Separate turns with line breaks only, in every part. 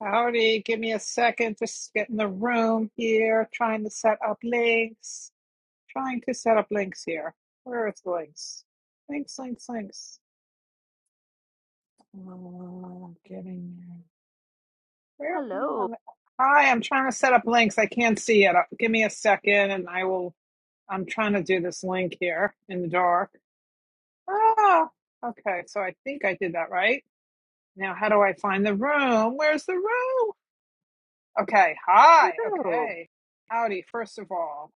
Howdy, give me a second. Just getting the room here, trying to set up links. Trying to set up links here. Where is the links? Links, links, links. Oh, getting there.
Hello.
Where? Hi, I'm trying to set up links. I can't see it. Uh, Give me a second and I will. I'm trying to do this link here in the dark. Ah, okay. So I think I did that right. Now, how do I find the room? Where's the room? Okay. Hi.
Hello.
Okay. Howdy, first of all.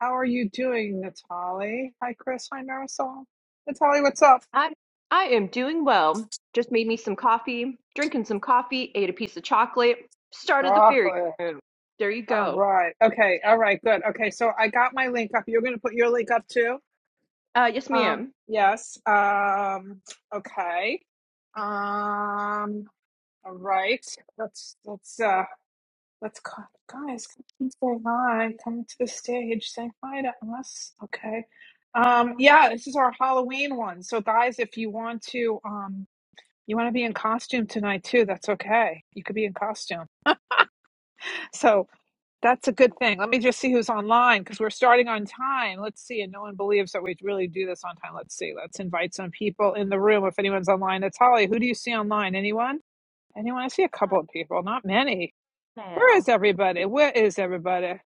How are you doing, Natali? Hi, Chris. Hi, Marisol. Natali, what's up?
I I am doing well. Just made me some coffee, drinking some coffee, ate a piece of chocolate, started the fairy
Chocolate.
moon. There you
All
go.
right. Okay. All right. Good. Okay. So I got my link up. You're going to put your link up too?
Uh yes
Um,
ma'am.
yes. Um, okay. Um, all right. Let's, let's, uh, let's, co- guys, come and say hi. Come to the stage. Say hi to us. Okay. Um, yeah, this is our Halloween one. So guys, if you want to, um. You want to be in costume tonight too. That's okay. You could be in costume. So that's a good thing. Let me just see who's online because we're starting on time. Let's see. And no one believes that we really do this on time. Let's see. Let's invite some people in the room. If anyone's online, it's Holly. Who do you see online? Anyone? Anyone? I see a
Uh,
couple of people, not many. Where
Now
is everybody? Where is everybody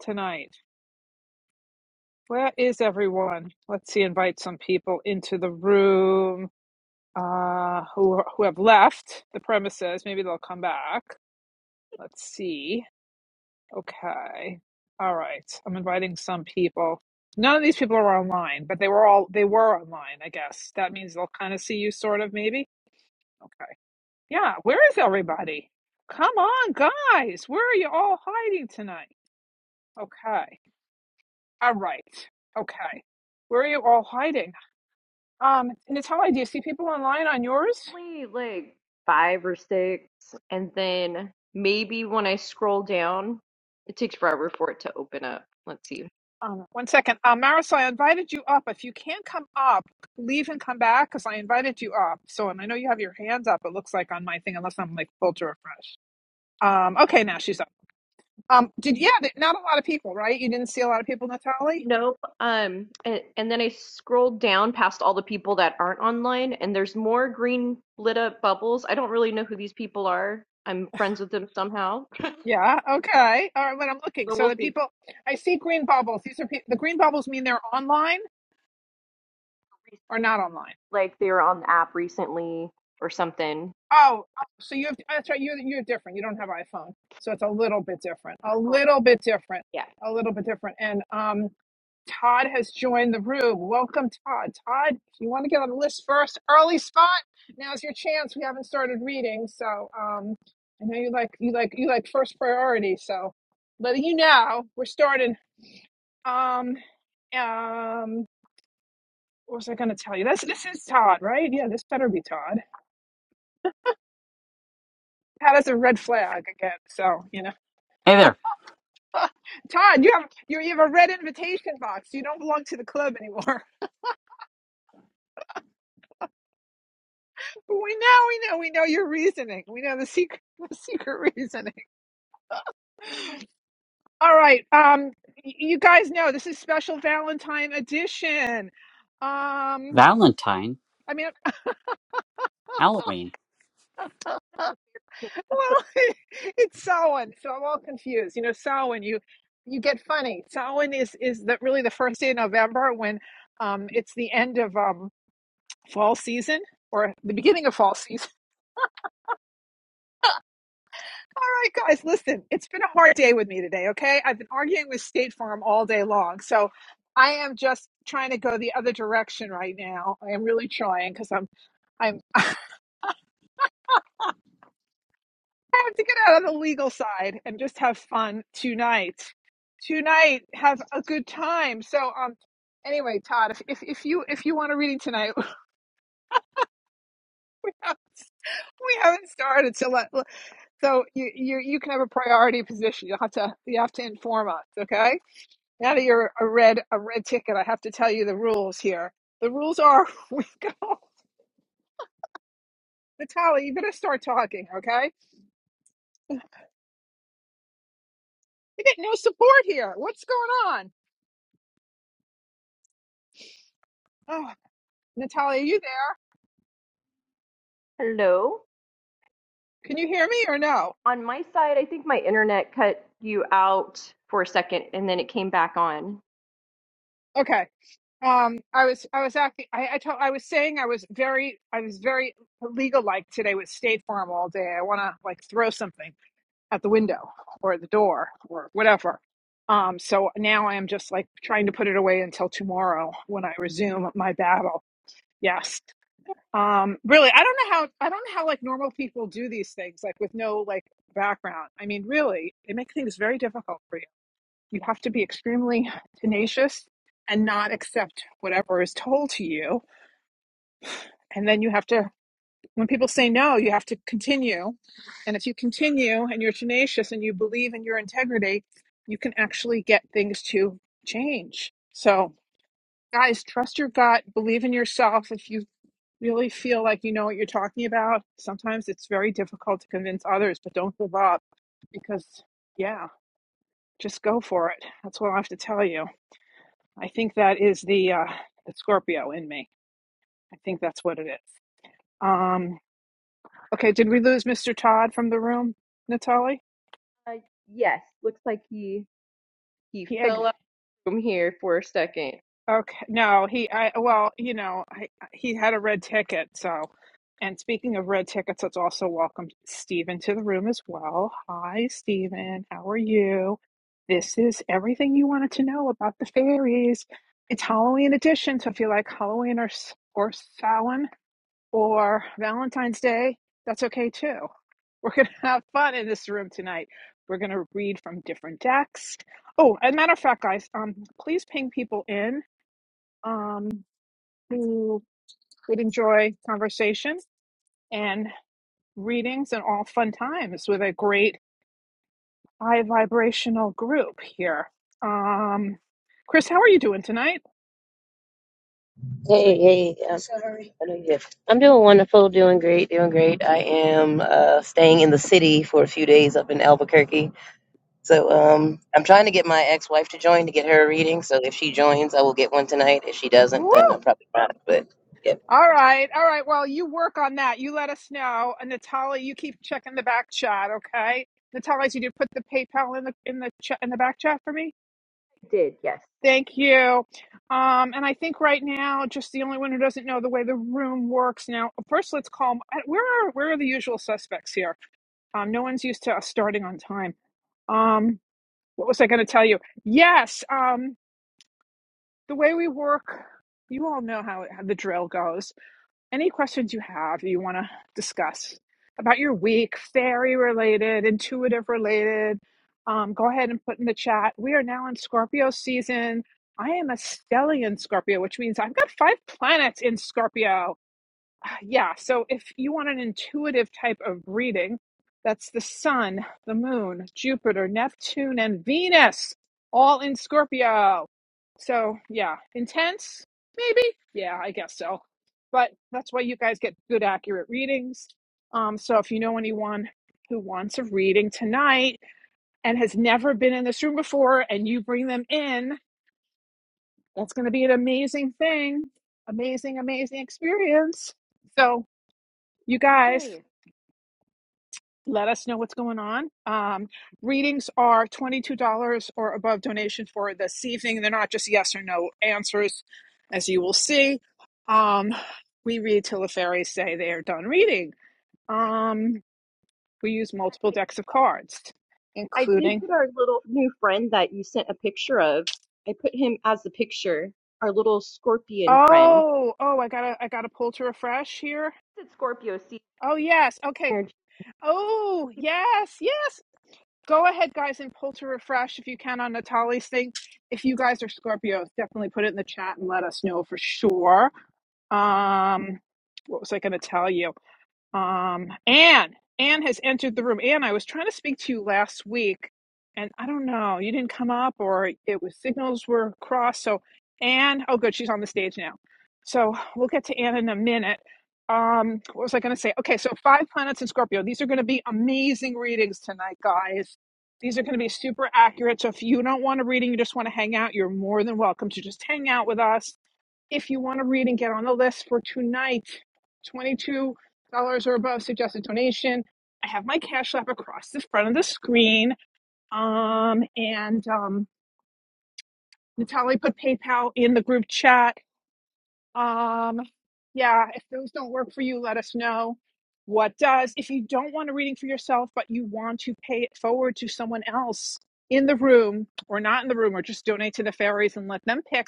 tonight? Where is everyone? Let's see. Invite some people into the room uh, who who have left the premises. Maybe they'll come back. Let's see. Okay. All right. I'm inviting some people. None of these people are online, but they were all they were online, I guess. That means they'll kind of see you sort of maybe. Okay. Yeah, where is everybody? Come on, guys. Where are you all hiding tonight? Okay. All right. Okay. Where are you all hiding? Um, Natalia, do you see people online on yours?
only like five or six and then maybe when I scroll down it takes forever for it to open up. Let's see.
Um, one second. Uh, Maris, I invited you up. If you can't come up, leave and come back because I invited you up. So, and I know you have your hands up, it looks like on my thing, unless I'm like filter refresh. Um, okay, now she's up. Um, did, yeah, th- not a lot of people, right? You didn't see a lot of people, Natalie?
Nope. Um, and, and then I scrolled down past all the people that aren't online, and there's more green lit up bubbles. I don't really know who these people are. I'm friends with them somehow.
Yeah, okay. All right, but I'm looking.
So
So
we'll
the
see.
people, I see green bubbles. These are pe- the green bubbles mean they're online or not online.
Like they were on the app recently or something.
Oh, oh, so you have, that's right. You're, you're different. You don't have iPhone. So it's a little bit different. A
Oh,
little bit different.
Yeah.
A little bit different. And, um, Todd has joined the room. Welcome, Todd. Todd, if you want to get on the list first, early spot. Now's your chance. We haven't started reading, so um, I know you like you like you like first priority. So, letting you know, we're starting. Um, um, what was I going to tell you? This this is Todd, right? Yeah, this better be Todd. Todd has a red flag again, so you know.
Hey there,
Todd, you have you you have a red invitation box. You don't belong to the club anymore. But we know, we know, we know your reasoning. We know the secret, the secret reasoning. All right, um, y- you guys know this is special Valentine edition. Um,
Valentine,
I mean,
Halloween.
That's a fair thing. That's so
well, it's Samhain, so I'm all confused. You know, Samhain, you you get funny. Samhain is is the, really the first day of November when um it's the end of um fall season or the beginning of fall season. All right, guys, listen, it's been a hard day with me today, okay? I've been arguing with State Farm all day long. So I am just trying to go the other direction right now. I am really trying because I'm I'm I have to get out of the legal side and just have fun tonight. Tonight, have a good time. So um anyway, Todd, if if, if you if you want a reading tonight, we haven't started so let, so you you you can have a priority position. You'll have to you have to inform us, okay? Now that you're a red a red ticket, I have to tell you the rules here. The rules are we go Natalia, you better start talking, okay? You get no support here. What's going on? Oh Natalia, are you there?
hello.
Can you hear me or no?
On my side, I think my internet cut you out for a second, and then it came back on.
Okay. Um I was I was acting I, I told I was saying I was very I was very legal like today with State Farm all day. I wanna like throw something at the window or the door or whatever. Um, so now I am just like trying to put it away until tomorrow when I resume my battle Yes. Um, really, I don't know how I don't know how like normal people do these things, like with no like background. I mean, really, they make things very difficult for you. You have to be extremely tenacious and not accept whatever is told to you. And then you have to when people say no, you have to continue. And if you continue and you're tenacious and you believe in your integrity, you can actually get things to change. So guys, trust your gut, believe in yourself. If you really feel like you know what you're talking about. Sometimes it's very difficult to convince others, but don't give up because, yeah, just go for it. That's what I have to tell you. I think that is the uh, the Scorpio in me. I think that's what it is. Um, okay, did we lose Mr. Todd from the room, Natalie?
Uh, yes. Looks like he he
He. exited.
fell out from here for a second.
Okay. No, he, I, well, you know, I, he had a red ticket. So, and speaking of red tickets, let's also welcome Stephen to the room as well. Hi, Stephen. How are you? This is everything you wanted to know about the fairies. It's Halloween edition. So if you like Halloween or, S- or Samhain or Valentine's Day, that's okay too. We're going to have fun in this room tonight. We're going to read from different decks. Oh, as a matter of fact, guys, um, please ping people in um, who would enjoy conversation and readings and all fun times with a great high vibrational group here. Um, Chris, how are you doing tonight?
Hey, hey, uh, I know you I'm doing wonderful, doing great, doing great. I am uh, staying in the city for a few days up in Albuquerque. So um, I'm trying to get my ex-wife to join to get her a reading. So if she joins, I will get one tonight. If she doesn't,
Woo!
then I'm probably not. But yeah,
All right, all right. Well, you work on that. You let us know, and Natalie, you keep checking the back chat, okay? Natalie, did you put the PayPal in the in the chat in the back chat for me?
Did yes.
Thank you. Um, and I think right now, just the only one who doesn't know the way the room works. Now, first, let's call. Where are where are the usual suspects here? Um, no one's used to us starting on time. Um, what was I going to tell you? Yes. Um, the way we work, you all know how, how the drill goes any questions you have that you want to discuss about your week, fairy related, intuitive related, um, go ahead and put in the chat. We are now in Scorpio season. I am a stellium Scorpio, which means I've got five planets in Scorpio. Ah, yeah, so if you want an intuitive type of reading, that's the sun, the moon, Jupiter, Neptune, and Venus, all in Scorpio. So, yeah, intense, maybe? Yeah, I guess so. But that's why you guys get good, accurate readings. Um, so, if you know anyone who wants a reading tonight and has never been in this room before, and you bring them in, that's going to be an amazing thing. Amazing, amazing experience. So, you guys,
Hey.
let us know what's going on. Um, readings are $22 or above donation for this evening. They're not just yes or no answers, as you will see. Um, we read till the fairies say they are done reading. Um, we use
I,
multiple decks of cards,
I I did
including.
put our little new friend that you sent a picture of. I put him as the picture, our little scorpion friend.
Oh, oh, I gotta, I gotta pull to refresh here.
It's Scorpio season
Oh yes, okay.
energy.
Oh yes, yes. Go ahead, guys, and pull to refresh if you can on Natalie's thing. If you guys are Scorpios, definitely put it in the chat and let us know for sure. Um, what was I going to tell you? Um, Anne, Anne has entered the room. Anne, I was trying to speak to you last week, and I don't know, you didn't come up, or it was signals were crossed. So, Anne, oh, good, she's on the stage now. So we'll get to Anne in a minute. Um, what was I going to say? Okay, so five planets in Scorpio. These are going to be amazing readings tonight, guys. These are going to be super accurate. So if you don't want a reading, you just want to hang out, you're more than welcome to just hang out with us if you want to read and get on the list for tonight, $22 or above suggested donation. I have my Cash App across the front of the screen. Um, and um, Natalie put PayPal in the group chat. Um, yeah, if those don't work for you, let us know what does. If you don't want a reading for yourself, but you want to pay it forward to someone else in the room or not in the room, or just donate to the fairies and let them pick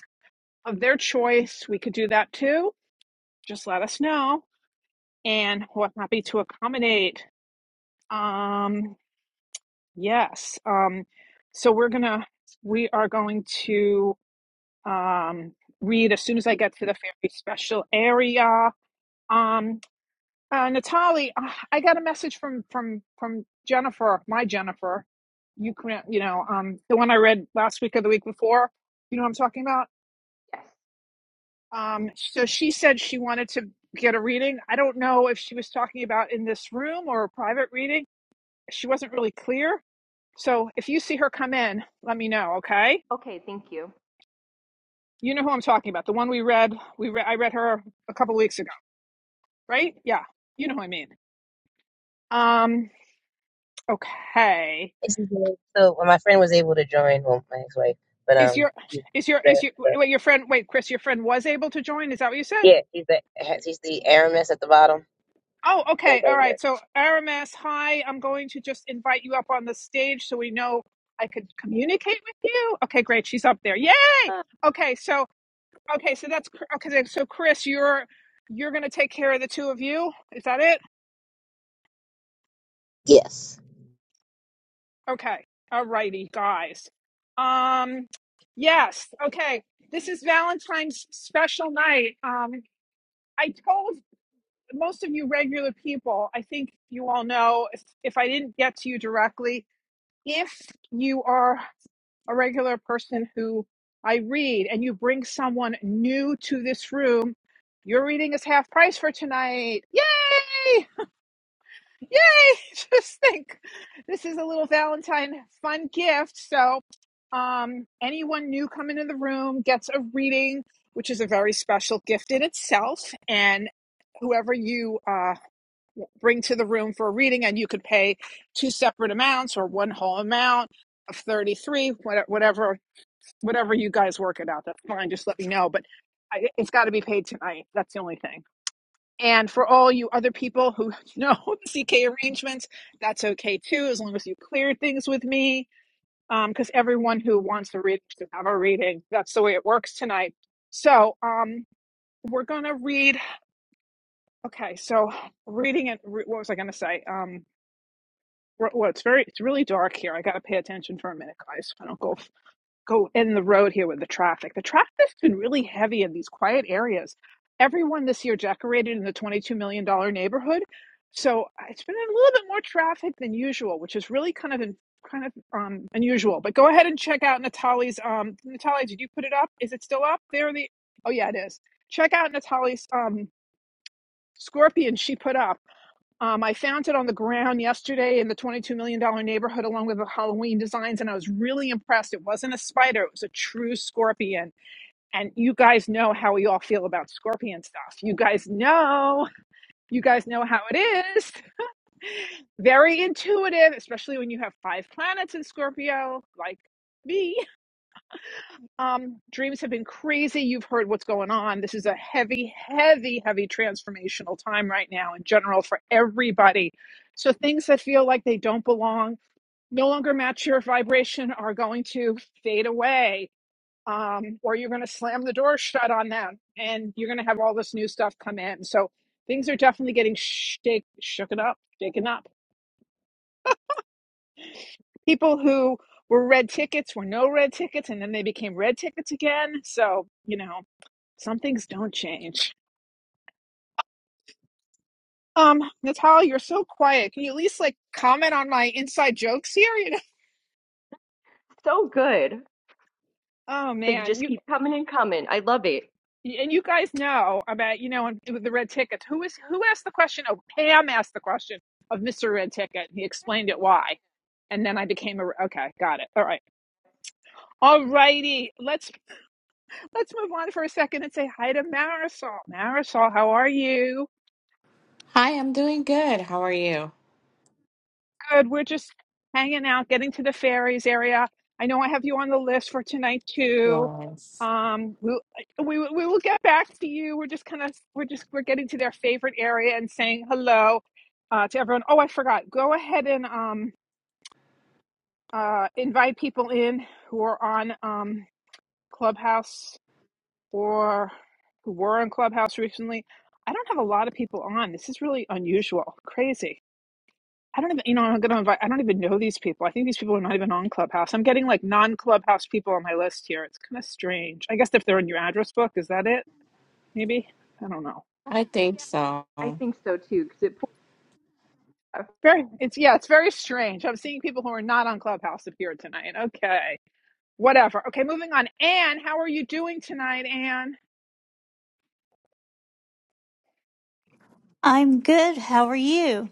of their choice, we could do that too. Just let us know. and we're happy to accommodate. Um, yes. Um, so we're gonna we are going to um, read as soon as I get to the very special area. Um, uh, Natalie, uh, I got a message from from from Jennifer, my Jennifer. You can you know um, the one I read last week or the week before. You know what I'm talking about.
Yes.
Um, so she said she wanted to get a reading. I don't know if she was talking about in this room or a private reading she wasn't really clear. So if you see her come in, let me know, okay?
Okay, thank you.
You know who I'm talking about. The one we read, we re- I read her a couple weeks ago, right? Yeah. You know who I mean. Um okay.
Yes, she did. so when my friend was able to join, well, my ex-wife, but
Is
um,
your is your is
the,
your
the
wait your friend wait, Chris, your friend was able to join? Is that what you said?
yeah, she's the she's the Aramis at the bottom.
Oh,
But
okay. All
later,
right. So Aramis, hi. I'm going to just invite you up on the stage so we know I could communicate with you. Okay, great. She's up there. Yay!
Uh,
Okay, so Okay, so that's okay. then- So Chris, you're you're gonna take care of the two of you. Is that it?
yes,
Okay. Alrighty, guys. Um, yes. Okay. This is Valentine's special night. Um, I told most of you regular people. I think you all know. If if I didn't get to you directly, if you are a regular person who I read and you bring someone new to this room, your reading is half price for tonight. Yay! Yay! Just think this is a little Valentine fun gift. So, um, anyone new coming in the room gets a reading, which is a very special gift in itself. And whoever you uh, bring to the room for a reading, and you could pay two separate amounts or one whole amount of 33 whatever whatever you guys work it out that's fine just let me know but I, it's got to be paid tonight that's the only thing and for all you other people who know the CK arrangements, that's okay too, as long as you clear things with me. Because um, everyone who wants to read should have a reading. That's the way it works tonight. So um, we're gonna read. Okay, so reading it. Re- what was I gonna say? Um, well, it's very, it's really dark here. I gotta pay attention for a minute, guys. I don't go go in the road here with the traffic. The traffic's been really heavy in these quiet areas. Everyone this year decorated in the $22 million dollars neighborhood. So uh, it's been a little bit more traffic than usual, which is really kind of in, kind of um, unusual. But go ahead and check out Natalie's. Um, Natalie, did you put it up? Is it still up there? The oh yeah, it is. Check out Natalie's um, scorpion she put up um, I found it on the ground yesterday in the $22 million dollars neighborhood along with the Halloween designs, and I was really impressed. It wasn't a spider, it was a true scorpion. And you guys know how we all feel about scorpion stuff. You guys know, you guys know how it is. Very intuitive, especially when you have five planets in Scorpio, like me. Um, dreams have been crazy. You've heard what's going on. This is a heavy, heavy, heavy transformational time right now in general for everybody. So things that feel like they don't belong, no longer match your vibration, are going to fade away. Um, or you're going to slam the door shut on them and you're going to have all this new stuff come in. So things are definitely getting shake, shooken up, shaken up. People who were red tickets were no red tickets and then they became red tickets again. So, you know Some things don't change. Um, Natal, you're so quiet. Can you at least like comment on my inside jokes here? You know?
so good.
Oh
They
man,
just
you
keep coming and coming. I love it.
and you guys know about you know and with the red ticket. Who is who asked the question? Oh, Pam asked the question of Mr. Red Ticket. He explained it why, and then I became a okay. Got it. All right, all righty. Let's let's move on for a second and say hi to Marisol. Marisol, how are you?
Hi, I'm doing good. How are you?
Good. We're just hanging out, getting to the fairies area. I know I have you on the list for tonight too.
Yes,
Um, we we we will get back to you. We're just kind of we're just we're getting to their favorite area and saying hello uh, to everyone. Oh, I forgot. Go ahead and um uh invite people in who are on um Clubhouse or who were on Clubhouse recently. I don't have a lot of people on. This is really unusual, crazy. I don't even, you know, I'm gonna invite. I don't even know these people. I think these people are not even on Clubhouse. I'm getting like non-Clubhouse people on my list here. It's kind of strange. I guess if they're in your address book, is that it? Maybe I don't know.
I
Yeah,
think so.
I think so too, because it pulls out.
Very, it's yeah, it's very strange. I'm seeing people who are not on Clubhouse appear tonight. Okay, whatever. Okay, moving on. Anne, how are you doing tonight, Anne?
I'm good. How are you?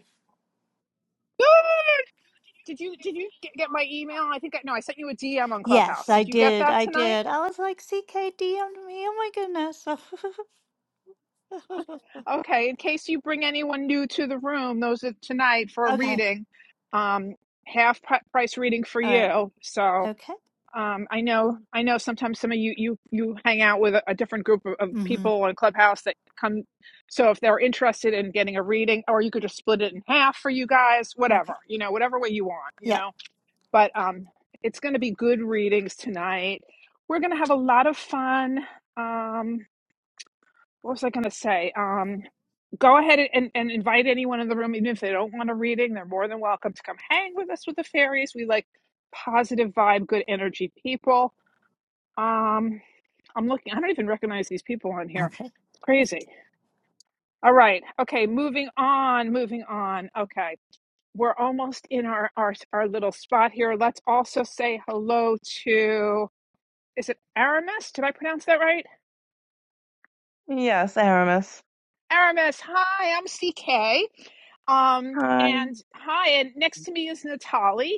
Did you did you get, get my email? I think I no. I sent you a DM on
Yes,
Clubhouse.
I
Did you get
did.
that
I
tonight?
did. I was like, CKD on me. Oh my goodness.
Okay, in case you bring anyone new to the room, those are tonight for a
okay.
reading. Um, half pri- price reading for
All right.
you. So
Okay.
um, I know I know sometimes some of you you you hang out with a, a different group of, of
hmm
people on Clubhouse that come. So if they're interested in getting a reading, or you could just split it in half for you guys,
Okay.
whatever you know, whatever way you want, you
Yeah.
know. But um, it's going to be good readings tonight. We're going to have a lot of fun. Um, what was I going to say? Um, go ahead and, and invite anyone in the room, even if they don't want a reading, they're more than welcome to come hang with us with the fairies. We like positive vibe, good energy people. Um, I'm looking, I don't even recognize these people on here.
Okay.
It's crazy. All right. Okay. Moving on, moving on. Okay. We're almost in our, our, our little spot here. Let's also say hello to, is it Aramis? Did I pronounce that right?
Yes, Aramis.
Aramis. Hi, I'm CK. Um,
Um,
and hi, and next to me is Natali.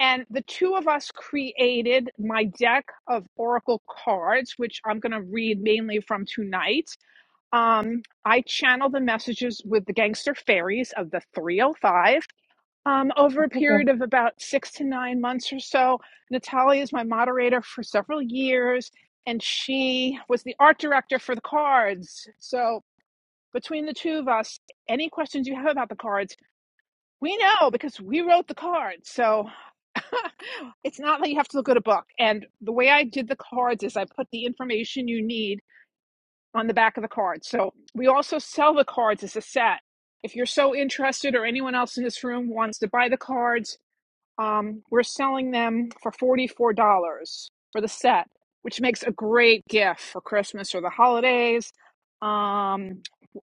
And the two of us created my deck of Oracle cards, which I'm going to read mainly from tonight. Um, I channel the messages with the gangster fairies of the 305 um, over a
okay.
period of about six to nine months or so. Natalia is my moderator for several years, and she was the art director for the cards. So between the two of us, any questions you have about the cards, we know because we wrote the cards. So it's not like you have to look at a book. And the way I did the cards is I put the information you need on the back of the cards. So we also sell the cards as a set. If you're so interested or anyone else in this room wants to buy the cards, um, we're selling them for $44 for the set, which makes a great gift for Christmas or the holidays. Um,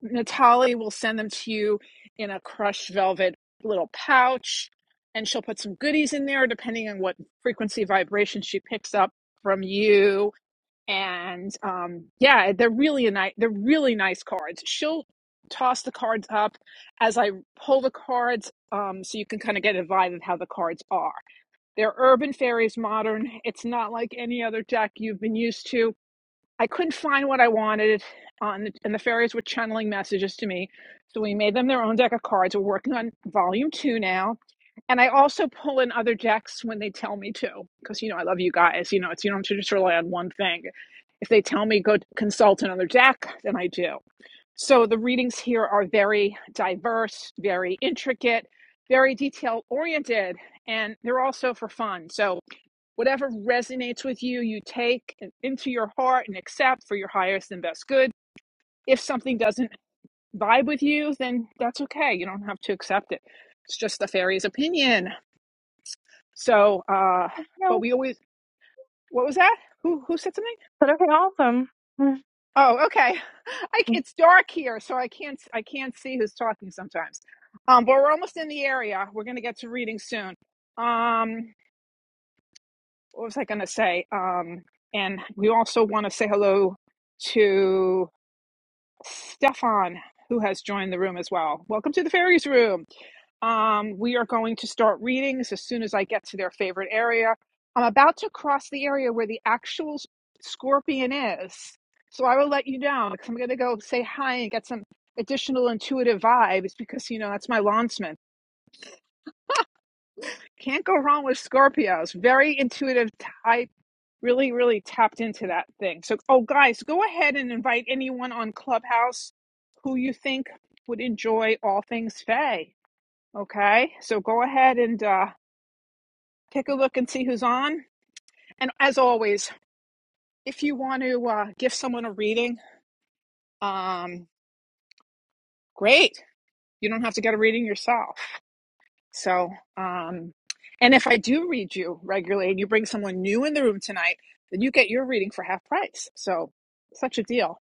Natalie will send them to you in a crushed velvet little pouch, and she'll put some goodies in there depending on what frequency vibration she picks up from you and um, yeah, they're really a nice. They're really nice cards. She'll toss the cards up as I pull the cards, um, so you can kind of get a vibe of how the cards are. They're urban fairies, modern. It's not like any other deck you've been used to. I couldn't find what I wanted, on the, and the fairies were channeling messages to me, so we made them their own deck of cards. We're working on volume two now. And I also pull in other decks when they tell me to, because you know I love you guys. You know, it's you don't have to just rely on one thing if they tell me go consult another deck, then I do. So the readings here are very diverse, very intricate, very detail oriented, and they're also for fun. So whatever resonates with you, you take into your heart and accept for your highest and best good. If something doesn't vibe with you, then that's okay. You don't have to accept it. It's just the fairy's opinion. So, uh, but
No,
we always, what was that? Who who said something?
but okay, awesome. Mm,
Oh, okay. I, it's dark here, so I can't I can't see who's talking sometimes. Um, but we're almost in the area. We're gonna get to reading soon. Um, what was I gonna say? Um, and we also want to say hello to. Stefan, who has joined the room as well. Welcome to the fairies room. Um, we are going to start readings as soon as I get to their favorite area. I'm about to cross the area where the actual scorpion is, so I will let you down because I'm going to go say hi and get some additional intuitive vibes because you know that's my lancement. Can't go wrong with Scorpios. Very intuitive really, really tapped into that thing. So, oh, guys, go ahead and invite anyone on Clubhouse who you think would enjoy all things Faye. Okay, so go ahead and uh, take a look and see who's on. And as always, if you want to uh, give someone a reading, um, great. You don't have to get a reading yourself. So, um, and if I do read you regularly and you bring someone new in the room tonight, then you get your reading for half price. So, such a deal.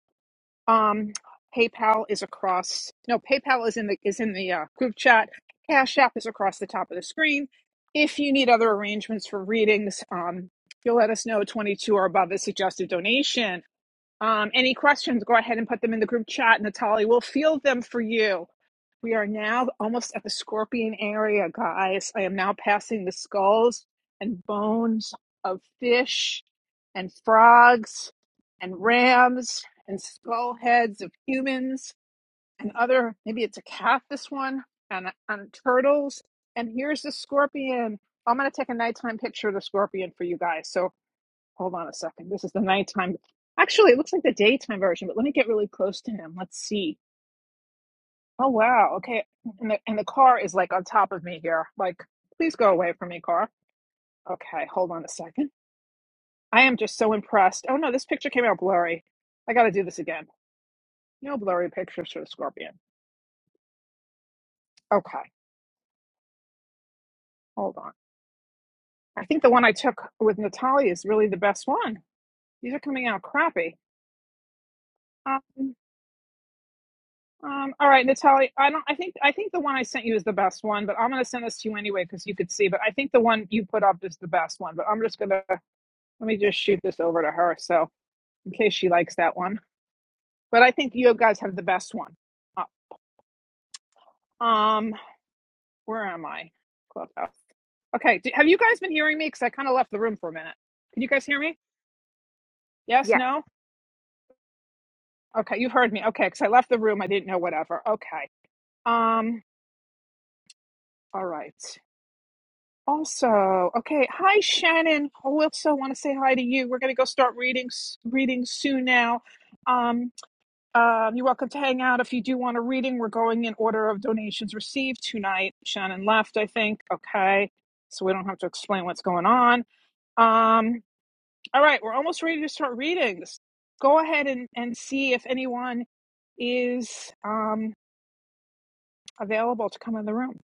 Um, PayPal is across. No, PayPal is in the is in the uh, group chat. Cash App is across the top of the screen. If you need other arrangements for readings, um, you'll let us know. Twenty two or above is suggested donation. Um, any questions? Go ahead and put them in the group chat. Natalie will field them for you. We are now almost at the scorpion area, guys. I am now passing the skulls and bones of fish and frogs and rams and skull heads of humans and other, maybe it's a cat, this one, and, and turtles. And here's the scorpion. I'm going to take a nighttime picture of the scorpion for you guys. So hold on a second. This is the nighttime. Actually, it looks like the daytime version, but let me get really close to him. Let's see. Oh wow. Okay. And the and the car is like on top of me here. Like, please go away from me, car. Okay, hold on a second. I am just so impressed. Oh no, this picture came out blurry. I gotta do this again. No blurry pictures for the scorpion. Okay, hold on. I think the one I took with Natalia is really the best one. These are coming out crappy. Um, um, all right, Natalia. I don't. I think. I think the one I sent you is the best one, but I'm gonna send this to you anyway because you could see. But I think the one you put up is the best one. But I'm just gonna let me just shoot this over to her. So in case she likes that one. But I think you guys have the best one. Uh, um, where am I? Clubhouse. Okay. Do, have you guys been hearing me? Because I kind of left the room for a minute. Can you guys hear me? Yes.
Yes.
No. Okay. You've heard me. Okay. Because I left the room. I didn't know whatever. Okay. Um. All right. Also, okay. Hi, Shannon. I also want to say hi to you. We're gonna go start reading reading soon now. Um. Um, you're welcome to hang out if you do want a reading. We're going in order of donations received tonight. Shannon left, I think. Okay. So we don't have to explain what's going on. Um, all right, we're almost ready to start readings. Go ahead and, and see if anyone is um, available to come in the room.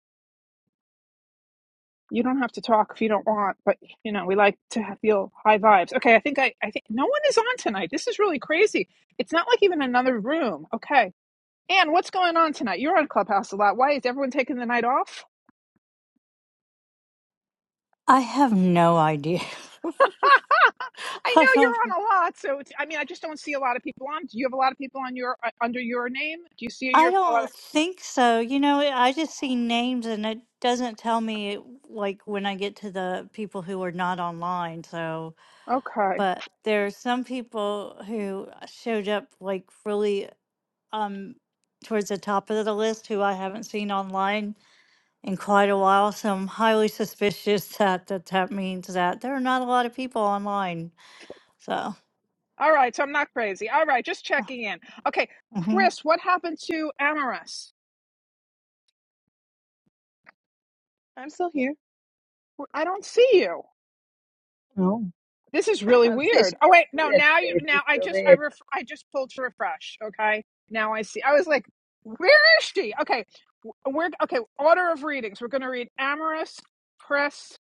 You don't have to talk if you don't want, but you know, we like to have- feel high vibes. Okay, I think I, I think no one is on tonight. This is really crazy. It's not like even another room. Okay. Anne, what's going on tonight? You're on Clubhouse a lot. Why is everyone taking the night off?
I have no idea.
I
I
know you're
don't.
on a lot, so it's, I mean, I just don't see a lot of people on. Do you have a lot of people on your uh, under your name? Do you see
I
your a lot
don't think so. You know, I just see names and it doesn't tell me like when I get to the people who are not online. So,
of- Okay,
but there are some people who showed up like really um, towards the top of the list who I haven't seen online in quite a while. So I'm highly suspicious that that, that means that there are not a lot of people online. So,
all right. So I'm not crazy. All right, just checking in. Okay,
yeah.
Chris, what happened to Amaris?
I'm still here.
I don't see you.
Oh.
This is
I
really
said she has
weird. Oh wait,
to do
no,
that to
now you
say that
now
she's
I
still
just I
there.
ref, I just pulled to refresh, okay? Now I see. I was like, where is she? Okay. We're okay, order of readings. We're going to read Amaris, Press,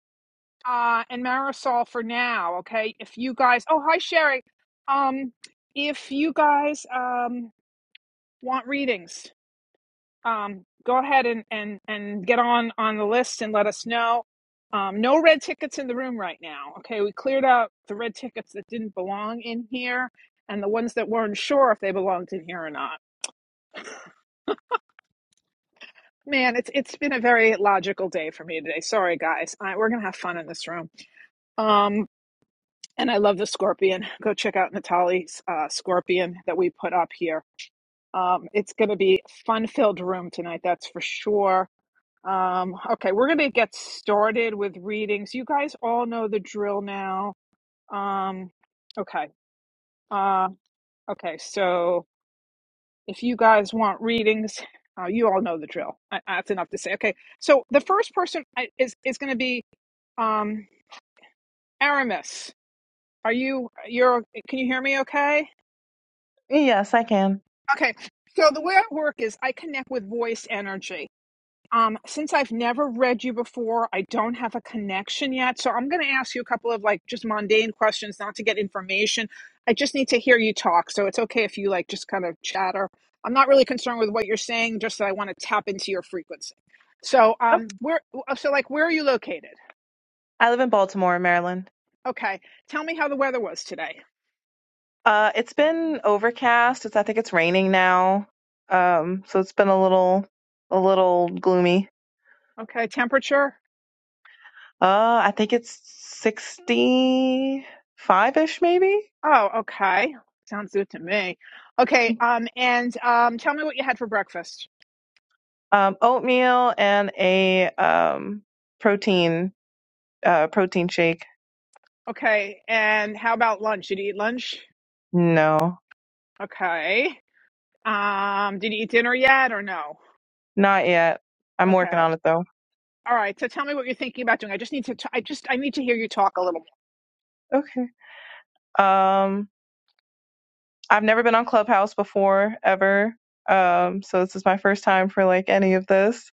uh and Marisol for now, okay? If you guys Oh, hi Sherry. Um if you guys um want readings, um, go ahead and, and, and get on on the list and let us know. Um, no red tickets in the room right now. Okay, we cleared out the red tickets that didn't belong in here, and the ones that weren't sure if they belonged in here or not. Man, it's it's been a very logical day for me today. Sorry, guys. I, we're gonna have fun in this room. Um, and I love the scorpion. Go check out Natalie's uh, scorpion that we put up here. Um, it's gonna be fun filled room tonight. That's for sure Um, okay, we're going to get started with readings. You guys all know the drill now. Um, okay. Uh, okay, so if you guys want readings, uh, you all know the drill. I, that's enough to say. Okay, so the first person I- is is going to be um, Aramis. Are you? You're? Can you hear me? Okay.
Yes, I can.
Okay. So the way I work is I connect with voice energy. Um, since I've never read you before, I don't have a connection yet. So I'm going to ask you a couple of like just mundane questions, not to get information. I just need to hear you talk. So it's okay if you like just kind of chatter. I'm not really concerned with what you're saying, just that I want to tap into your frequency. So,
Oh,
um, where, so like, where are you located?
I live in Baltimore, Maryland.
Okay. Tell me how the weather was today.
Uh, it's been overcast. It's I think it's raining now. Um, so it's been a little, a little gloomy.
Okay. Temperature?
Uh, I think it's sixty-five ish, maybe.
Oh, okay. Sounds good to me. Okay. Um, and, um, tell me what you had for breakfast.
Um, oatmeal and a um protein uh protein shake.
Okay. And how about lunch? Did you eat lunch?
No,
Okay. Um, did you eat dinner yet or no?
not yet. I'm working on
Okay.
it though.
All right. So tell me what you're thinking about doing. I just need to, t- I just, I need to hear you talk a little more.
Okay. Um, I've never been on Clubhouse before ever. Um, so this is my first time for like any of this.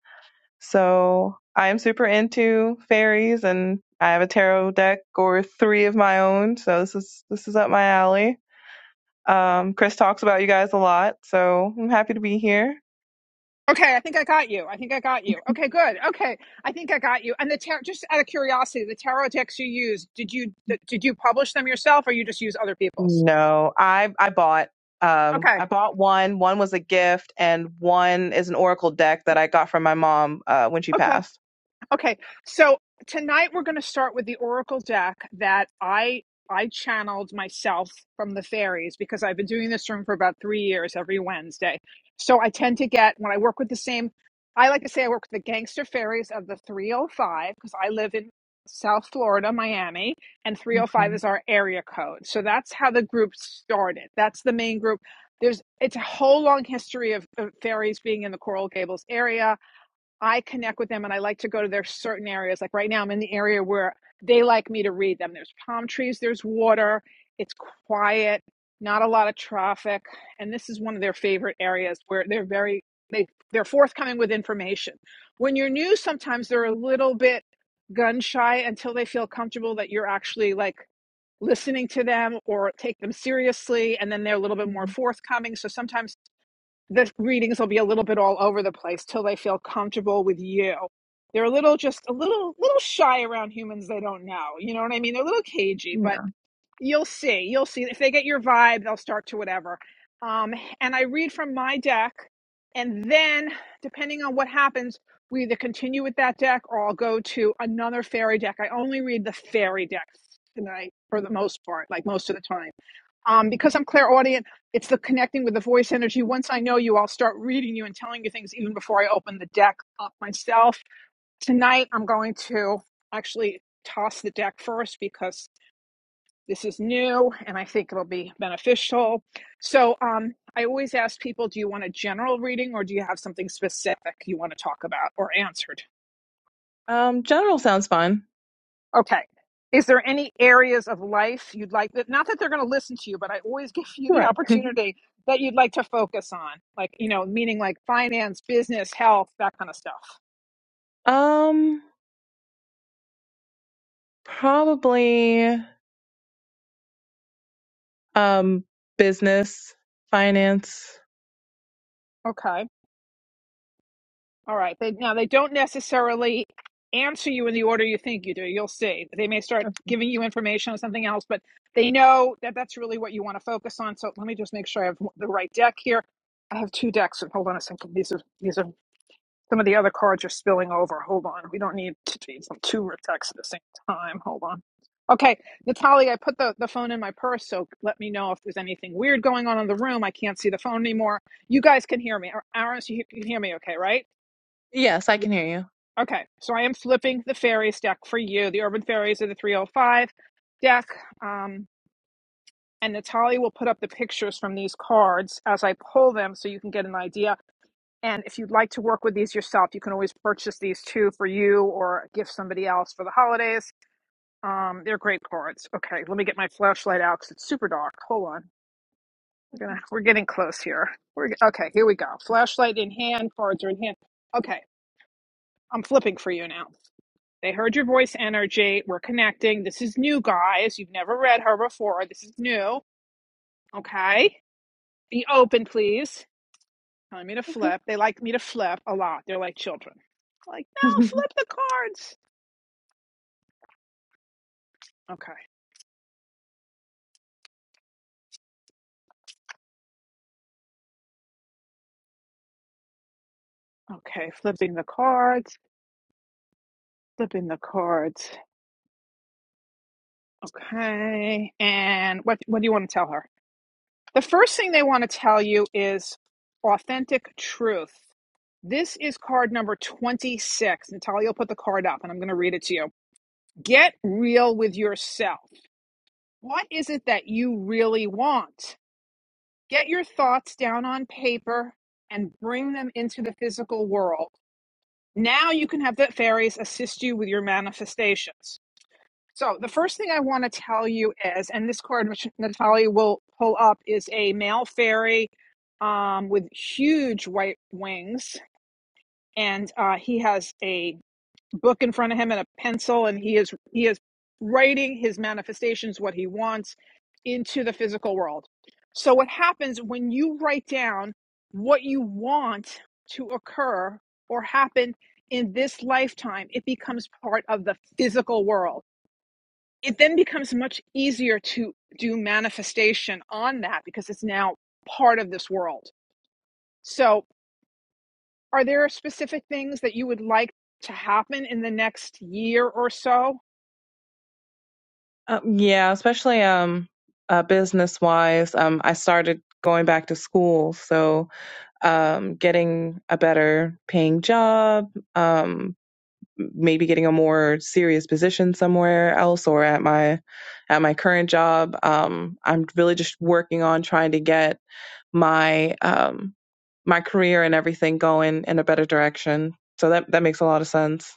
So I am super into fairies and I have a tarot deck or three of my own. So this is this is up my alley. Um, Chris talks about you guys a lot, so I'm happy to be here.
Okay, I think I got you. I think I got you. Okay, good. Okay, I think I got you. And the tarot. just out of curiosity, the tarot decks you use, did you did you publish them yourself, or you just use other people's?
No, I I bought um
Okay,
I bought one. One was a gift and one is an oracle deck that I got from my mom uh when she
okay.
passed.
Okay, so tonight we're going to start with the oracle deck that I I channeled myself from the fairies because I've been doing this room for about 3 years every Wednesday. So I tend to get when I work with the same I like to say I work with the gangster fairies of the 305 because I live in South Florida, Miami, and
Okay.
305 is our area code. So that's how the group started. That's the main group. There's it's a whole long history of, of fairies being in the Coral Gables area I connect with them and I like to go to their certain areas. Like right now, I'm in the area where they like me to read them. There's palm trees, there's water, it's quiet, not a lot of traffic. And this is one of their favorite areas where they're very, they, they're forthcoming with information. When you're new, sometimes they're a little bit gun shy until they feel comfortable that you're actually like listening to them or take them seriously. And then they're a little bit more
Mhm.
forthcoming. So sometimes the readings will be a little bit all over the place till they feel comfortable with you. They're a little just a little little shy around humans they don't know. You know what I mean? They're a little cagey, but you'll see. You'll see if they get your vibe, they'll start to whatever. Um and I read from my deck and then depending on what happens, we either continue with that deck or I'll go to another fairy deck. I only read the fairy decks tonight for the most part, like most of the time um, because I'm clairaudient, it's the connecting with the voice energy. Once I know you, I'll start reading you and telling you things even before I open the deck up myself. Tonight, I'm going to actually toss the deck first because this is new and I think it'll be beneficial. So um, I always ask people, do you want a general reading or do you have something specific you want to talk about or answered?
Um, general sounds fine.
Okay. Is there any areas of life you'd like that? Not that they're going to listen to you, but I always give you the
Right.
opportunity that you'd like to focus on, like you know, meaning like finance, business, health, that kind of stuff.
Um, probably um business, finance.
Okay. All right. They, now they don't necessarily answer you in the order you think you do. You'll see. They may start giving you information on something else, but they know that that's really what you want to focus on. So let me just make sure I have the right deck here. I have two decks. Hold on a second. These are these are Some of the other cards are spilling over. Hold on. We don't need to be some two texts at the same time. Hold on. Okay, Natalie, I put the, the phone in my purse, so let me know if there's anything weird going on in the room. I can't see the phone anymore. You guys can hear me. Ar- Aaron, so you can hear me okay, right?
Yes, I
Yes.
can hear you.
Okay, so I am flipping the fairies deck for you. The Urban Fairies are the 305 deck. Um, and Natalie will put up the pictures from these cards as I pull them so you can get an idea. And if you'd like to work with these yourself, you can always purchase these too for you or gift somebody else for the holidays. Um, they're great cards. Okay, let me get my flashlight out because it's super dark. Hold on. We're gonna we're getting close here. We're ge- okay. Here we go. Flashlight in hand. Cards are in hand. Okay, I'm flipping for you now. They heard your voice energy. We're connecting. This is new, guys. You've never read her before. This is new. Okay. Be open, please telling me to
Okay.
flip. They like me to flip a lot. They're like children. Like, no, flip the cards. Okay. Okay. Flipping the cards. Flipping the cards. Okay. And what what do you want to tell her? The first thing they want to tell you is authentic truth. This is card number 26. Natalia will put the card up and I'm going to read it to you. Get real with yourself. What is it that you really want? Get your thoughts down on paper and bring them into the physical world. Now you can have the fairies assist you with your manifestations. So, the first thing I want to tell you is, and this card which Natalia will pull up is a male fairy um, with huge white wings, and uh, he has a book in front of him and a pencil and he is he is writing his manifestations what he wants into the physical world so what happens when you write down what you want to occur or happen in this lifetime it becomes part of the physical world it then becomes much easier to do manifestation on that because it's now part of this world so are there specific things that you would like to happen in the next year or so
um, yeah, especially um uh business wise. Um I started going back to school, so um getting a better paying job, um maybe getting a more serious position somewhere else or at my at my current job. Um I'm really just working on trying to get my um my career and everything going in a better direction. So that that makes a lot of sense.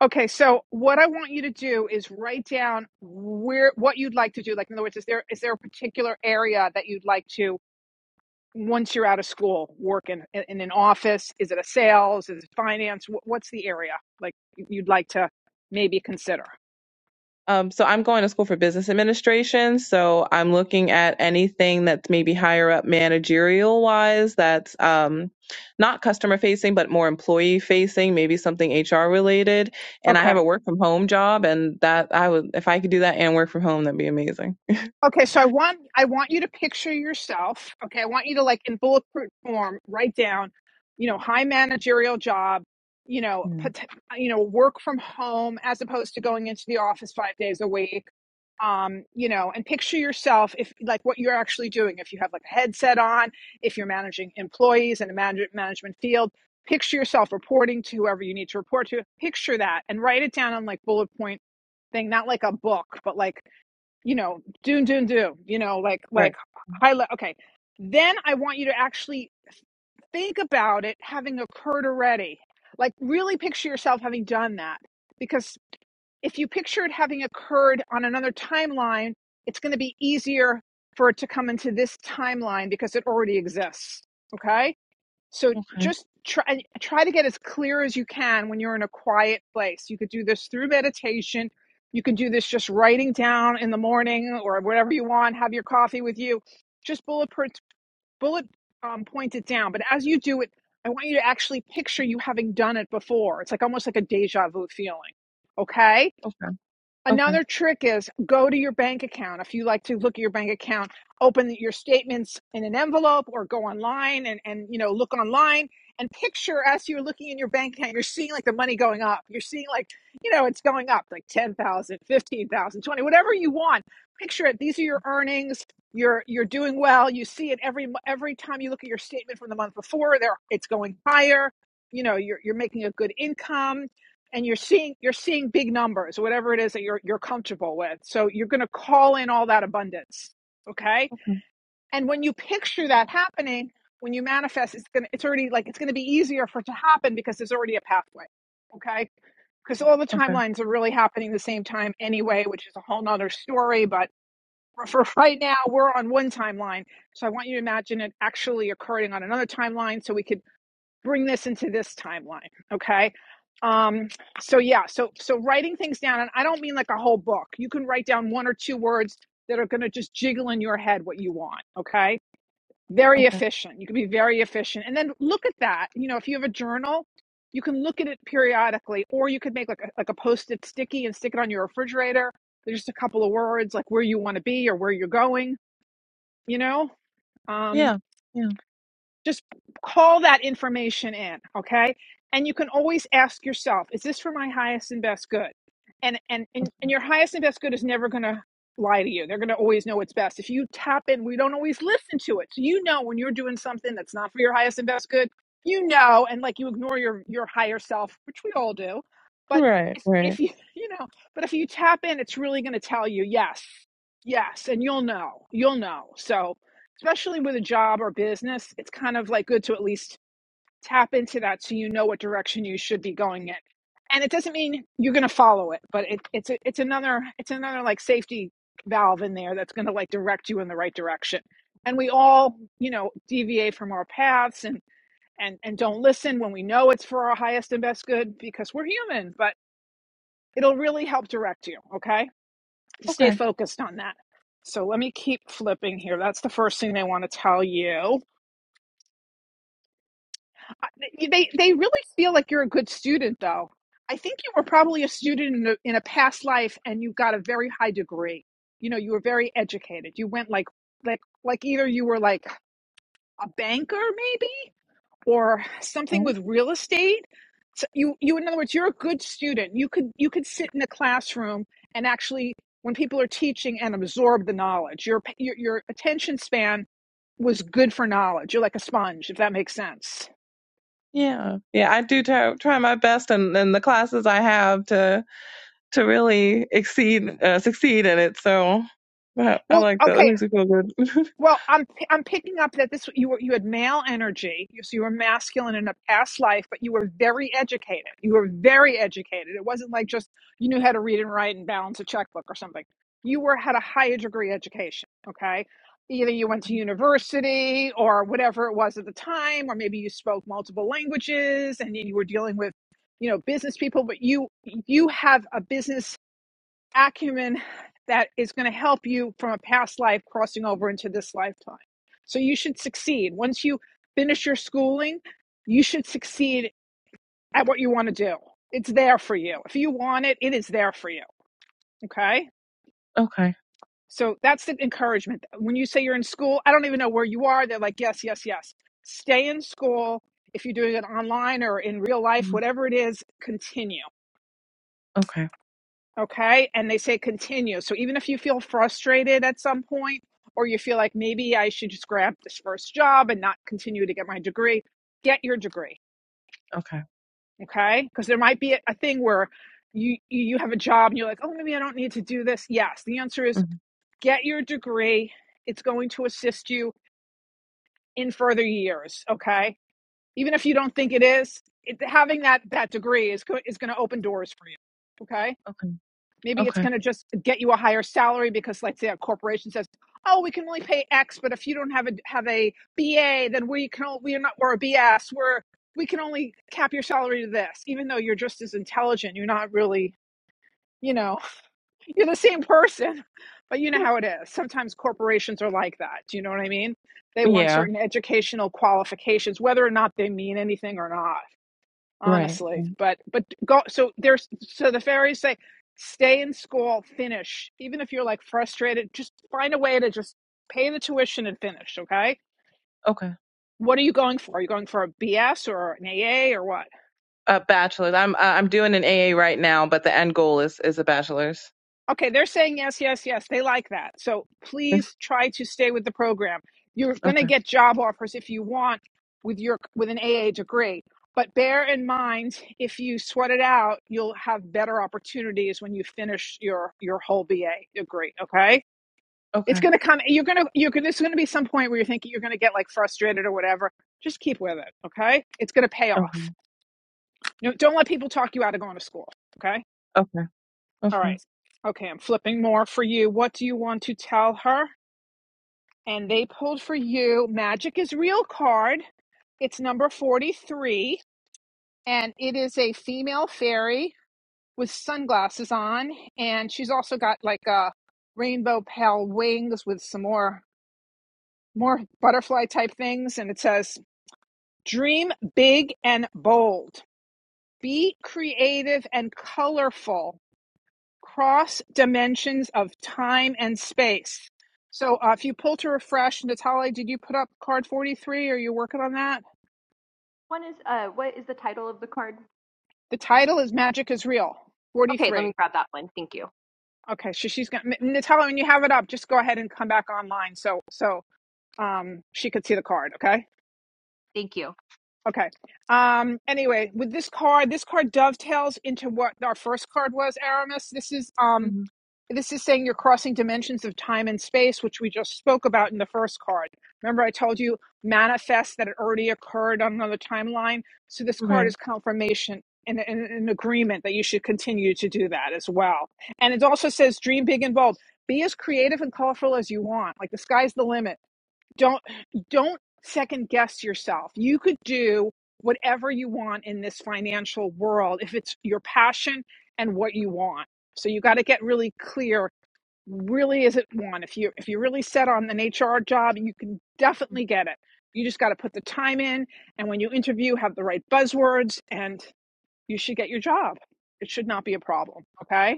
Okay, so what I want you to do is write down where what you'd like to do. Like, in other words, is there is there a particular area that you'd like to once you're out of school work in in, in an office? Is it a sales? Is it finance? Wh- What's the area like you'd like to maybe consider?
Um, so I'm going to school for business administration. So I'm looking at anything that's maybe higher up managerial wise that's um, not customer facing, but more employee facing, maybe something HR related. And I have
Okay.
a work from home job and that I would, if I could do that and work from home, that'd be amazing.
Okay, so I want I want you to picture yourself. Okay, I want you to like in bulletproof form write down, you know, high managerial job, you know,
Hmm.
pot- you know, work from home as opposed to going into the office five days a week. Um, you know, and picture yourself if like what you're actually doing. If you have like a headset on, if you're managing employees in a manage- management field, picture yourself reporting to whoever you need to report to. Picture that and write it down on like bullet point thing, not like a book, but like you know, do do do. you know, like
Right.
like high le- okay. Then I want you to actually think about it having occurred already. Like really picture yourself having done that. Because if you picture it having occurred on another timeline, it's gonna be easier for it to come into this timeline because it already exists. Okay? So
Okay.
just try try to get as clear as you can when you're in a quiet place. You could do this through meditation. You can do this just writing down in the morning or whatever you want. Have your coffee with you. Just bullet per- bullet um, point it down. But as you do it, I want you to actually picture you having done it before. It's like almost like a deja vu feeling. Okay.
Okay. Okay.
Another trick is go to your bank account. If you like to look at your bank account, open your statements in an envelope or go online and, and you know look online and picture as you're looking in your bank account, you're seeing like the money going up. You're seeing like, you know, it's going up like 10,000, 15,000, 20, whatever you want. Picture it. These are your earnings. You're you're doing well. You see it every every time you look at your statement from the month before. There it's going higher. You know, you're you're making a good income and you're seeing you're seeing big numbers whatever it is that you're you're comfortable with so you're going to call in all that abundance okay
Okay.
and when you picture that happening when you manifest it's going to it's already like it's going to be easier for it to happen because there's already a pathway okay because all the
Okay.
timelines are really happening the same time anyway which is a whole nother story but for for right now we're on one timeline so i want you to imagine it actually occurring on another timeline so we could bring this into this timeline okay um so yeah so so writing things down and i don't mean like a whole book you can write down one or two words that are going to just jiggle in your head what you want okay very
Okay.
efficient you can be very efficient and then look at that you know if you have a journal you can look at it periodically or you could make like a, like a post-it sticky and stick it on your refrigerator there's just a couple of words like where you want to be or where you're going you know um
Yeah. Yeah.
just call that information in, okay? And you can always ask yourself, is this for my highest and best good? And and and, and your highest and best good is never going to lie to you. They're going to always know what's best. If you tap in, we don't always listen to it. So you know when you're doing something that's not for your highest and best good, you know, and like you ignore your your higher self, which we all do. But
Right.
if,
Right.
if you you know, but if you tap in, it's really going to tell you yes, yes, and you'll know, you'll know. So especially with a job or business, it's kind of like good to at least tap into that so you know what direction you should be going in. And it doesn't mean you're going to follow it, but it, it's a, it's another it's another like safety valve in there that's going to like direct you in the right direction. And we all, you know, deviate from our paths and and and don't listen when we know it's for our highest and best good because we're human, but it'll really help direct you, okay? To stay
Okay.
focused on that. So let me keep flipping here. That's the first thing they want to tell you they they really feel like you're a good student though i think you were probably a student in a, in a past life and you got a very high degree you know you were very educated you went like like like either you were like a banker maybe or something
Oh,
with real estate so you you in other words you're a good student you could you could sit in a classroom and actually when people are teaching and absorb the knowledge your pa- your, your attention span was good for knowledge you're like a sponge if that makes sense
yeah. Yeah. I do try, try my best and in in the classes I have to to really exceed uh, succeed in it. So I, I
well
like that. That
okay
makes me feel good.
Well, I'm p- I'm picking up that this you were you had male energy, you- so you were masculine in a past life, but you were very educated. You were very educated. It wasn't like just you knew how to read and write and balance a checkbook or something. You were had a higher degree education. Okay, either you went to university or whatever it was at the time, or maybe you spoke multiple languages and you were dealing with you know business people. But you you have a business acumen that is going to help you from a past life crossing over into this lifetime. So you should succeed. Once you finish your schooling, you should succeed at what you want to do. It's there for you. If you want it, it is there for you. Okay.
okay.
So that's the encouragement. When you say you're in school, I don't even know where you are. They're like, yes, yes, yes. Stay in school. If you're doing it online or in real life,
Mm.
whatever it is, continue.
Okay.
Okay. And they say continue. So even if you feel frustrated at some point, or you feel like maybe I should just grab this first job and not continue to get my degree, get your degree.
Okay.
Okay. Because there might be a, a thing where you, you have a job and you're like, oh, maybe I don't need to do this. Yes. The answer is
Mhm.
get your degree. It's going to assist you in further years. Okay. Even if you don't think it is, it, having that, that degree is, go- is going to open doors for you. Okay
Okay.
Maybe it's
Okay.
going to just get you a higher salary because, let's say, a corporation says, "Oh, we can only pay X, but if you don't have a have a BA, then we can we're not we're a BS. We're we can only cap your salary to this, even though you're just as intelligent. You're not really, you know, you're the same person, but you know how it is. Sometimes corporations are like that. Do you know what I mean? They want
Yeah.
certain educational qualifications, whether or not they mean anything or not
Right.
honestly but but go so there's so the fairies say stay in school finish even if you're like frustrated just find a way to just pay the tuition and finish okay
Okay.
what are you going for are you going for a bs or an aa or what
A bachelor's. I'm I- I'm doing an AA right now, but the end goal is is a bachelor's.
Okay, they're saying yes, yes, yes. They like that. So please try to stay with the program. You're going to
okay.
get job offers if you want with your with an AA degree. But bear in mind, if you sweat it out, you'll have better opportunities when you finish your your whole BA degree. Okay, it's
Okay.
going to come. You're going to you're going. There's going to be some point where you're thinking you're going to get like frustrated or whatever. Just keep with it. Okay, it's going to pay
Okay.
off. You know, don't let people talk you out of going to school. Okay.
Okay.
All
Okay.
right. Okay, I'm flipping more for you. What do you want to tell her? And they pulled for you Magic is Real card. It's number 43, and it is a female fairy with sunglasses on, and she's also got like a rainbow pale wings with some more more butterfly type things and it says dream big and bold be creative and colorful cross dimensions of time and space. So uh, if you pull to refresh, Natalie, did you put up card 43? Are you working on that?
One is uh what is the title of the card?
The title is Magic is Real,
Okay, let
43.
me grab that one. Thank you.
Okay, so she's going to, Natalie, when you have it up, just go ahead and come back online so, so um, she could see the card, okay?
Thank you.
Okay. Um, anyway, with this card, this card dovetails into what our first card was, Aramis. This is um,
hmm
This is saying you're crossing dimensions of time and space, which we just spoke about in the first card. Remember, I told you manifest that it already occurred on another timeline. So this card
Right.
is confirmation and and- an agreement that you should continue to do that as well. And it also says dream big and bold. Be as creative and colorful as you want. Like the sky's the limit don't don't second guess yourself you could do whatever you want in this financial world if it's your passion and what you want so you got to get really clear really is it one if you if you're really set on an hr job you can definitely get it you just got to put the time in and when you interview have the right buzzwords and you should get your job it should not be a problem okay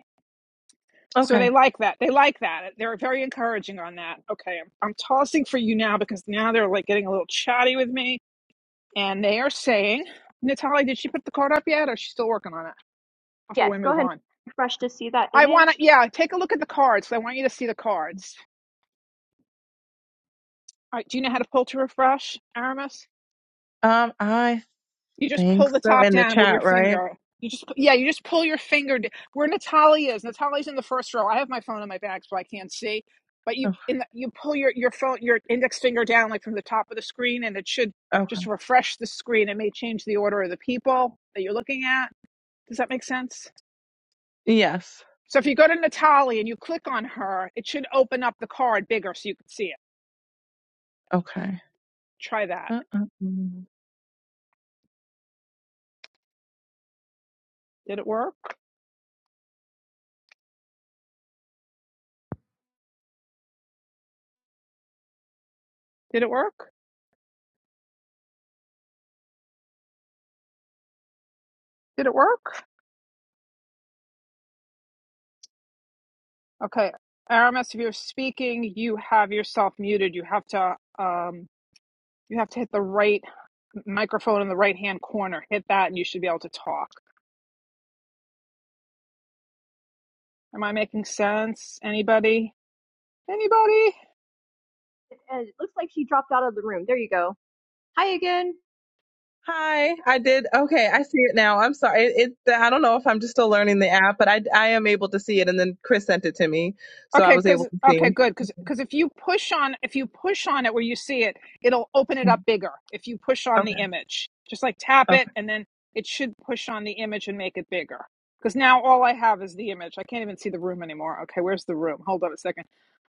so they
Okay.
like that. They like that. They're very encouraging on that. Okay, I'm, I'm tossing for you now because now they're like getting a little chatty with me, and they are saying, "Natalie, did she put the card up yet, or is she still working on it?" Before
Yes,
we
go
move
ahead and
on,
refresh to see that
I want to.
image.
Yeah, take a look at the cards. I want you to see the cards. All right, do you know how to pull to refresh, Aramis?
Um, I
You just
think
pull the
so.
top
In the
down with your
chat, right?
finger. You just yeah, you just pull your finger. d- Where Natalia is, Natalia's in the first row. I have my phone in my bag, so I can't see. But you
Okay.
in the, you pull your your phone your index finger down like from the top of the screen, and it should
okay.
just refresh the screen. It may change the order of the people that you're looking at. Does that make sense?
Yes.
So if you go to Natalia and you click on her, it should open up the card bigger so you can see it.
Okay.
Try that.
Uh-uh.
Did it work? Did it work? Did it work? Okay, Aramis, if you're speaking, you have yourself muted. You have to um, you have to hit the right microphone in the right hand corner. Hit that, and you should be able to talk. Am I making sense? Anybody? Anybody?
And it looks like she dropped out of the room. There you go. Hi again.
Hi, I did. Okay, I see it now. I'm sorry. It, it I don't know if I'm just still learning the app, but I I am able to see it and then Chris sent it to me, so I
Okay,
was able
because
to
okay,
see.
good, because because if you push on if you push on it where you see it, it'll open it up bigger. If you push on the
Okay.
image, just like tap it,
Okay.
and then it should push on the image and make it bigger. Because now all I have is the image. I can't even see the room anymore. Okay, where's the room? Hold on a second.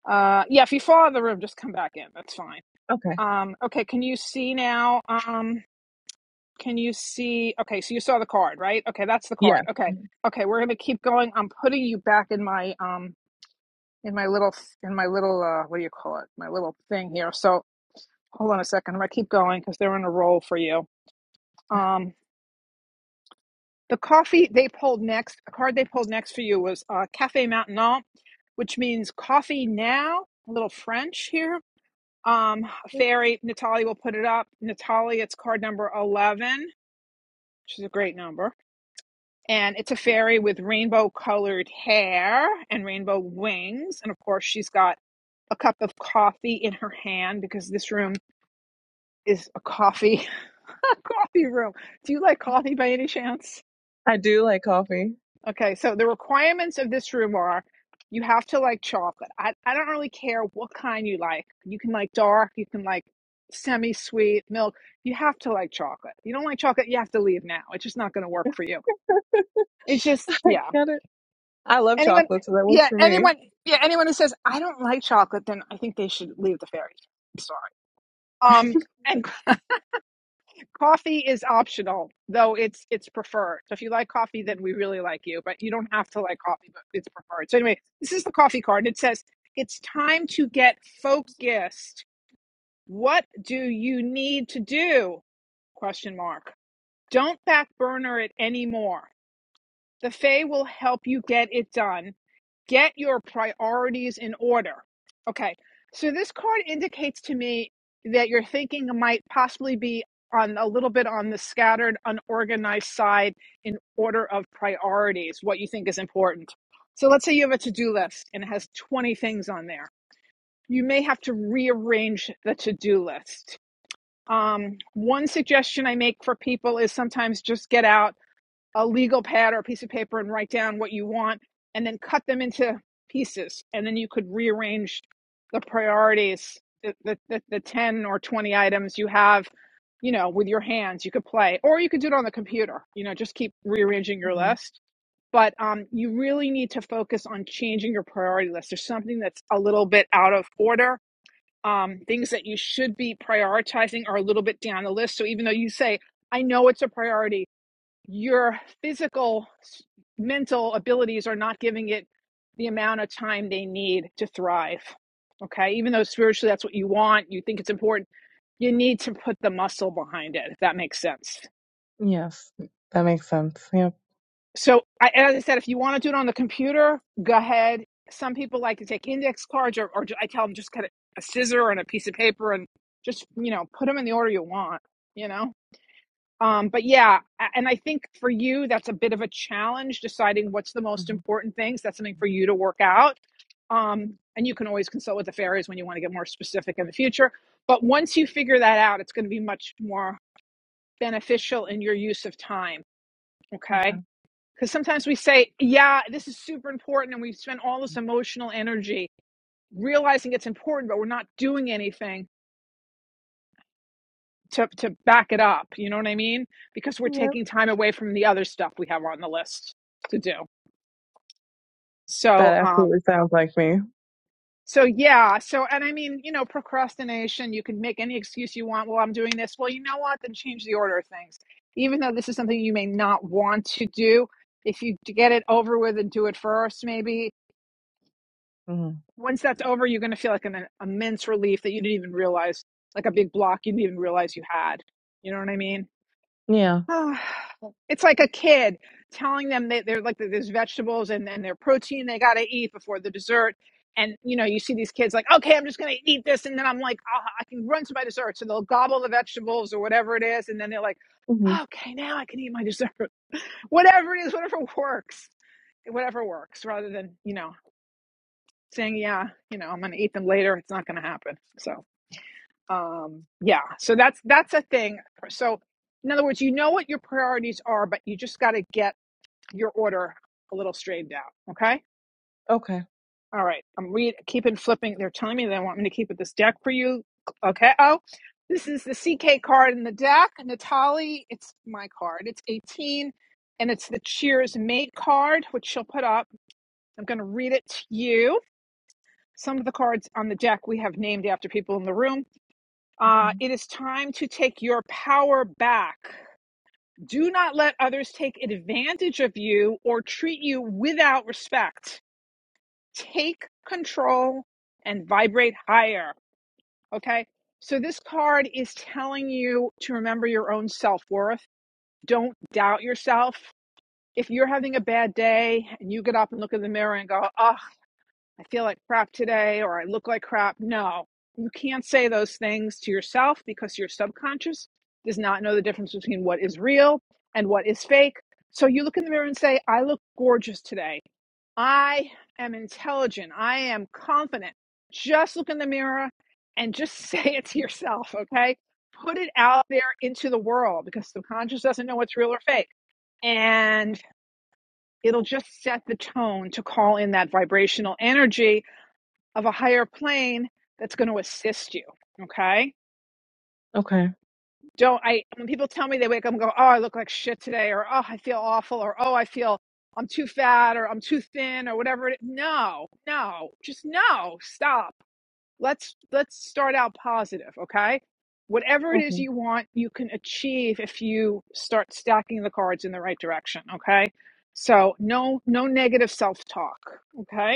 Uh, yeah, if you fall out of the room, just come back in. That's fine.
Okay.
Um, okay, can you see now? Um, can you see? Okay, so you saw the card, right? Okay, that's the
Yeah.
card. Okay, okay, we're gonna keep going. I'm putting you back in my um in my little in my little uh what do you call it? My little thing here. So hold on a second. I'm gonna keep going because they're in a roll for you. Um, the coffee they pulled next, the card they pulled next for you was uh Cafe Maintenant, which means coffee now. A little French here Um, Fairy, Natalie will put it up. Natalie, it's card number 11, which is a great number. And it's a fairy with rainbow colored hair and rainbow wings. And of course, she's got a cup of coffee in her hand because this room is a coffee coffee room. Do you like coffee by any chance?
I do like coffee.
Okay, so the requirements of this room are you have to like chocolate. I, I don't really care what kind you like. You can like dark, you can like semi sweet milk. You have to like chocolate. You don't like chocolate, you have to leave now. It's just not going to work for you. It's just,
I
yeah.
got it. I love
Anyone,
chocolate, so that works
yeah,
for me.
anyone, yeah, anyone who says, I don't like chocolate, then I think they should leave the fairy. I'm sorry. Um, and. Coffee is optional, though it's it's preferred. So if you like coffee, then we really like you, but you don't have to like coffee, but it's preferred. So anyway, this is the coffee card. It says it's time to get focused. What do you need to do? Question mark. Don't back burner it anymore. The Fae will help you get it done get your priorities in order. Okay, so this card indicates to me that your thinking might possibly be on a little bit on the scattered, unorganized side in order of priorities, what you think is important. So let's say you have a to do list and it has 20 things on there. You may have to rearrange the to do list. Um, one suggestion I make for people is sometimes just get out a legal pad or a piece of paper and write down what you want and then cut them into pieces and then you could rearrange the priorities the, the, the, the 10 or 20 items you have you know with your hands you could play or you could do it on the computer you know just keep rearranging your
Mhm.
list but um, you really need to focus on changing your priority list there's something that's a little bit out of order um, things that you should be prioritizing are a little bit down the list so even though you say i know it's a priority your physical mental abilities are not giving it the amount of time they need to thrive okay even though spiritually that's what you want you think it's important you need to put the muscle behind it if that makes sense
Yes. That makes sense. Yep.
so I, as i said if you want to do it on the computer go ahead some people like to take index cards or, or i tell them just cut a scissor and a piece of paper and just you know put them in the order you want you know Um, but yeah, and I think for you, that's a bit of a challenge deciding what's the most
Mhm.
important things. That's something for you to work out. Um, and you can always consult with the fairies when you want to get more specific in the future. But once you figure that out, it's going to be much more beneficial in your use of time.
Okay.
Okay. Because sometimes we say, yeah, this is super important. And we spend all this emotional energy realizing it's important, but we're not doing anything to to back it up. You know what I mean? Because we're
Yep.
taking time away from the other stuff we have on the list to do.
That
So um
absolutely sounds like me.
so yeah, so and I mean, you know, procrastination, you can make any excuse you want. Well, I'm doing this. Well, you know what? Then change the order of things. Even though this is something you may not want to do, if you get it over with and do it first, maybe
hmm
once that's over, you're going to feel like an an immense relief that you didn't even realize, like a big block you didn't even realize you had. You know what I mean?
Yeah.
Oh, it's like a kid telling them that they're like that there's vegetables and and their protein they got to eat before the dessert and you know you see these kids like okay i'm just going to eat this and then i'm like oh, i can run to my dessert so they'll gobble the vegetables or whatever it is and then they're like
hmm
okay now i can eat my dessert whatever it is whatever works whatever works rather than you know saying yeah you know i'm going to eat them later it's not going to happen so um yeah so that's that's a thing so in other words you know what your priorities are but you just got to get your order a little straightened out okay
Okay.
all right i'm read keeping flipping they're telling me they want me to keep with this deck for you okay oh this is the ck card in the deck natalie it's my card it's 18 and it's the cheers mate card which she'll put up i'm going to read it to you some of the cards on the deck we have named after people in the room
Okay.
Uh, it is time to take your power back. Do not let others take advantage of you or treat you without respect. Take control and vibrate higher. Okay. So, this card is telling you to remember your own self worth. Don't doubt yourself. If you're having a bad day and you get up and look in the mirror and go, "Ah." I feel like crap today or I look like crap. No, you can't say those things to yourself because your subconscious does not know the difference between what is real and what is fake. So you look in the mirror and say, I look gorgeous today. I am intelligent. I am confident. Just look in the mirror and just say it to yourself, okay? Put it out there into the world because subconscious doesn't know what's real or fake. And it'll just set the tone to call in that vibrational energy of a higher plane that's going to assist you. Okay.
Okay.
Don't I, when people tell me they wake up and go, Oh, I look like shit today, or Oh, I feel awful, or Oh, I feel I'm too fat, or I'm too thin, or whatever. It, no, no, just no, stop. Let's, let's start out positive. Okay. Whatever it is
Okay.
you want, you can achieve if you start stacking the cards in the right direction. Okay. So no, no negative self talk. Okay.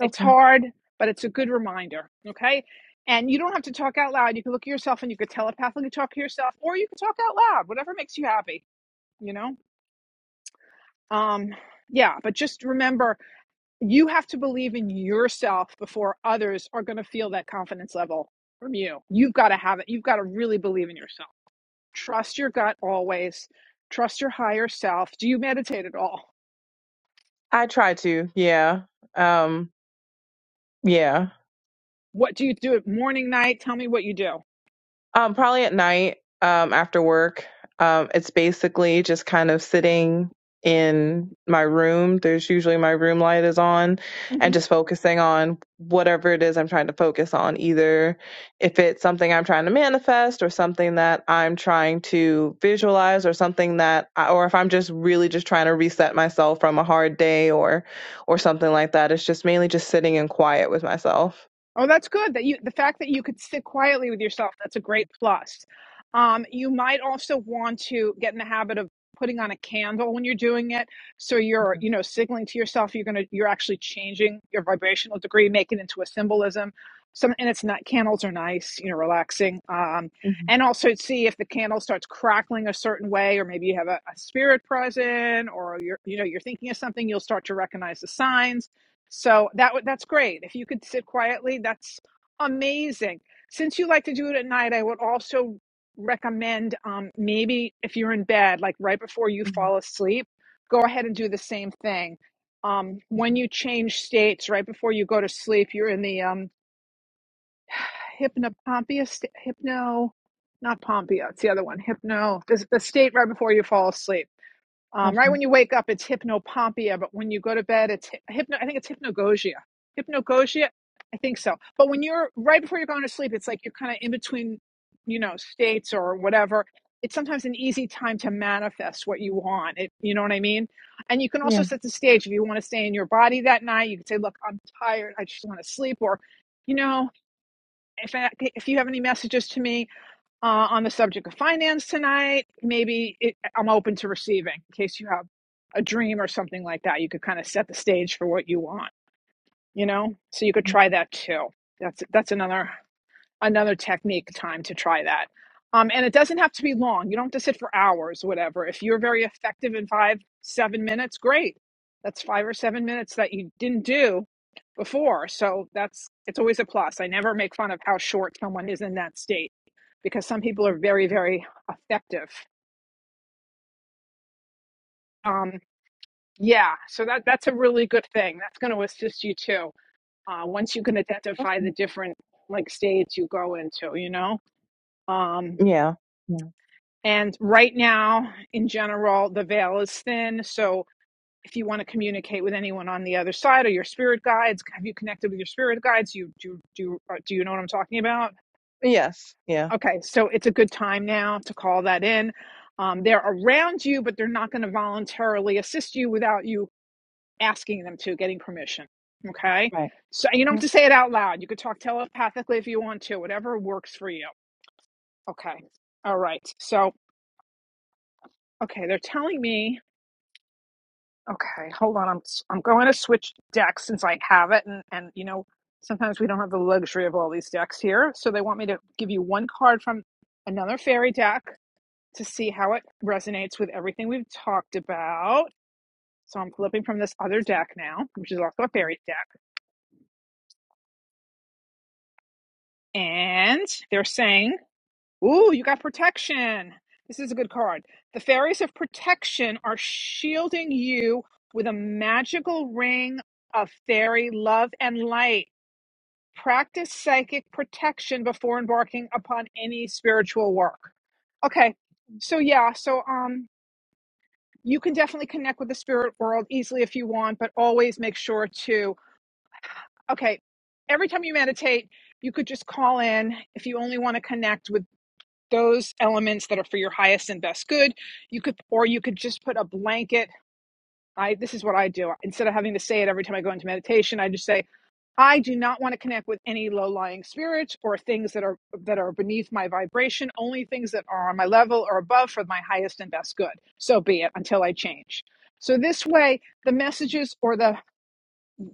It's
Okay.
hard, but it's a good reminder. Okay. And you don't have to talk out loud. You can look at yourself and you could telepathically talk to yourself, or you can talk out loud, whatever makes you happy, you know? Um, yeah, but just remember you have to believe in yourself before others are going to feel that confidence level from you. You've got to have it. You've got to really believe in yourself. Trust your gut always. Trust your higher self. Do you meditate at all?
I try to. Yeah. Um yeah.
What do you do? at Morning, night? Tell me what you do.
Um, probably at night, um, after work. Um, it's basically just kind of sitting in my room. There's usually my room light is on and
Mm-hmm.
just focusing on whatever it is I'm trying to focus on, either if it's something I'm trying to manifest or something that I'm trying to visualize or something that I, or if I'm just really just trying to reset myself from a hard day or or something like that. It's just mainly just sitting in quiet with myself.
Oh, that's good. That you the fact that you could sit quietly with yourself, that's a great plus. Um, you might also want to get in the habit of putting on a candle when you're doing it. So you're,
Okay.
you know, signaling to yourself you're gonna you're actually changing your vibrational degree, make it into a symbolism. Some and it's not candles are nice, you know, relaxing. Um,
hmm
and also see if the candle starts crackling a certain way, or maybe you have a, a spirit present, or you're, you know, you're thinking of something. You'll start to recognize the signs so that would that's great. If you could sit quietly, that's amazing. Since you like to do it at night, I would also recommend um, maybe if you're in bed, like right before you
hmm
fall asleep, go ahead and do the same thing. Um,
Okay.
when you change states right before you go to sleep, you're in the um, hypnopompia, sta- hypno, not pompia, it's the other one, hypno, this, the state right before you fall asleep um, right when
Okay.
you wake up, it's hypnopompia, but when you go to bed, it's hypno. I think it's hypnagogia. Hypnagogia, I think so. But when you're right before you're going to sleep, it's like you're kind of in between, you know, states or whatever. It's sometimes an easy time to manifest what you want. It, you know what I mean? And you can also
Yeah.
set the stage if you want to stay in your body that night. You can say, "Look, I'm tired. I just want to sleep," or, you know, if I, if you have any messages to me, uh, on the subject of finance tonight. Maybe it, I'm open to receiving in case you have a dream or something like that. You could kind of set the stage for what you want, you know. So you could try that too. That's that's another another technique time to try that. Um, and it doesn't have to be long. You don't have to sit for hours, whatever. If you're very effective in five seven minutes, great. That's five or seven minutes that you didn't do before. So that's it's always a plus. I never make fun of how short someone is in that state because some people are very, very effective. Um, yeah, so that that's a really good thing. That's going to assist you too. Uh, once you can identify
Okay.
the different like states you go into, you know. Um,
Yeah. Yeah.
and right now, in general, the veil is thin. So if you want to communicate with anyone on the other side or your spirit guides, have you connected with your spirit guides? You do do uh, do you know what I'm talking about?
Yes. Yeah.
Okay, so it's a good time now to call that in. Um, they're around you, but they're not going to voluntarily assist you without you asking them to, getting permission. Okay,
Right.
so you don't have
Yep.
to say it out loud. You could talk telepathically if you want to, whatever works for you. Okay, all right. So okay, they're telling me. Okay, hold on. I'm i I'm going to switch decks since I have it, and and you know sometimes we don't have the luxury of all these decks here, so they want me to give you one card from another fairy deck to see how it resonates with everything we've talked about. So I'm flipping from this other deck now, which is also a fairy deck. And they're saying, Ooh, you got protection. This is a good card. The fairies of protection are shielding you with a magical ring of fairy love and light. Practice psychic protection before embarking upon any spiritual work. Okay. So yeah, so um you can definitely connect with the spirit world easily if you want, but always make sure to, okay, every time you meditate, you could just call in if you only want to connect with those elements that are for your highest and best good. You could, or you could just put a blanket. I, this is what I do. Instead of having to say it every time I go into meditation, I just say, I do not want to connect with any low-lying spirits or things that are that are beneath my vibration, only things that are on my level or above for my highest and best good. So be it until I change. So this way the messages or the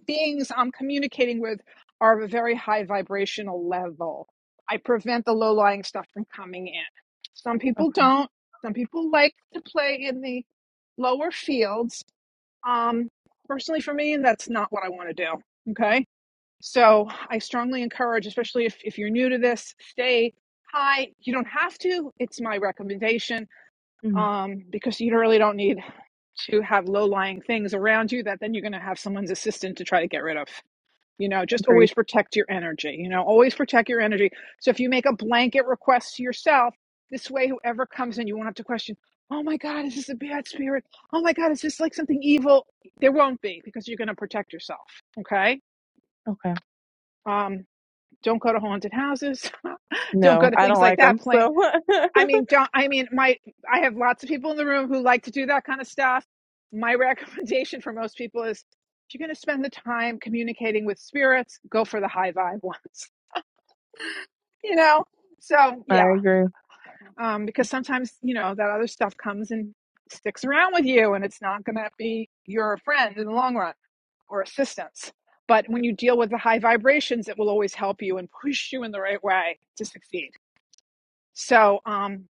beings I'm communicating with are of a very high vibrational level. I prevent the low-lying stuff from coming in. Some people
Okay.
don't. Some people like to play in the lower fields. Um personally for me that's not what I want to do. Okay? So I strongly encourage, especially if, if you're new to this, stay high. You don't have to. It's my recommendation
hmm
um, because you really don't need to have low lying things around you that then you're going to have someone's assistant to try to get rid of. You know, just
Agreed.
always protect your energy. You know, always protect your energy. So if you make a blanket request to yourself, this way, whoever comes in, you won't have to question, oh my God, is this a bad spirit? Oh my God, is this like something evil? There won't be because you're going to protect yourself. Okay.
Okay.
Um, don't go to haunted houses. don't go
No,
to
I don't
things like
like them.
that. Play.
So
I mean, don't. I mean, my. I have lots of people in the room who like to do that kind of stuff. My recommendation for most people is, if you're going to spend the time communicating with spirits, go for the high vibe ones. You know. So
I
yeah,
agree.
um, because sometimes you know that other stuff comes and sticks around with you, and it's not going to be your friend in the long run or assistance. But when you deal with the high vibrations, it will always help you and push you in the right way to succeed. So, um,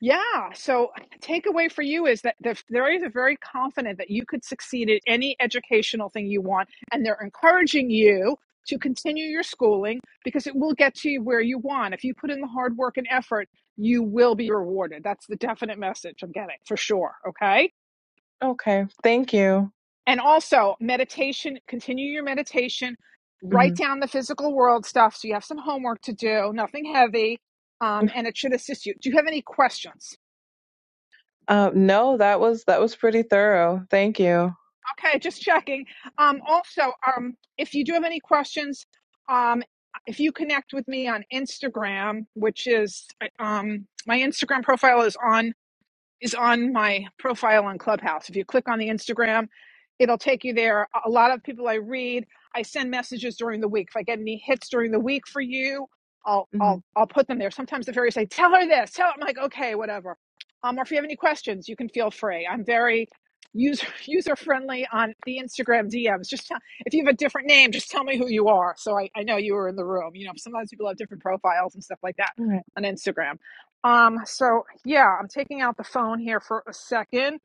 yeah. So, takeaway for you is that the fairies are very confident that you could succeed at any educational thing you want, and they're encouraging you to continue your schooling because it will get you where you want. If you put in the hard work and effort, you will be rewarded. That's the definite message I'm getting for sure. Okay.
Okay. Thank you.
And also, meditation, continue your meditation, write
hmm
down the physical world stuff so you have some homework to do, nothing heavy, um, and it should assist you. Do you have any questions?
Uh, no, that was that was pretty thorough. Thank you.
Okay, just checking. Um, also, um, if you do have any questions, um, if you connect with me on Instagram, which is um, my Instagram profile is on is on my profile on Clubhouse. If you click on the Instagram, it'll take you there. A lot of people I read, I send messages during the week. If I get any hits during the week for you, I'll
hmm
I'll I'll put them there. Sometimes the fairy say, "Tell her this." Tell I'm like, "Okay, whatever." Um, or if you have any questions, you can feel free. I'm very user user friendly on the Instagram DMs. Just tell, if you have a different name, just tell me who you are. So I, I know you were in the room. You know, sometimes people have different profiles and stuff like that
All right.
on Instagram. Um, so yeah, I'm taking out the phone here for a second.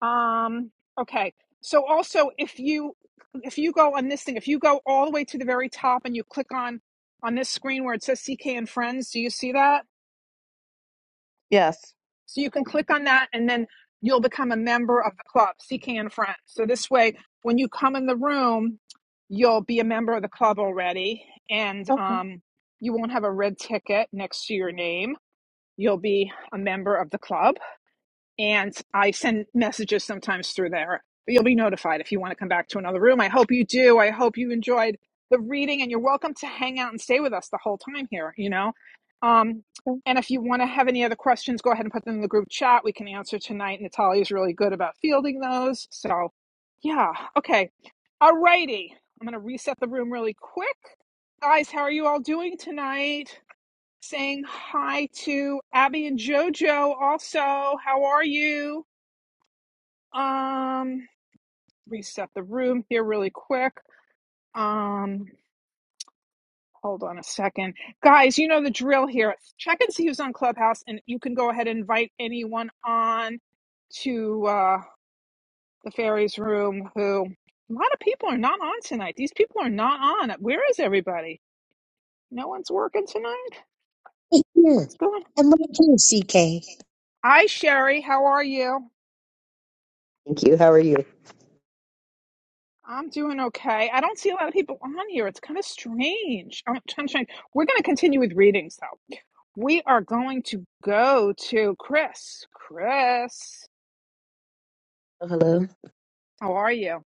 Um, okay. So also if you if you go on this thing, if you go all the way to the very top and you click on on this screen where it says CK and Friends, do you see that?
Yes.
So you can click on that and then you'll become a member of the club, CK and Friends. So this way when you come in the room, you'll be a member of the club already and
Okay.
um you won't have a red ticket next to your name. You'll be a member of the club and I send messages sometimes through there. But you'll be notified if you want to come back to another room. I hope you do. I hope you enjoyed the reading, and you're welcome to hang out and stay with us the whole time here. You know, um,
I
and if you want to have any other questions, go ahead and put them in the group chat. We can answer tonight. Natalia's really good about fielding those. So, yeah, okay, alrighty. I'm gonna reset the room really quick, guys. How are you all doing tonight? saying hi to Abby and JoJo also. How are you? Um reset the room here really quick. Um hold on a second. Guys, you know the drill here. Check and see who's on Clubhouse and you can go ahead and invite anyone on to uh the fairies room who a lot of people are not on tonight. These people are not on. Where is everybody? No one's working tonight?
Here,
What's going on?
I'm right here, CK.
Hi Sherry, how are you?
Thank you. How are you?
I'm doing okay. I don't see a lot of people on here. It's kind of strange. I'm trying to. We're going to continue with readings, though. We are going to go to Chris. Chris,
Oh, hello.
how are you?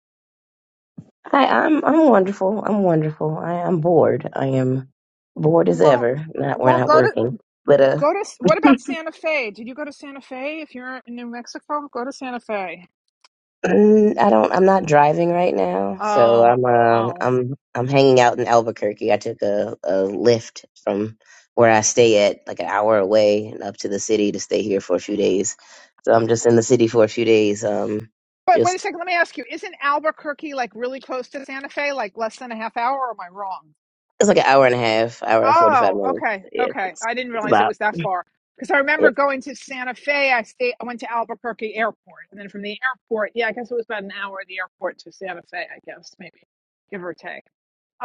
Hi, I'm I'm wonderful. I'm wonderful. I am bored. I am bored as
Well,
ever. Not we're
well,
not
go to
working, but uh,
go to. What about Santa Fe? Did you go to Santa Fe? If you're in New Mexico, go to Santa Fe.
I don't. I'm not driving right now, so
Oh,
I'm uh,
oh.
I'm I'm hanging out in Albuquerque. I took a a lift from where I stay at, like an hour away, and up to the city to stay here for a few days. So I'm just in the city for a few days. Um,
But wait a
just
second. Let me ask you: Isn't Albuquerque like really close to Santa Fe? Like less than a half hour? Or am I wrong?
it's like an hour and a half, hour and forty five
Oh,
minutes.
okay,
Yeah,
okay.
it's
I didn't
it's
realize it
about.
was that far because I remember
If
going to Santa Fe. I stayed. I went to Albuquerque Airport, and then from the airport, yeah, I guess it was about an hour at the airport to Santa Fe. I guess maybe give or take.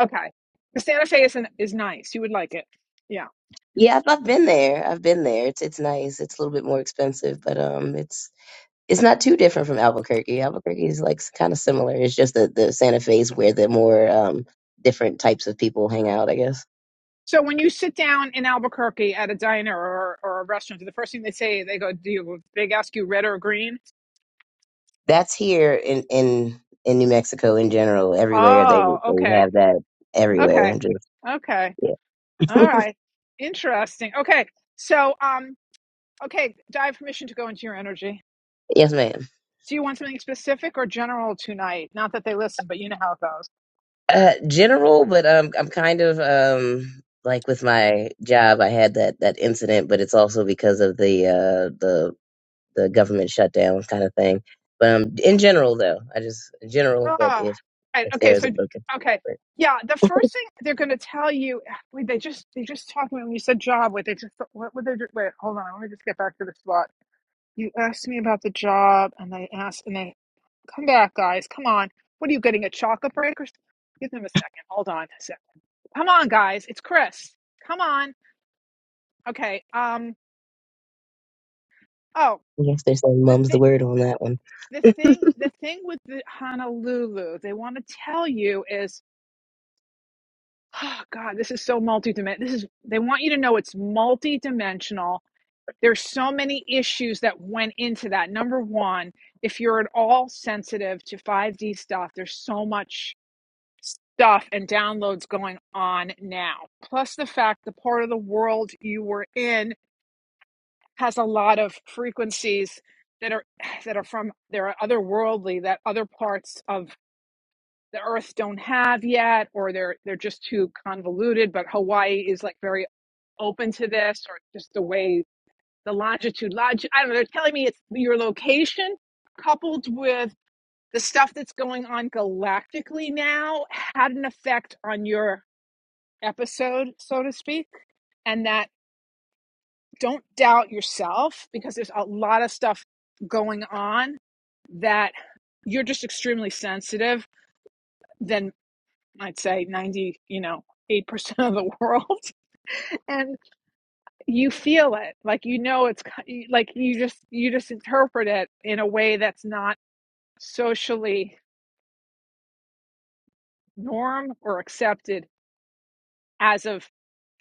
Okay, the Santa Fe is an, is nice. You would like it. Yeah.
yeah, I've, I've been there. I've been there. It's it's nice. It's a little bit more expensive, but um, it's it's not too different from Albuquerque. Albuquerque is like kind of similar. It's just that the Santa Fe is where the more um different types of people hang out, I guess.
So when you sit down in Albuquerque at a diner or, or a restaurant, the first thing they say they go, "Do you?" They ask you red or green.
That's here in in in New Mexico in general. Everywhere they
Oh,
they
okay,
have that everywhere.
okay,
Just
okay.
yeah.
All right, interesting. Okay, so um. Okay, I have permission to go into your energy.
yes, ma'am.
Do you want something specific or general tonight? Not that they listen, but you know how it goes.
Uh, general, but um, I'm kind of um like with my job, I had that that incident, but it's also because of the uh the the government shutdown kind of thing. But um, in general though, I just general. But
Ah,
if
right,
if
okay.
there is
So,
a
okay,
focus.
yeah. The first thing they're going to tell you, wait, they just they just talked to me when you said job. Wait, they just what would they? do- Wait, hold on. Let me just get back to the spot. You asked me about the job, and they asked, and they come back, guys. Come on. What are you getting a chocolate break or? s- Give them a second. Hold on a second. Come on, guys. It's Chris. Come on. Okay. Um. Oh,
I guess they're saying
the
mum's the
thing,
word on that one.
the thing, the thing with the Honolulu, they want to tell you is, oh God, this is so multi multidimensional. This is they want you to know it's multi-dimensional. There's so many issues that went into that. Number one, if you're at all sensitive to 5D stuff, there's so much stuff and downloads going on now. Plus the fact the part of the world you were in has a lot of frequencies that are that are from there are otherworldly that other parts of the earth don't have yet or they're they're just too convoluted but hawaii is like very open to this or just the way the longitude lodge i don't know they're telling me it's your location coupled with the stuff that's going on galactically now had an effect on your episode so to speak and that Don't doubt yourself because there's a lot of stuff going on that you're just extremely sensitive than I'd say 90, you know, 8% of the world and you feel it. Like you know it's like you just you just interpret it in a way that's not socially norm or accepted as of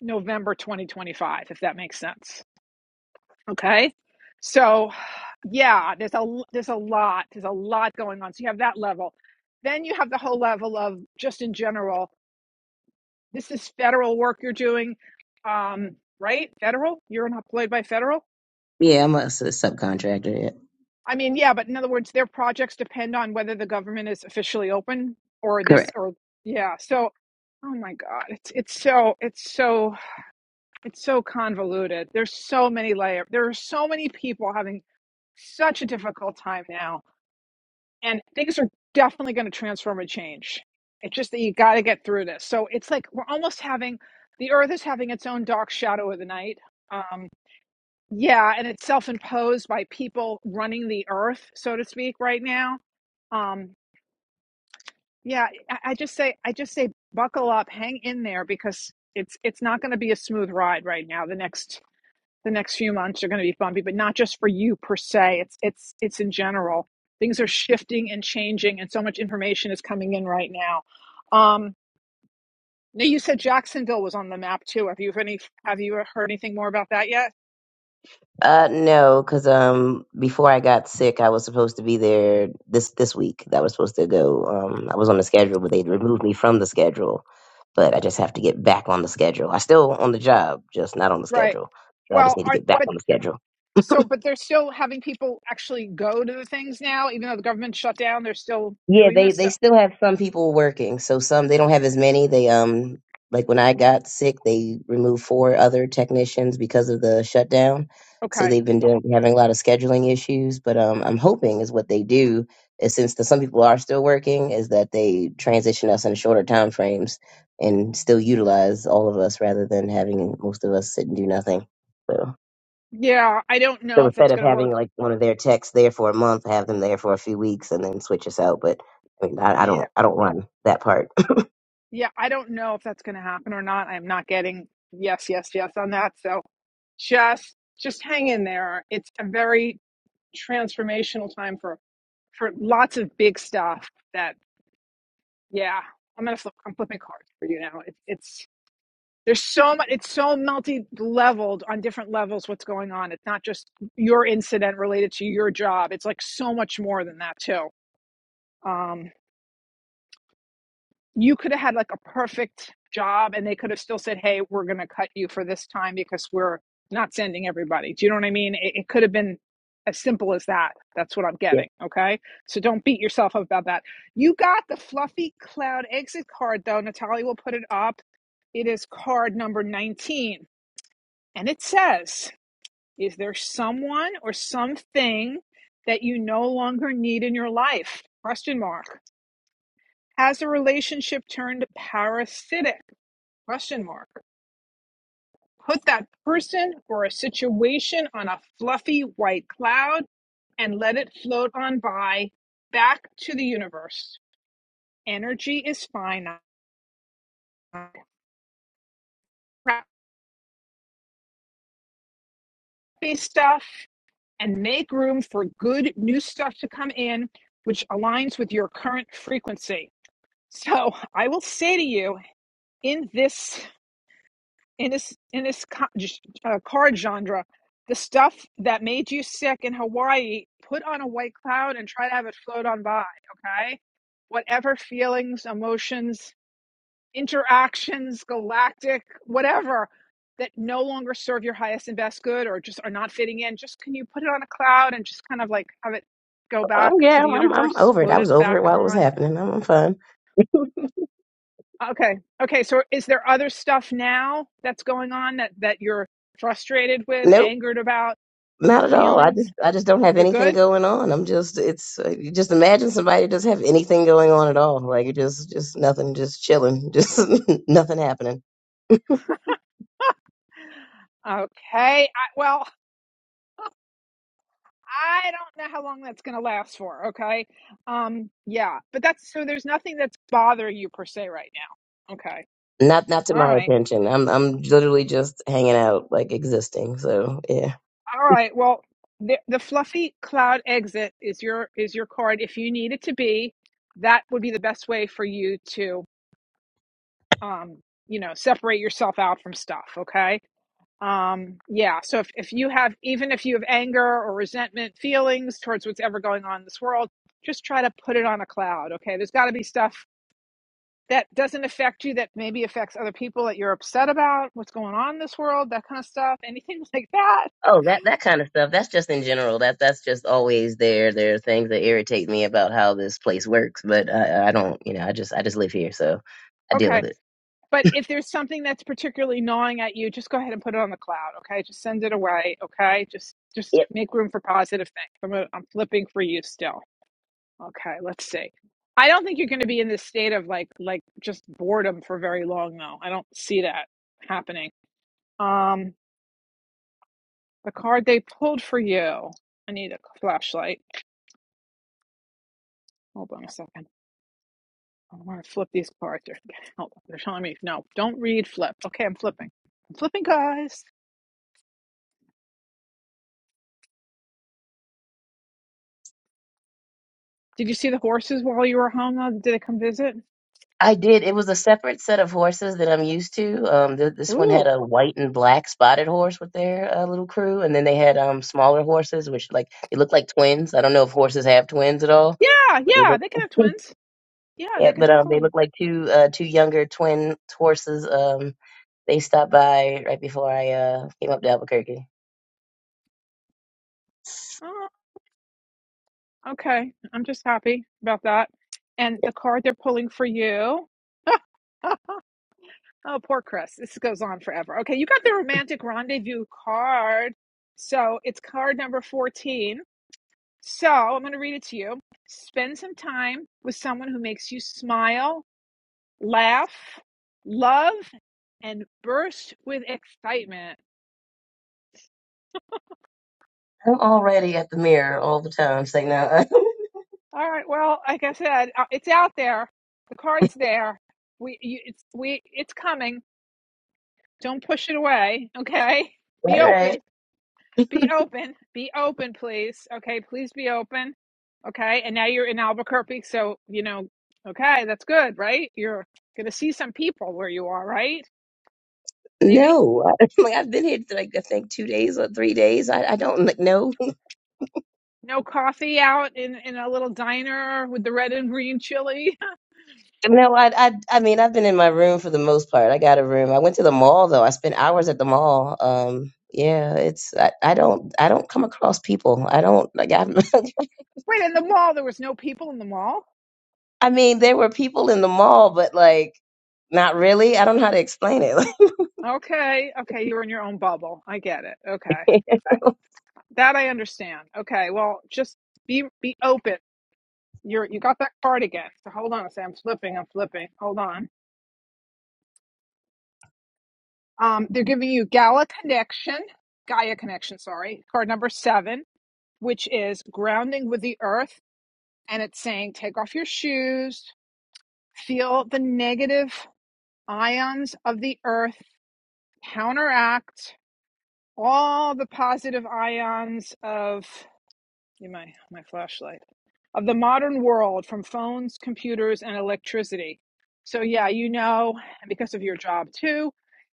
November 2025 if that makes sense. Okay. So, yeah, there's a l- there's a lot there's a lot going on. So you have that level. Then you have the whole level of just in general. This is federal work you're doing, um, right? Federal. You're not employed by federal.
Yeah, I'm a s- subcontractor. Yeah.
I mean, yeah, but in other words, their projects depend on whether the government is officially open or this
Correct.
or yeah. So, oh my God, it's it's so it's so it's so convoluted. There's so many layers. There are so many people having such a difficult time now and things are definitely going to transform and change. It's just that you got to get through this. So it's like we're almost having the earth is having its own dark shadow of the night. Um, yeah, and it's self imposed by people running the earth, so to speak, right now. Um, yeah, I, I just say, I just say, buckle up, hang in there, because it's it's not going to be a smooth ride right now. The next the next few months are going to be bumpy, but not just for you per se. It's it's it's in general. Things are shifting and changing, and so much information is coming in right now. Um, now you said Jacksonville was on the map too. Have you have any have you heard anything more about that yet?
Uh, no, because um, before I got sick, I was supposed to be there this this week. That was supposed to go. Um, I was on the schedule, but they removed me from the schedule. But I just have to get back on the schedule. I still on the job, just not on the
Right.
schedule. So I just
Well,
need to
are,
get back
but
on the schedule.
so but they're still having people actually go to the things now, even though the government shut down. They're still
Yeah,
doing
they
this
they
stuff.
still have some people working. So some they don't have as many. They um like when I got sick, they removed four other technicians because of the shutdown. So
Okay.
they've been doing having a lot of scheduling issues. But um, I'm hoping is what they do is since the, some people are still working, is that they transition us in shorter time frames and still utilize all of us rather than having most of us sit and do nothing. So.
Yeah, I don't know
So
if
instead
it's
of
going to
having
work.
like one of their texts there for a month, have them there for a few weeks and then switch us out. But I mean, I, I
Yeah.
don't, I don't run that part.
Yeah, I don't know if that's going to happen or not. I'm not getting yes, yes, yes on that. So just just hang in there. It's a very transformational time for for lots of big stuff that yeah, I'm going to flip I'm flipping cards for you now. It, it's there's so much it's so multi-leveled on different levels what's going on. It's not just your incident related to your job. It's like so much more than that too. Um, you could have had like a perfect job and they could have still said, hey, we're going to cut you for this time because we're not sending everybody. Do you know what I mean? It, it could have been as simple as that. That's what I'm
yeah.
getting. Okay. So don't beat yourself up about that. You got the fluffy cloud exit card though. Natalia will put it up. It is card number 19 and it says, is there someone or something that you no longer need in your life? Question mark. Has a relationship turned parasitic? Question mark. Put that person or a situation on a fluffy white cloud and let it float on by back to the universe. Energy is finite. Crappy stuff and make room for good new stuff to come in, which aligns with your current frequency. So I will say to you in this in this in this co- uh, card genre, the stuff that made you sick in Hawaii, put on a white cloud and try to have it float on by. Okay, whatever feelings, emotions, interactions, galactic, whatever that no longer serve your highest and best good or just are not fitting in. Just can you put it on a cloud and just kind of like have it go back
Oh
to
yeah,
the
I'm, I'm, I'm
universe,
over it.
float
I
it
was over
back
it while it was
on?
happening. I'm, I'm fine.
Okay. Okay. So is there other stuff now that's going on that, that you're frustrated with,
Nope.
angered about,
Not at all. I
feelings?
just I just don't have
You're
anything
good?
going on. I'm just it's uh, you just imagine somebody who doesn't have anything going on at all. Like it just just nothing, just chilling, just nothing happening.
Okay. I, well, I don't know how long that's going to last for. Okay. Um, yeah. But that's so there's nothing that's bothering you per se right now. Okay.
Not not to
All
my
right.
attention. I'm I'm literally just hanging out, like existing. So yeah.
All right. Well, the, the fluffy cloud exit is your is your card if you need it to be. That would be the best way for you to. um, you know, separate yourself out from stuff. Okay. Um, yeah. So if, if you have, even if you have anger or resentment feelings towards what's ever going on in this world, just try to put it on a cloud. Okay. There's got to be stuff that doesn't affect you that maybe affects other people that you're upset about, what's going on in this world, that kind of stuff, anything like that.
Oh, that that kind of stuff. That's just in general. That that's just always there. There are things that irritate me about how this place works, but I, I don't. You know, I just I just live here, so I deal
Okay.
with it.
But if there's something that's particularly gnawing at you, just go ahead and put it on the cloud. Okay. Just send it away. Okay. Just, just
Yep,
make room for positive things. I'm, i am i am flipping for you still. Okay, let's see. I don't think you're going to be in this state of like like just boredom for very long though. I don't see that happening. Um, the card they pulled for you. I need a flashlight. Hold on a second. I want to flip these cards. They're, hold on. They're telling me no. Don't read. Flip. Okay, I'm flipping. I'm flipping, guys. Did you see the horses while you were home? Though? Did they come visit?
I did. It was a separate set of horses that I'm used to. Um, th- this one had
Ooh,
a white and black spotted horse with their uh, little crew, and then they had um smaller horses, which like they look like twins. I don't know if horses have twins at all.
yeah, yeah. They can have twins. Yeah,
Yeah,
they could
but um, they
definitely.
look like two uh two younger twin horses. Um, they stopped by right before I uh came up to Albuquerque.
Okay, I'm just happy about that. And
Yeah.
the card they're pulling for you. oh, poor Chris. This goes on forever. Okay, you got the romantic rendezvous card. So it's card number 14. So I'm going to read it to you. Spend some time with someone who makes you smile, laugh, love, and burst with excitement.
I'm already at the mirror all the time. It's like, no,
All right. Well, like I said, uh, it's out there. The card's there. We, you, it's, we, it's coming. Don't push it away. Okay. Be
right, right.
open. Be open. Be open, please. Okay. Please be open. Okay. And now you're in Albuquerque. So, you know, okay. That's good, right? You're going to see some people where you are, right? Maybe.
No, like I've been here like I think two days or three days. I, I don't like no,
No coffee out in, in a little diner with the red and green chili.
no. I, I I mean I've been in my room for the most part. I got a room. I went to the mall though. I spent hours at the mall. Um, yeah, it's I, I don't I don't come across people. I don't like I
Wait, in the mall, there was no people in the mall.
I mean, there were people in the mall, but like, not really. I don't know how to explain it.
Okay. Okay. You're in your own bubble. I get it. Okay. That I understand. Okay. Well, just be be open You're you got that card again. So hold on a second. I'm flipping. I'm flipping. Hold on. Um, they're giving you Gala Connection, Gaia Connection. Sorry, card number seven, which is grounding with the earth, and it's saying take off your shoes, feel the negative ions of the earth, counteract all the positive ions of. my my flashlight. of the modern world from phones, computers, and electricity. So, yeah, you know, because of your job too,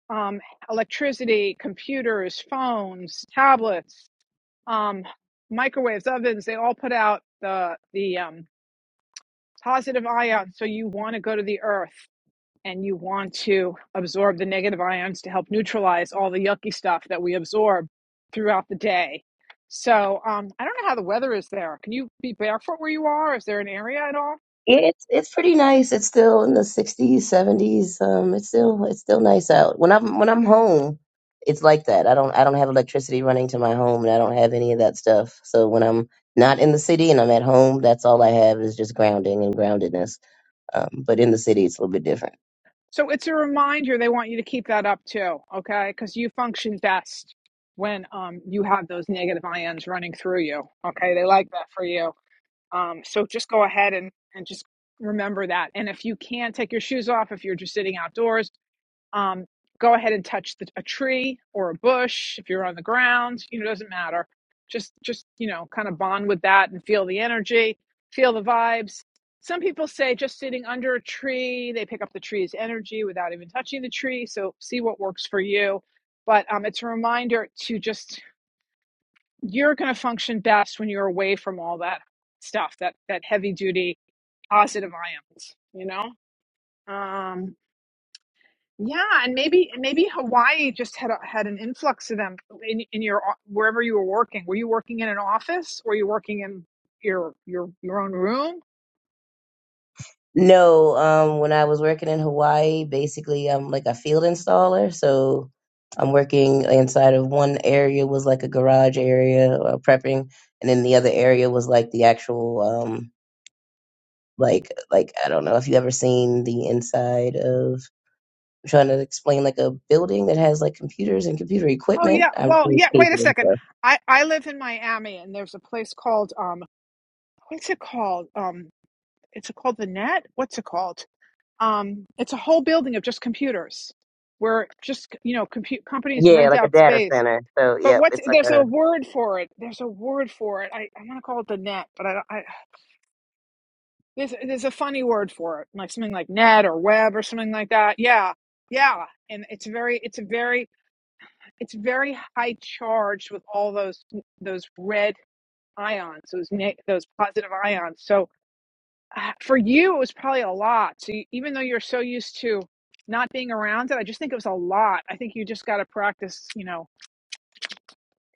um, electricity, computers, phones, tablets, um, microwaves, ovens, they all put out the, the um, positive ions. So, you want to go to the earth and you want to absorb the negative ions to help neutralize all the yucky stuff that we absorb throughout the day. So um, I don't know how the weather is there. Can you be barefoot where you are? Is there an area at all?
Yeah, it's it's pretty nice. It's still in the 60s, 70s. Um, it's still it's still nice out. When I'm when I'm home, it's like that. I don't I don't have electricity running to my home, and I don't have any of that stuff. So when I'm not in the city and I'm at home, that's all I have is just grounding and groundedness. Um, but in the city, it's a little bit different.
So it's a reminder they want you to keep that up too, okay? Because you function best when um, you have those negative ions running through you, okay? They like that for you. Um, so just go ahead and, and just remember that. And if you can not take your shoes off, if you're just sitting outdoors, um, go ahead and touch the, a tree or a bush. If you're on the ground, you know, it doesn't matter. Just, just, you know, kind of bond with that and feel the energy, feel the vibes. Some people say just sitting under a tree, they pick up the tree's energy without even touching the tree. So see what works for you. But um, it's a reminder to just you're going to function best when you're away from all that stuff that that heavy duty positive ions you know um yeah and maybe and maybe hawaii just had a, had an influx of them in, in your wherever you were working were you working in an office or were you working in your your your own room
No, um, when I was working in Hawaii, basically I'm like a field installer. So I'm working inside of one area was like a garage area uh, prepping, and then the other area was like the actual um like like I don't know if you ever seen the inside of I'm trying to explain like a building that has like computers and computer
oh yeah
equipment. I'm
well
doing
yeah wait a
cable and
second
stuff.
i i live in miami and there's a place called um what's it called um it's called the net what's it called um, it's a whole building of just computers where just you know compute companies
Yeah,
rent
like a
out
data
space
center. So
but
yeah,
what's
it's like
there's a
a.
word for it there's a word for it i, I want to call it the net but i, I there's, there's a funny word for it like something like net or web or something like that yeah yeah and it's very it's a very it's very high charged with all those those red ions those those positive ions so uh, for you, it was probably a lot. So you, even though you're so used to not being around it, I just think it was a lot. I think you just got to practice, you know.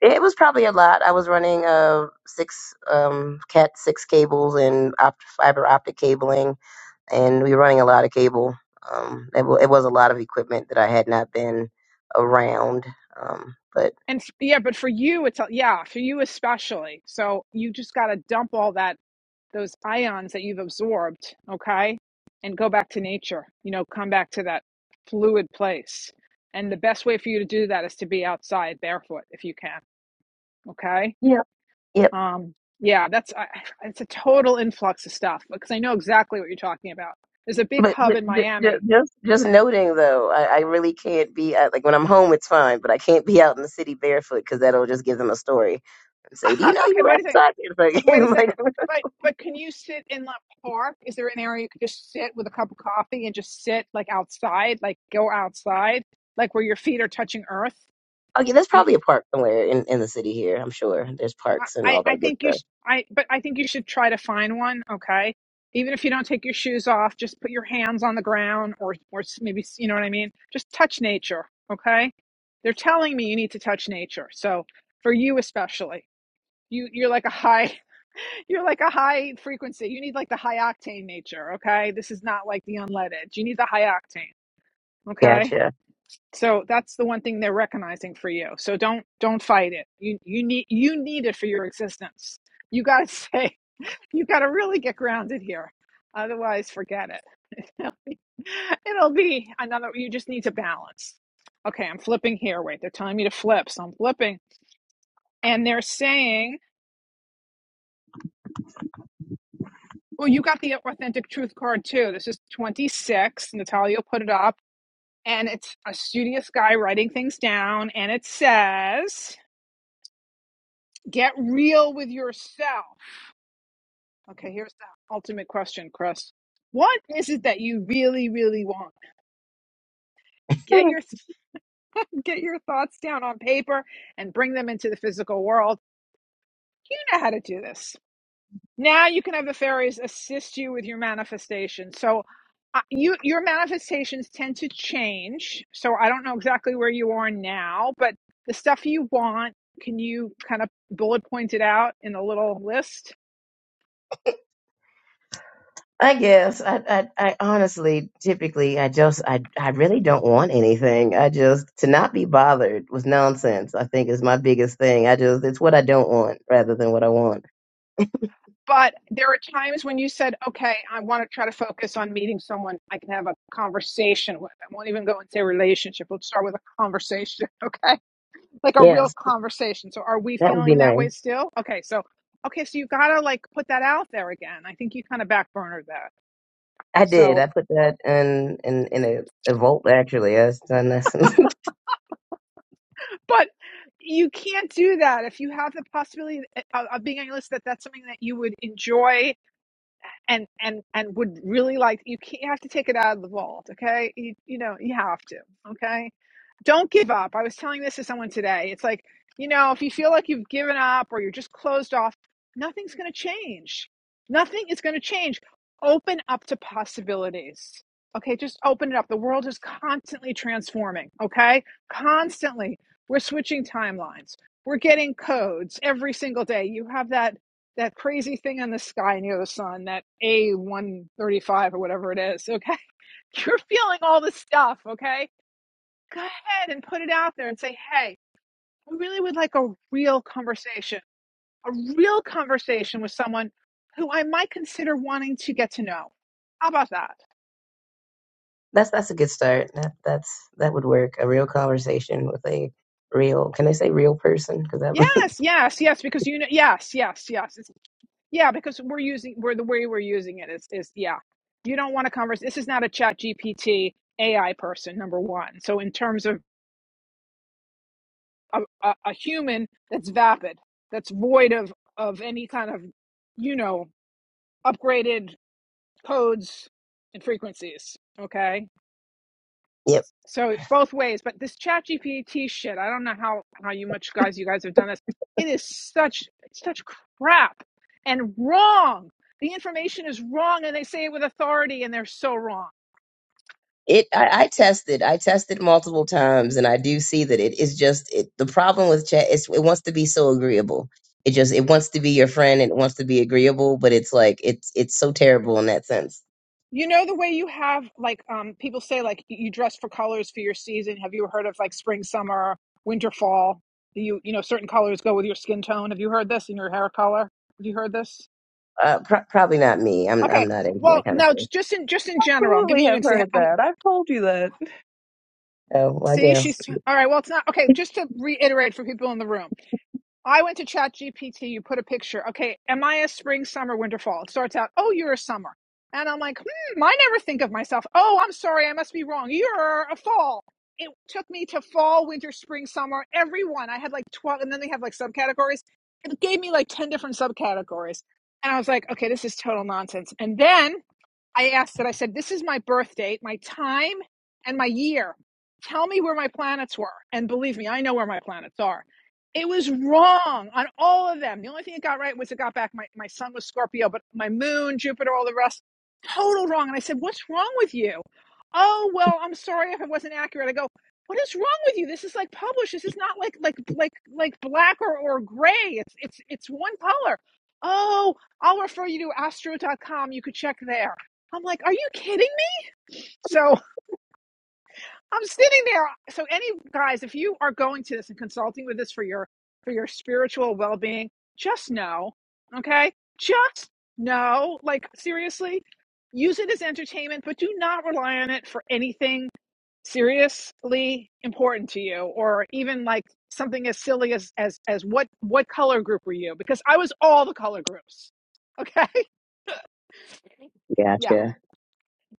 It was probably a lot. I was running uh six um cat six cables and opt- fiber optic cabling, and we were running a lot of cable. Um, it, w- it was a lot of equipment that I had not been around. Um, but
And f- yeah, but for you, it's a, yeah, for you especially. So you just got to dump all that those ions that you've absorbed, okay, and go back to nature. You know, come back to that fluid place. And the best way for you to do that is to be outside barefoot if you can, okay.
yeah, yep.
Um, yeah, that's I, it's a total influx of stuff because I know exactly what you're talking about. There's a big
But
hub in
just,
Miami.
just just noting though, I, I really can't be out, like when I'm home, it's fine, but I can't be out in the city barefoot because that'll just give them a story and say, "Do you
okay,
know you
but
were
wait a second.
outside barefoot?" And
Wait a
I'm like,
second. But but can you sit in the park? Is there an area you could just sit with a cup of coffee and just sit like outside, like go outside, like where your feet are touching earth?
"Okay, there's
You,
probably a park somewhere in in the city here. I'm sure there's
I,
parks and
I
all
I
that good
think you
stuff."
sh- I but I think you should try to find one, okay? Even if you don't take your shoes off, just put your hands on the ground or or s- maybe s- you know what I mean? Just touch nature, okay? They're telling me you need to touch nature. So for you especially, you you're like a high you're like a high frequency. You need like the high octane nature, okay? This is not like the unleaded. You need the high octane, okay?
Gotcha.
So that's the one thing they're recognizing for you. So don't don't fight it. You you need you need it for your existence. You got to say you got to really get grounded here. Otherwise, forget it. It'll be another you just need to balance. Okay, I'm flipping here. Wait, they're telling me to flip. So I'm flipping and they're saying, "Well, you got the authentic truth card too. This is 26. Natalia put it up and it's a studious guy writing things down and it says, "Get real with yourself." Okay, here's the ultimate question, Chris. What is it that you really, really want? Get
Hmm,
your get your thoughts down on paper and bring them into the physical world. You know how to do this. Now you can have the fairies assist you with your manifestation. So uh, you your manifestations tend to change. So I don't know exactly where you are now, but the stuff you want, can you kind of bullet point it out in a little list?
I guess I, I I honestly typically I just I I really don't want anything. I just to not be bothered with nonsense. I think is my biggest thing. I just it's what I don't want rather than what I want.
But there are times when you said, okay, I want to try to focus on meeting someone I can have a conversation with. I won't even go and say relationship. Let's start with a conversation, okay? Like a real
Yes,
conversation. So are we
that would be
feeling that
nice.
way still? Okay, so, okay, so you got to like put that out there again. I think you kind of backburnered that.
I did.
So,
I put that in in in a, a vault actually. I was done this.
but you can't do that if you have the possibility eh, of being on your list that that's something that you would enjoy and and and would really like you can't you have to take it out of the vault okay you, you know you have to okay don't give up. I was telling this to someone today. It's like, you know, if you feel like you've given up or you're just closed off, nothing's going to change. Nothing is going to change. Open up to possibilities. Okay, just open it up. The world is constantly transforming. Okay, constantly. We're switching timelines. We're getting codes every single day. You have that that crazy thing in the sky near the sun, that A135 or whatever it is. Okay, you're feeling all this stuff. Okay, go ahead and put it out there and say, hey, I really would like a real conversation, a real conversation with someone who I might consider wanting to get to know. How about that?
that's that's a good start. That that's that would work. A real conversation with a real. Can I say real person? Because that.
Yes, yes, yes, because you know, yes, yes, yes. It's, yeah, because we're using, we're the way we're using it is, is yeah. You don't want to converse. This is not a chat GPT AI person, number one. So in terms of a, a, a human that's vapid, that's void of, of any kind of, you know, upgraded codes and frequencies. Okay.
yep.
So both ways, but this chat GPT shit, I don't know how, how you much guys you guys have done this. It is such it's such crap and wrong. The information is wrong and they say it with authority and they're so wrong.
it I, I tested i tested multiple times and i do see that it is just it, the problem with chat is it wants to be so agreeable it just it wants to be your friend and it wants to be agreeable but it's like it's it's so terrible in that sense
You know the way you have like um people say like you dress for colors for your season. Have you heard of like spring, summer, winter, fall? You you know certain colors go with your skin tone. Have you heard this in your hair color? Have you heard this?
uh pro- probably not me i'm i'm
Okay.
not into
Well,
that kind of
no,
thing
j- just in just in general. I'm giving
Absolutely
you an
have heard
example.
that. I've told you that.
oh well, i
See,
guess
she's all right. Well, it's not okay. Just to reiterate for people in the room, I went to Chat GPT. You put a picture. Okay, am I a spring, summer, winter, fall? It starts out, oh, you're a summer, and I'm like, hmm, I never think of myself. Oh, I'm sorry, I must be wrong. You're a fall. It took me to fall, winter, spring, summer. Everyone, I had like twelve, and then they have like subcategories. It gave me like ten different subcategories, and I was like, okay, this is total nonsense. And then I asked it, I said, This is my birth date, my time, and my year. Tell me where my planets were. And believe me, I know where my planets are. It was wrong on all of them. The only thing it got right was it got back my, my sun was Scorpio, but my moon, Jupiter, all the rest, total wrong. And I said, What's wrong with you? Oh, well, I'm sorry if it wasn't accurate. I go, What is wrong with you? This is like published. This is not like like like like black or, or gray. It's it's it's one color. Oh, I'll refer you to astro.com. You could check there. I'm like, are you kidding me? So I'm sitting there. uh, So any guys, if you are going to this and consulting with this for your for your spiritual well being, just know, okay, just know, like seriously, use it as entertainment, but do not rely on it for anything seriously important to you, or even like something as silly as as as what what color group were you? Because I was all the color groups. Okay, yeah.
Gotcha.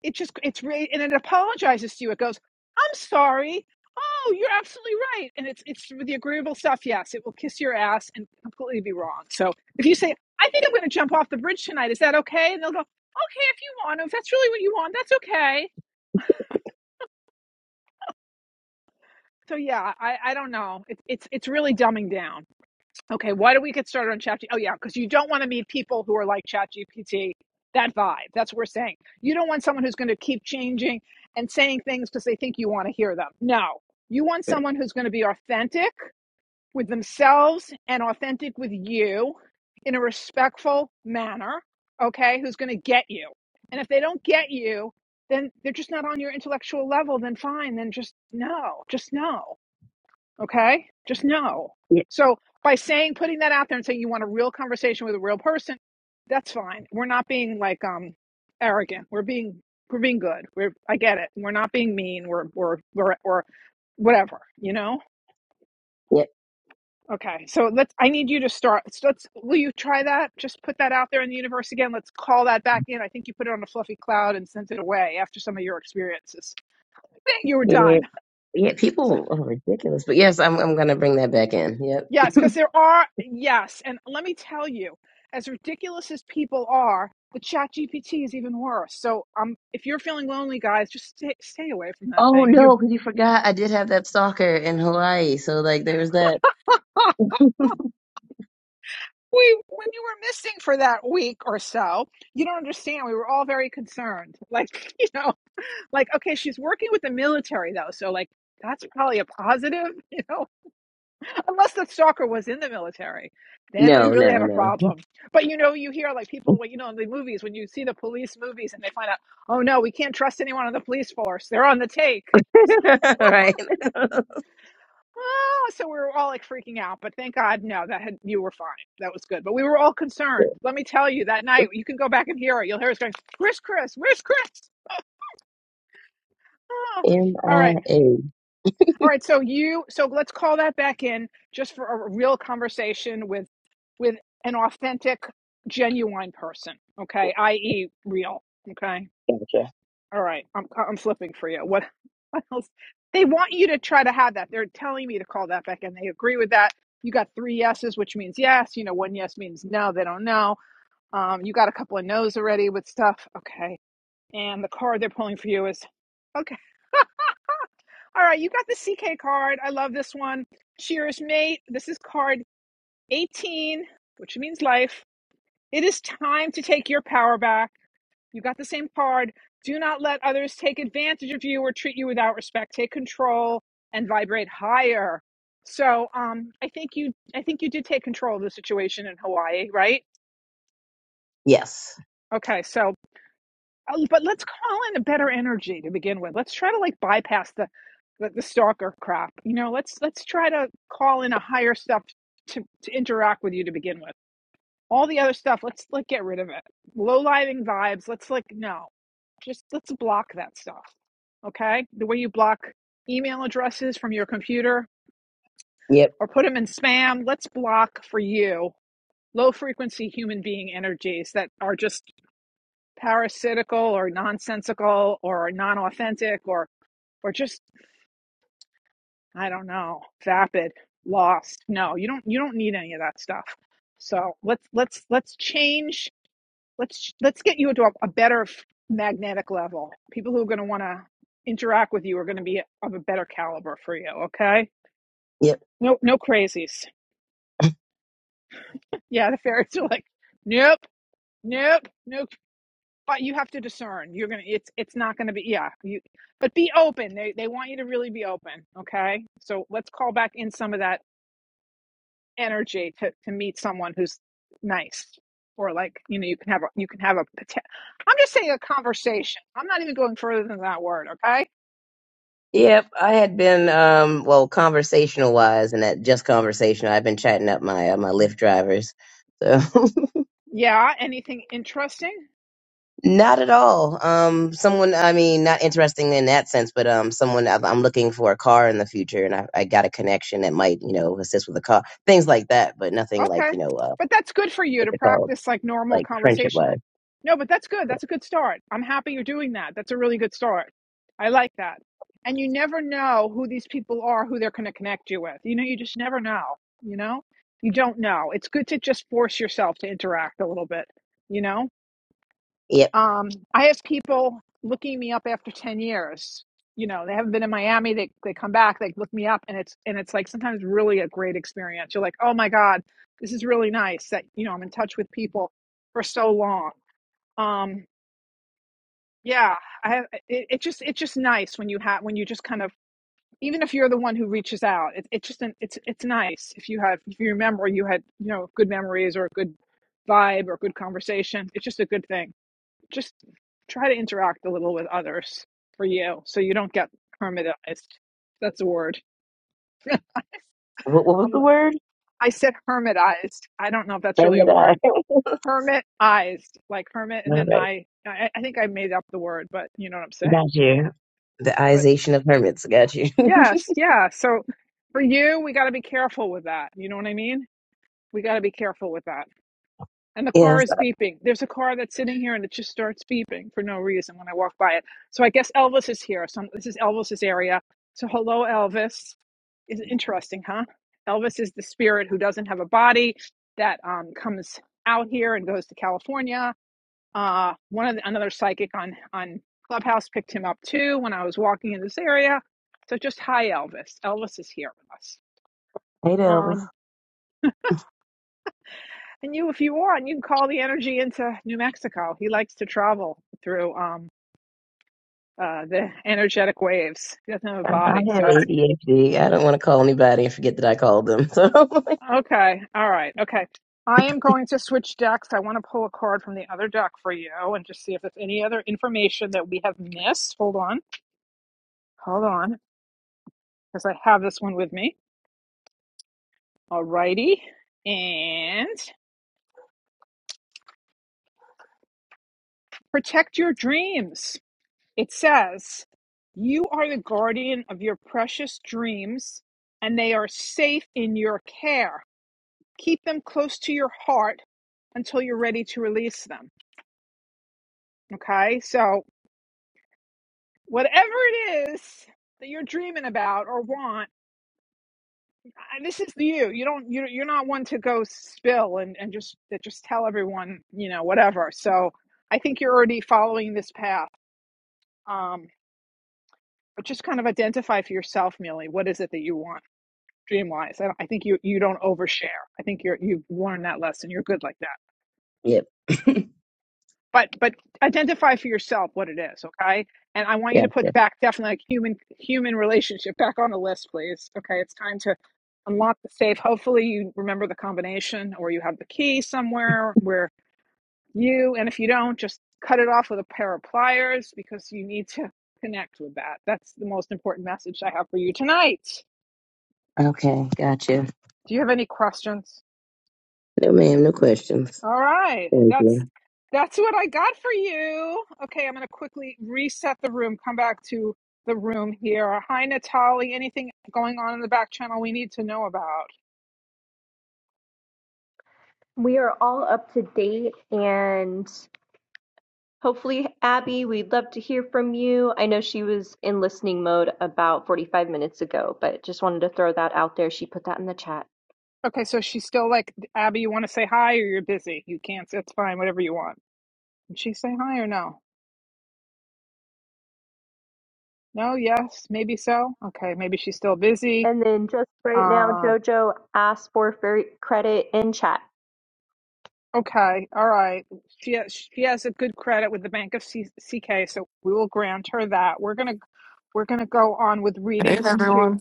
it just it's re- and it apologizes to you. It goes, "I'm sorry." Oh, you're absolutely right. And it's it's the agreeable stuff. Yes, it will kiss your ass and completely be wrong. So if you say, "I think I'm going to jump off the bridge tonight," is that okay? And they'll go, "Okay, if you want to. If that's really what you want, that's okay." So yeah, I I don't know. It, it's it's really dumbing down. Okay, why don't we get started on ChatGPT? Oh yeah, because you don't want to meet people who are like ChatGPT. That vibe. That's what we're saying. You don't want someone who's going to keep changing and saying things because they think you want to hear them. No, you want
Good.
someone who's going to be authentic with themselves and authentic with you in a respectful manner. Okay, who's going to get you? And if they don't get you, then they're just not on your intellectual level. Then fine. Then just no. Just no. Okay? Just know.
yeah
So by saying putting that out there and saying you want a real conversation with a real person, that's fine. We're not being like um arrogant. We're being we're being good. We're I get it. We're not being mean. We're we're we're or whatever, you know?
yeah
Okay. So let's I need you to start so let's will you try that? Just put that out there in the universe again. Let's call that back in. I think you put it on a fluffy cloud and sent it away after some of your experiences. I think you were done.
yeah yeah
So
people are ridiculous but yes i'm i'm gonna bring that back in Yep.
Yes, because there are, yes. And let me tell you, as ridiculous as people are, the chat GPT is even worse. So um, if you're feeling lonely, guys, just stay, stay away from that
Oh
thing.
no,
You,
because you forgot I did have that stalker in Hawaii. So like there was that.
huh, we, when you were missing for that week or so, you don't understand. We were all very concerned. Like, you know, like, okay, she's working with the military though. So like, that's probably a positive, you know, unless the stalker was in the military, then we
No,
really have
no,
a
no.
problem. But you know, you hear like people, well, you know, in the movies when you see the police movies and they find out, oh no, we can't trust anyone on the police force; they're on the take. So,
right.
Oh, so we were all like freaking out, but thank God, no, that had you were fine. That was good, but we were all concerned. Let me tell you, that night you can go back and hear it. You'll hear us going, "Where's Chris? Where's Chris?" all right,
MIA.
All right, so you so let's call that back in just for a real conversation with with an authentic, genuine person. Okay, i.e., real. Okay,
Gotcha.
all right, I'm I'm flipping for you. What what else? They want you to try to have that. They're telling me to call that back, and they agree with that. You got three yeses, which means yes. You know, one yes means no. They don't know. Um, you got a couple of no's already with stuff. Okay, and the card they're pulling for you is, okay. All right, you got the CK card. I love this one. Cheers, mate. This is card 18, which means life. It is time to take your power back. You got the same card. Do not let others take advantage of you or treat you without respect. Take control and vibrate higher. So, um, I think you, I think you did take control of the situation in Hawaii, right?
Yes.
Okay, so Oh, but let's call in a better energy to begin with. Let's try to like bypass the the, the stalker crap. You know, let's let's try to call in a higher stuff to to interact with you to begin with. All the other stuff, let's like get rid of it. Low living vibes. Let's like no, just let's block that stuff. Okay, the way you block email addresses from your computer
Yep.
or put them in spam. Let's block for you low frequency human being energies that are just parasitical or nonsensical or non-authentic or or just I don't know, vapid, lost. No, you don't you don't need any of that stuff. So let's let's let's change. Let's let's get you into a, a better magnetic level. People who are going to want to interact with you are going to be of a better caliber for you. Okay?
Yep.
No no crazies. Yeah, the fairies are like, nope, nope, no but you have to discern you're gonna it's it's not gonna be yeah you but be open they they want you to really be open okay so let's call back in some of that energy to to meet someone who's nice or like you know you can have a you can have a. am just saying a conversation i'm not even going further than that word okay
Yep. I had been um well conversational wise and that just conversation I've been chatting up my uh, my Lyft drivers. So
yeah anything interesting
Not at all. Um, someone, I mean, not interesting in that sense, but um, someone I've- I'm looking for a car in the future, and I, I got a connection that might, you know, assist with a car, things like that, but nothing
Okay.
like, you know, uh,
But that's good for you to
what's it called,
practice like normal
like friendship
conversation.
wise.
Like, no, but that's good. That's a good start. I'm happy you're doing that. That's a really good start. I like that. And you never know who these people are, who they're going to connect you with. You know, you just never know. You know, you don't know. It's good to just force yourself to interact a little bit, you know?
Yep.
Um, I have people looking me up after 10 years. You know, they haven't been in Miami. They, they come back, they look me up and it's, and it's like sometimes really a great experience. You're like, oh my God, this is really nice that, you know, I'm in touch with people for so long. Um, yeah, I have, it, it just, it's just nice when you have, when you just kind of, even if you're the one who reaches out, it, it's just, an, it's, it's nice if you have, if you remember you had, you know, good memories or a good vibe or good conversation. It's just a good thing just try to interact a little with others for you so you don't get hermitized. That's a word.
What, what was the word?
I said hermitized. I don't know if that's really a
Hermit eye.
word. Hermitized, like hermit, and
All
then
right,
I, I, I think I made up the word, but you know what I'm saying.
got you. The
But
ization of hermits. Got you.
yes, yeah. So for you, we got to be careful with that. You know what I mean? We got to be careful with that and the car
yes.
is
I-
beeping. There's a car that's sitting here and it just starts beeping for no reason when I walk by it. So I guess Elvis is here. So this is Elvis's area. So hello, Elvis. Is interesting, huh? Elvis is the spirit who doesn't have a body that um, comes out here and goes to California. Uh, one of the, another psychic on on Clubhouse picked him up too when I was walking in this area. So just hi, Elvis. Elvis is here with us.
Hey, Elvis.
Um. And you, if you want, you can call the energy into New Mexico. He likes to travel through um, uh, the energetic waves. He doesn't have a
I,
body.
I have
So it's
ADHD. I don't want to call anybody and forget that I called them. So,
okay. All right. Okay. I am going to switch decks. I want to pull a card from the other deck for you and just see if there's any other information that we have missed. Hold on. Hold on. Because I have this one with me. All righty. And protect your dreams. It says, You are the guardian of your precious dreams, and they are safe in your care. Keep them close to your heart until you're ready to release them. Okay? So, whatever it is that you're dreaming about or want, I- this is you. You don't, you- you're not one to go spill and, and just, that just tell everyone, you know, whatever. So, I think you're already following this path. Um, but just kind of identify for yourself, Millie, what is it that you want? dream wise. I, I think you you don't overshare. I think you're you've learned that lesson. You're good like that.
yep.
But but identify for yourself what it is, okay? And I want you to put
Gotcha.
back definitely like human human relationship back on the list, please. Okay, it's time to unlock the safe. Hopefully you remember the combination or you have the key somewhere where you and if you don't, just cut it off with a pair of pliers because you need to connect with that. That's the most important message I have for you tonight.
Okay. Gotcha.
Do you have any questions?
No, ma'am. No questions.
All right.
Thank you.
That's that's what I got for you. Okay, I'm going to quickly reset the room. Come back to the room here. Hi Natalie, anything going on in the back channel we need to know about?
We are all up to date and hopefully, Abby, we'd love to hear from you. I know she was in listening mode about 45 minutes ago, but just wanted to throw that out there. She put that in the chat.
Okay, so she's still like Abby, you want to say hi or you're busy. You can't. It's fine, whatever you want. Did she say hi or no? No, yes, maybe so. Okay, maybe she's still busy.
And then just right now,
Um,
JoJo asked for fairy credit in chat.
Okay, all right. She has, she has a good credit with the Bank of C- CK, so we will grant her that. We're gonna we're gonna go on with
Hey
readings
everyone.
too.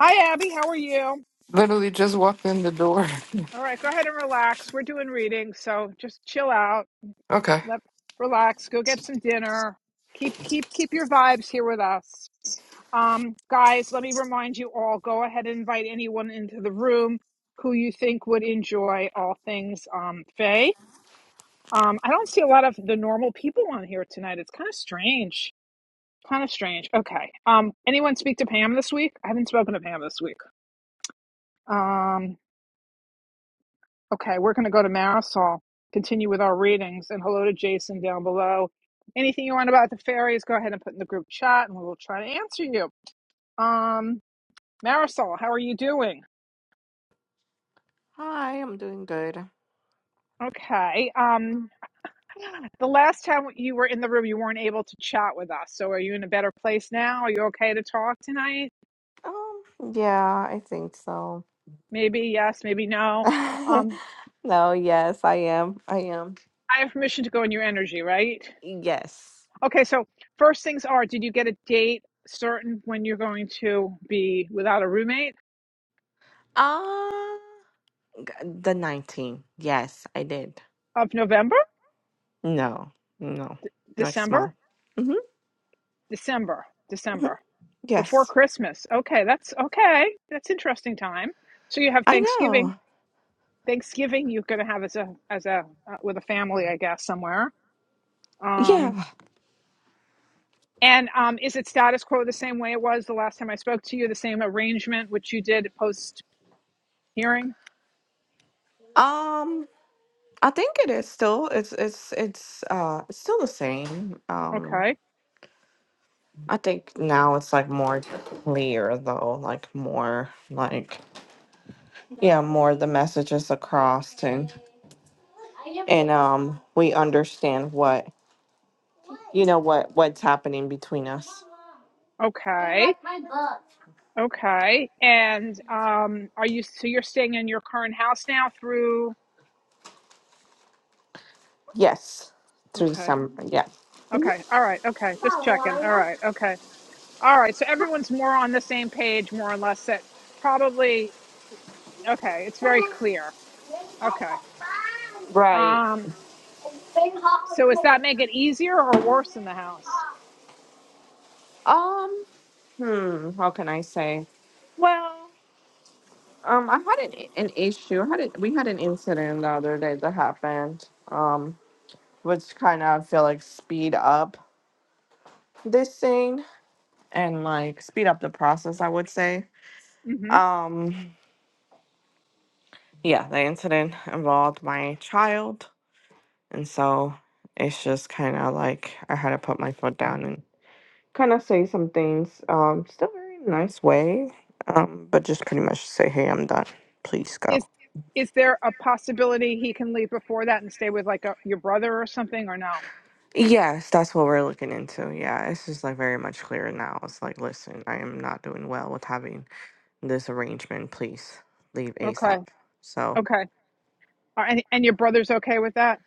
Hi, Abby. How are you?
Literally just walked in the door.
All right, go ahead and relax. We're doing readings, so just chill out.
Okay.
Let relax. Go get some dinner. Keep keep keep your vibes here with us, um, guys. Let me remind you all. Go ahead and invite anyone into the room who you think would enjoy all things um, Faye. Um, I don't see a lot of the normal people on here tonight. It's kind of strange. Kind of strange. Okay. Um, anyone speak to Pam this week? I haven't spoken to Pam this week. Um, okay, we're going to go to Marisol, continue with our readings, and hello to Jason down below. Anything you want about the fairies, go ahead and put in the group chat, and we will try to answer you. Um, Marisol, how are you doing?
Hi, I'm doing good.
Okay. Um, the last time you were in the room, you weren't able to chat with us. So, are you in a better place now? Are you okay to talk tonight?
Um, yeah, I think so.
Maybe yes, maybe no. Um,
No, yes, I am. I am.
I have permission to go in your energy, right?
Yes.
Okay, so first things are, did you get a date certain when you're going to be without a roommate
Uh, g- the 19. Yes, I did.
of November,
No, no,
D-
next
December,
month. hmm
December,
hmm
December, before
Yes,
Christmas? Okay, that's okay. That's interesting time. So you have
I
Thanksgiving.
know.
Thanksgiving you're going to have as a as a uh, with a family, I guess, somewhere. Um,
Yeah.
and um, is it status quo the same way it was the last time I spoke to you? The same arrangement which you did post Hearing.
Um, I think it is still. It's it's it's uh it's still the same. Um.
Okay.
I think now it's like more clear though, like more like yeah, more the messages across and and um we understand what you know what what's happening between us.
Okay. Okay. And um are you so you're staying in your current house now through
Yes. Through
Okay.
some yeah.
Okay. All right. Okay. Just checking. All right. Okay. All right. So everyone's more on the same page more or less that probably okay, it's very clear. Okay.
Right.
Um so does that make it easier or worse in the house?
Um hmm, how can I say? Well, um I had an an issue. How did we had an incident the other day that happened. Um which kind of I feel like speed up this thing and like speed up the process, I would say.
Mhm.
Um yeah, the incident involved my child and so it's just kind of like I had to put my foot down and kind of say some things um still very nice way um but just pretty much say hey, I'm done. Please
Is
go.
is there a possibility he can leave before that and stay with like a, your brother or something or no?
Yes, that's what we're looking into. Yeah, it's just like very much clearer now. It's like listen, I am not doing well with having this arrangement. Please leave ASAP.
Okay.
So,
Okay. All right, and your brother's okay with that?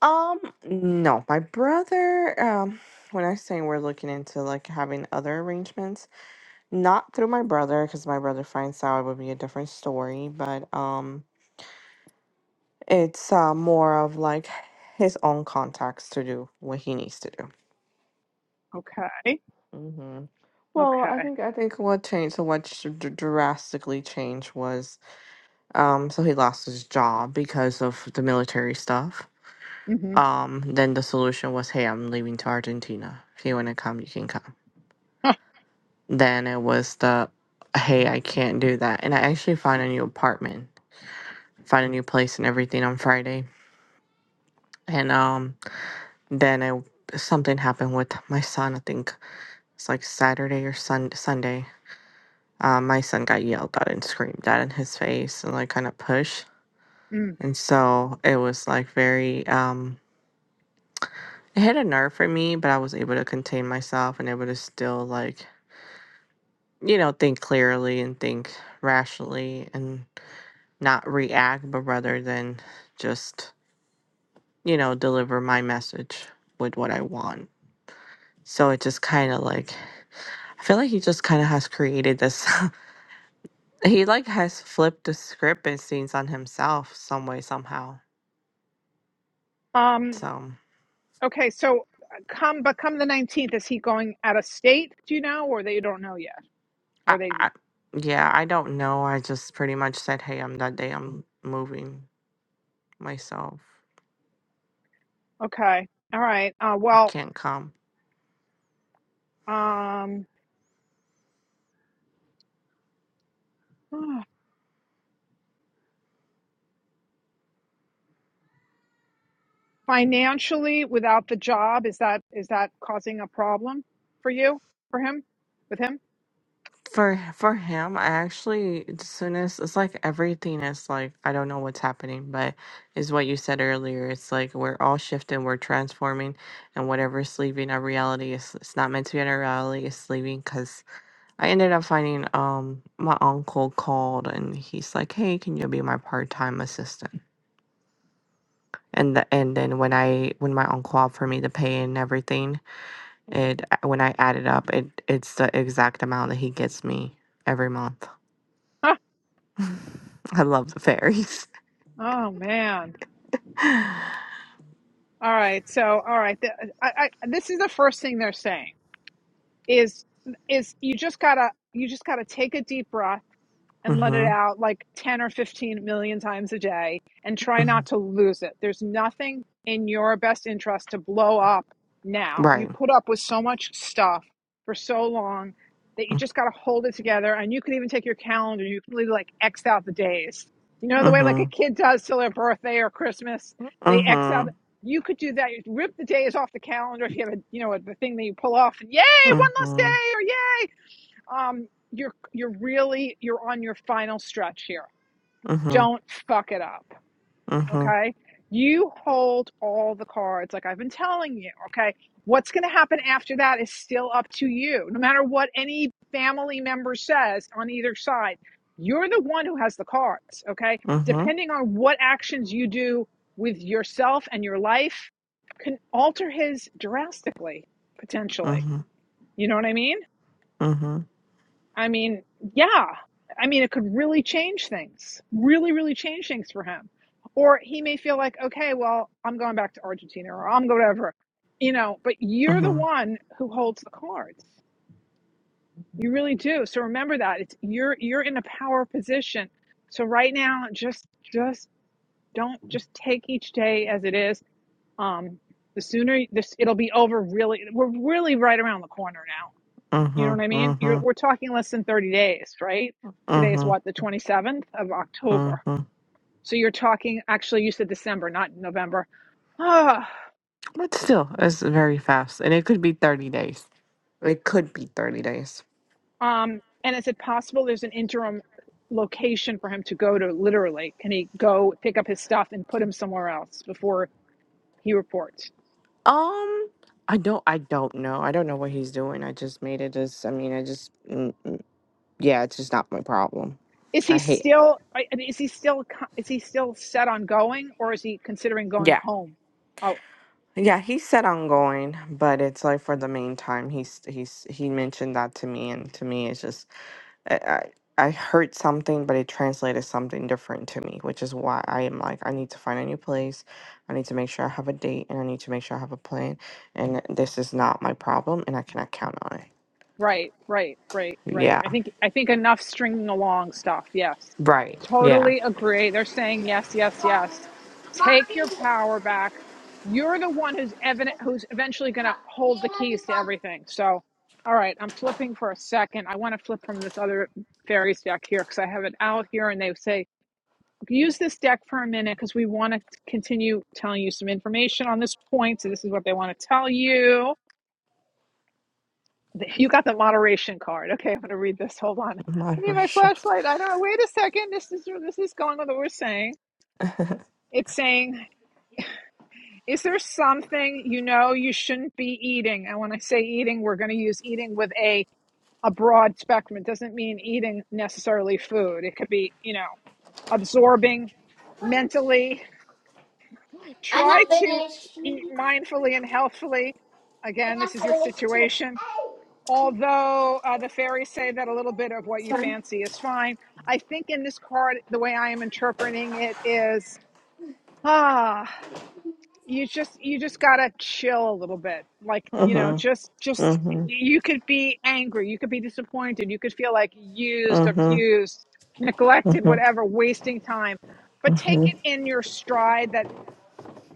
Um, no, my brother, um, when I say we're looking into like having other arrangements, not through my brother, because my brother finds out it would be a different story, but um, it's uh, more of like his own contacts to do what he needs to do.
Okay.
Mm-hmm. Well, I
Okay.
think I think what changed, so what sh- dr- drastically changed was, um, so he lost his job because of the military stuff.
hmm
Um, then the solution was, hey, I'm leaving to Argentina. If you want to come, you can come Then it was the, hey, I can't do that. And I actually found a new apartment, found a new place and everything on Friday. And um, then I, something happened with my son. I think it's like Saturday or sun, Sunday. Uh, my son got yelled at and screamed at in his face and like kind of pushed.
Mm.
And so it was like very, um, it hit a nerve for me, but I was able to contain myself and able to still like, you know, think clearly and think rationally. and. not react, but rather than just, you know, deliver my message with what I want. So it just kind of like, I feel like he just kind of has created this. he like has flipped the script and scenes on himself some way, somehow.
Um.
So
Okay. So uh, come, but come the nineteenth. Is he going out of state? Do you know, or they don't know yet? Or
I,
they?
I, yeah, I don't know. I just pretty much said, hey, I'm that day I'm moving myself.
Okay. All right. Uh.
You
Well.
Can't come.
Um. Financially, without the job, is that is that causing a problem for you? For him? With him?
For for him, I actually as soon as it's like everything is like I don't know what's happening, but is what you said earlier. It's like we're all shifting, we're transforming, and whatever's leaving our reality is it's not meant to be in our reality. It's leaving because I ended up finding um my uncle called and he's like, hey, can you be my part time assistant? And the, and then when I when my uncle offered me the pay and everything, it when I added up, it it's the exact amount that he gets me every month.
Huh.
I love the fairies.
Oh man.
hmm
All right. So all right. th- I, I, this is the first thing they're saying. is is you just gotta you just gotta take a deep breath and let it
hmm
out like 10 or 15 million times a day and try not to lose it. There's nothing in your best interest to blow up now. You
Right.
put up with so much stuff for so long that you
Mm-hmm.
just got to hold it together. And you could even take your calendar, you could like X out the days. You know, the way like a
Mm-hmm.
kid does till their birthday or Christmas, they X out.
Mm-hmm.
You could do that. You rip the days off the calendar if you have a, you know, a, the thing that you pull off and yay, one less
Mm-hmm.
day or yay um you're you're really you're on your final stretch here
Mm-hmm.
don't fuck it up
Mm-hmm.
okay you hold all the cards like i've been telling you okay what's going to happen after that is still up to you no matter what any family member says on either side you're the one who has the cards okay
Mm-hmm.
depending on what actions you do with yourself and your life can alter his drastically potentially
Mm-hmm.
you know what i mean
Mm-hmm.
I mean, yeah. I mean, it could really change things, really, really change things for him. Or he may feel like, okay, well, I'm going back to Argentina or I'm going over, you know, but you're the one who holds the cards. You really do. So remember that it's you're you're in a power position. So right now, just just don't just take each day as it is. Um, the sooner this it'll be over. Really, we're really right around the corner now. You know
Mm-hmm.
what I mean? You're, we're talking less than 30 days, right? Today is
Mm-hmm.
what, the 27th of October.
Mm-hmm.
So you're talking, actually, you said December, not November. Ah,
But still, it's very fast. And it could be 30 days. It could be 30 days.
um, and is it possible there's an interim location for him to go to literally? Can he go pick up his stuff and put him somewhere else before he reports?
Um, I don't I don't know. I don't know what he's doing. I just made it as I mean, I just mm, yeah, it's just not my problem.
Is
I
he
hate.
still, I mean, is he still, is he still set on going or is he considering going
Yeah.
home? Oh.
Yeah, he said I'm going, but it's like for the meantime, he's he's he mentioned that to me, and to me, it's just I, I I heard something, but it translated something different to me, which is why I am like I need to find a new place, I need to make sure I have a date, and I need to make sure I have a plan, and this is not my problem, and I cannot count on it.
Right, right, right, right.
Yeah,
I think I think enough stringing along stuff. Yes.
right. Yeah,
Totally agree. They're saying yes, yes, yes. Take your power back. You're the one who's evident who's eventually going to hold the keys to everything. So, all right, I'm flipping for a second. I want to flip from this other fairies deck here because I have it out here and they say use this deck for a minute because we want to continue telling you some information on this point. So this is what they want to tell you you got the moderation card. Okay, I'm going to read this. Hold on. I need my
moderation.
flashlight. I don't know. Wait a second. This is this is going with what we're saying. It's saying, is there something you know you shouldn't be eating? And when I say eating, we're going to use eating with a a broad spectrum. It doesn't mean eating necessarily food. It could be, you know, absorbing mentally. Try to eat mindfully and healthfully. Again, this is your situation although uh, the fairies say that a little bit of what you fancy is fine i think in this card the way i am interpreting it is ah you just you just gotta chill a little bit like you know
Mhm.
just just
Mhm.
you could be angry you could be disappointed you could feel like used
Mhm.
abused neglected
Mhm.
whatever wasting time but take
Mhm.
it in your stride that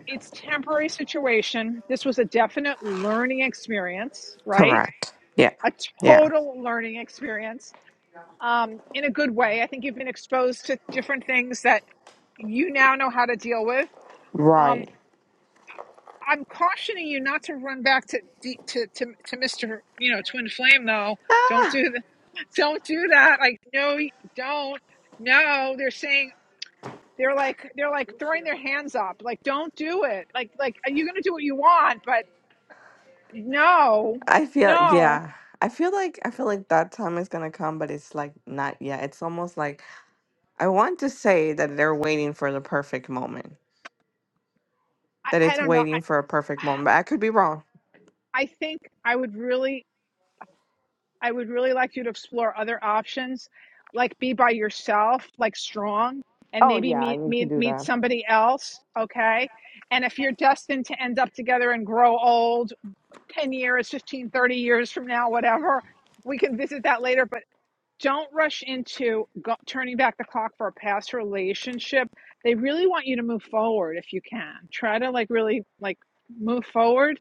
it's temporary situation this was a definite learning experience right
Correct. Yeah.
a
Yeah.
total learning experience um, in a good way. I think you've been exposed to different things that you now know how to deal with. Um,
Right.
I'm cautioning you not to run back to to to to Mr. You know, Twin Flame though. Don't do that. Don't do that. Like, no, don't. No, they're saying they're like they're like throwing their hands up. Like, don't do it. Like, like are you gonna do what you want? But no,
I feel
no.
yeah. I feel like I feel like that time is gonna come, but it's like not yet. It's almost like I want to say that they're waiting for the perfect moment. That
I, I
it's
don't know. I
waiting for a perfect moment. But I could be wrong.
I think I would really I would really like you to explore other options, like be by yourself, like strong, and
Oh
maybe
yeah, I
meet
need to
meet
do
meet
that.
somebody else, okay? And if you're destined to end up together and grow old 10 years, 15, 30 years from now, whatever, we can visit that later, but don't rush into go- turning back the clock for a past relationship. They really want you to move forward if you can. Try to like really like move forward.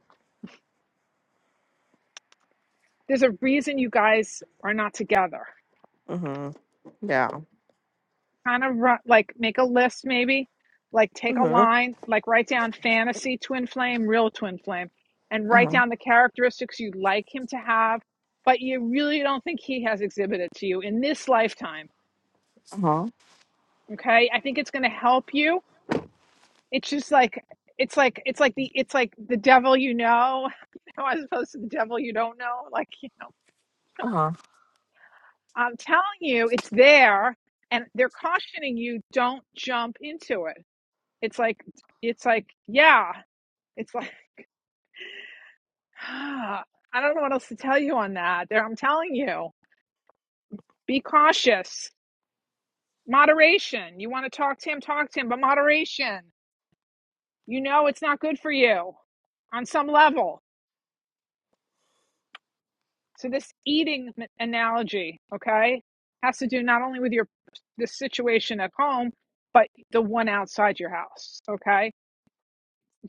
There's a reason you guys are not together
Mm-hmm. Yeah.
kind of ru- like make a list maybe like take a
Mm-hmm.
line like write down fantasy twin flame real twin flame and write
Uh-huh.
down the characteristics you'd like him to have but you really don't think he has exhibited to you in this lifetime
Uh-huh.
okay i think it's going to help you it's just like it's like it's like the it's like the devil you know as opposed to the devil you don't know like you know
Uh-huh.
i'm telling you it's there and they're cautioning you don't jump into it it's like it's like yeah It's like, ah, I don't know what else to tell you on that. There, I'm telling you, be cautious. Moderation. You want to talk to him, talk to him, but moderation. You know it's not good for you on some level. So this eating analogy, okay, has to do not only with your the situation at home, but the one outside your house, okay?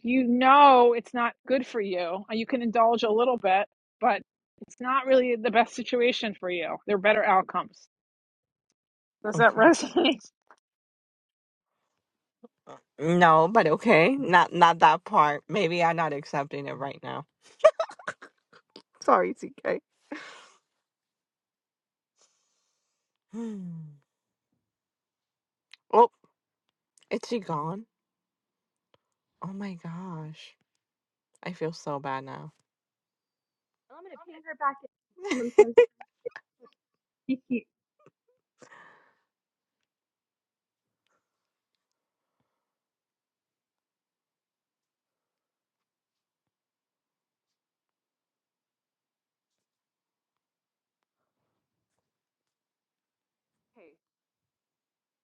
You know it's not good for you. You can indulge a little bit, but it's not really the best situation for you. There are better outcomes. Does that
Okay.
resonate?
No, but okay. Not not that part. Maybe I'm not accepting it right now. Sorry, TK. Hmm. Oh, is she gone? Oh my gosh. I feel so bad now.
I'm going to ping her back in sometimes. CK,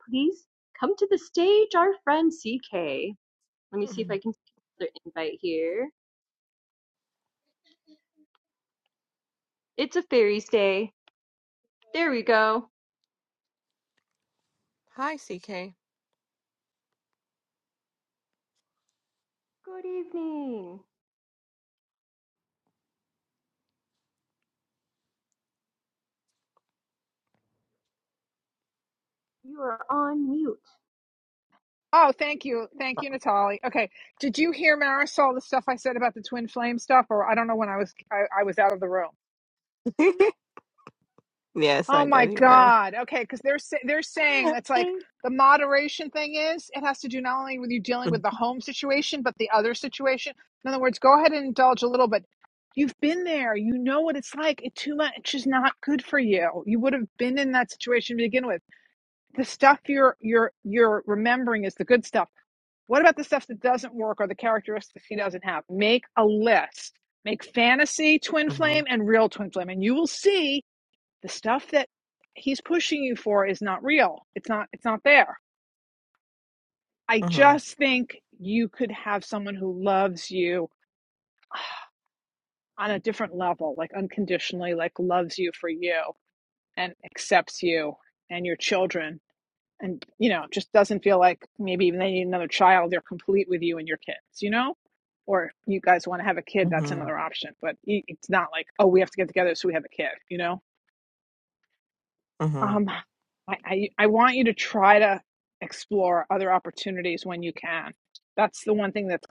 please come to the stage, our friend CK. Let me see if I can see another invite here. It's a fairies day. There we go.
Hi, CK.
Good evening. You are on mute.
Oh, thank you. Thank you, Natalie. Okay. Did you hear Marisol the stuff I said about the twin flame stuff or I don't know when I was I, I was out of the room.
yes,
Oh
I
my
did hear
god. Okay, cuz they're sa- they're saying it's like
it.
the moderation thing is it has to do not only with you dealing with the home situation but the other situation. In other words, go ahead and indulge a little bit. You've been there. You know what it's like. It too much is not good for you. You would have been in that situation to begin with. The stuff you're you're you're remembering is the good stuff What about the stuff that doesn't work or the characteristics he doesn't have? Make a list. Make fantasy twin
Mm-hmm.
flame and real twin flame, and you will see the stuff that he's pushing you for is not real. It's not. It's not there. I
Mm-hmm.
just think you could have someone who loves you on a different level, like unconditionally, like loves you for you and accepts you and your children and you know just doesn't feel like maybe even they need another child they're complete with you and your kids you know or you guys want to have a kid that's
Mm-hmm.
another option but it's not like oh we have to get together so we have a kid you know
Mm-hmm.
um i i, I want you to try to explore other opportunities when you can that's the one thing that's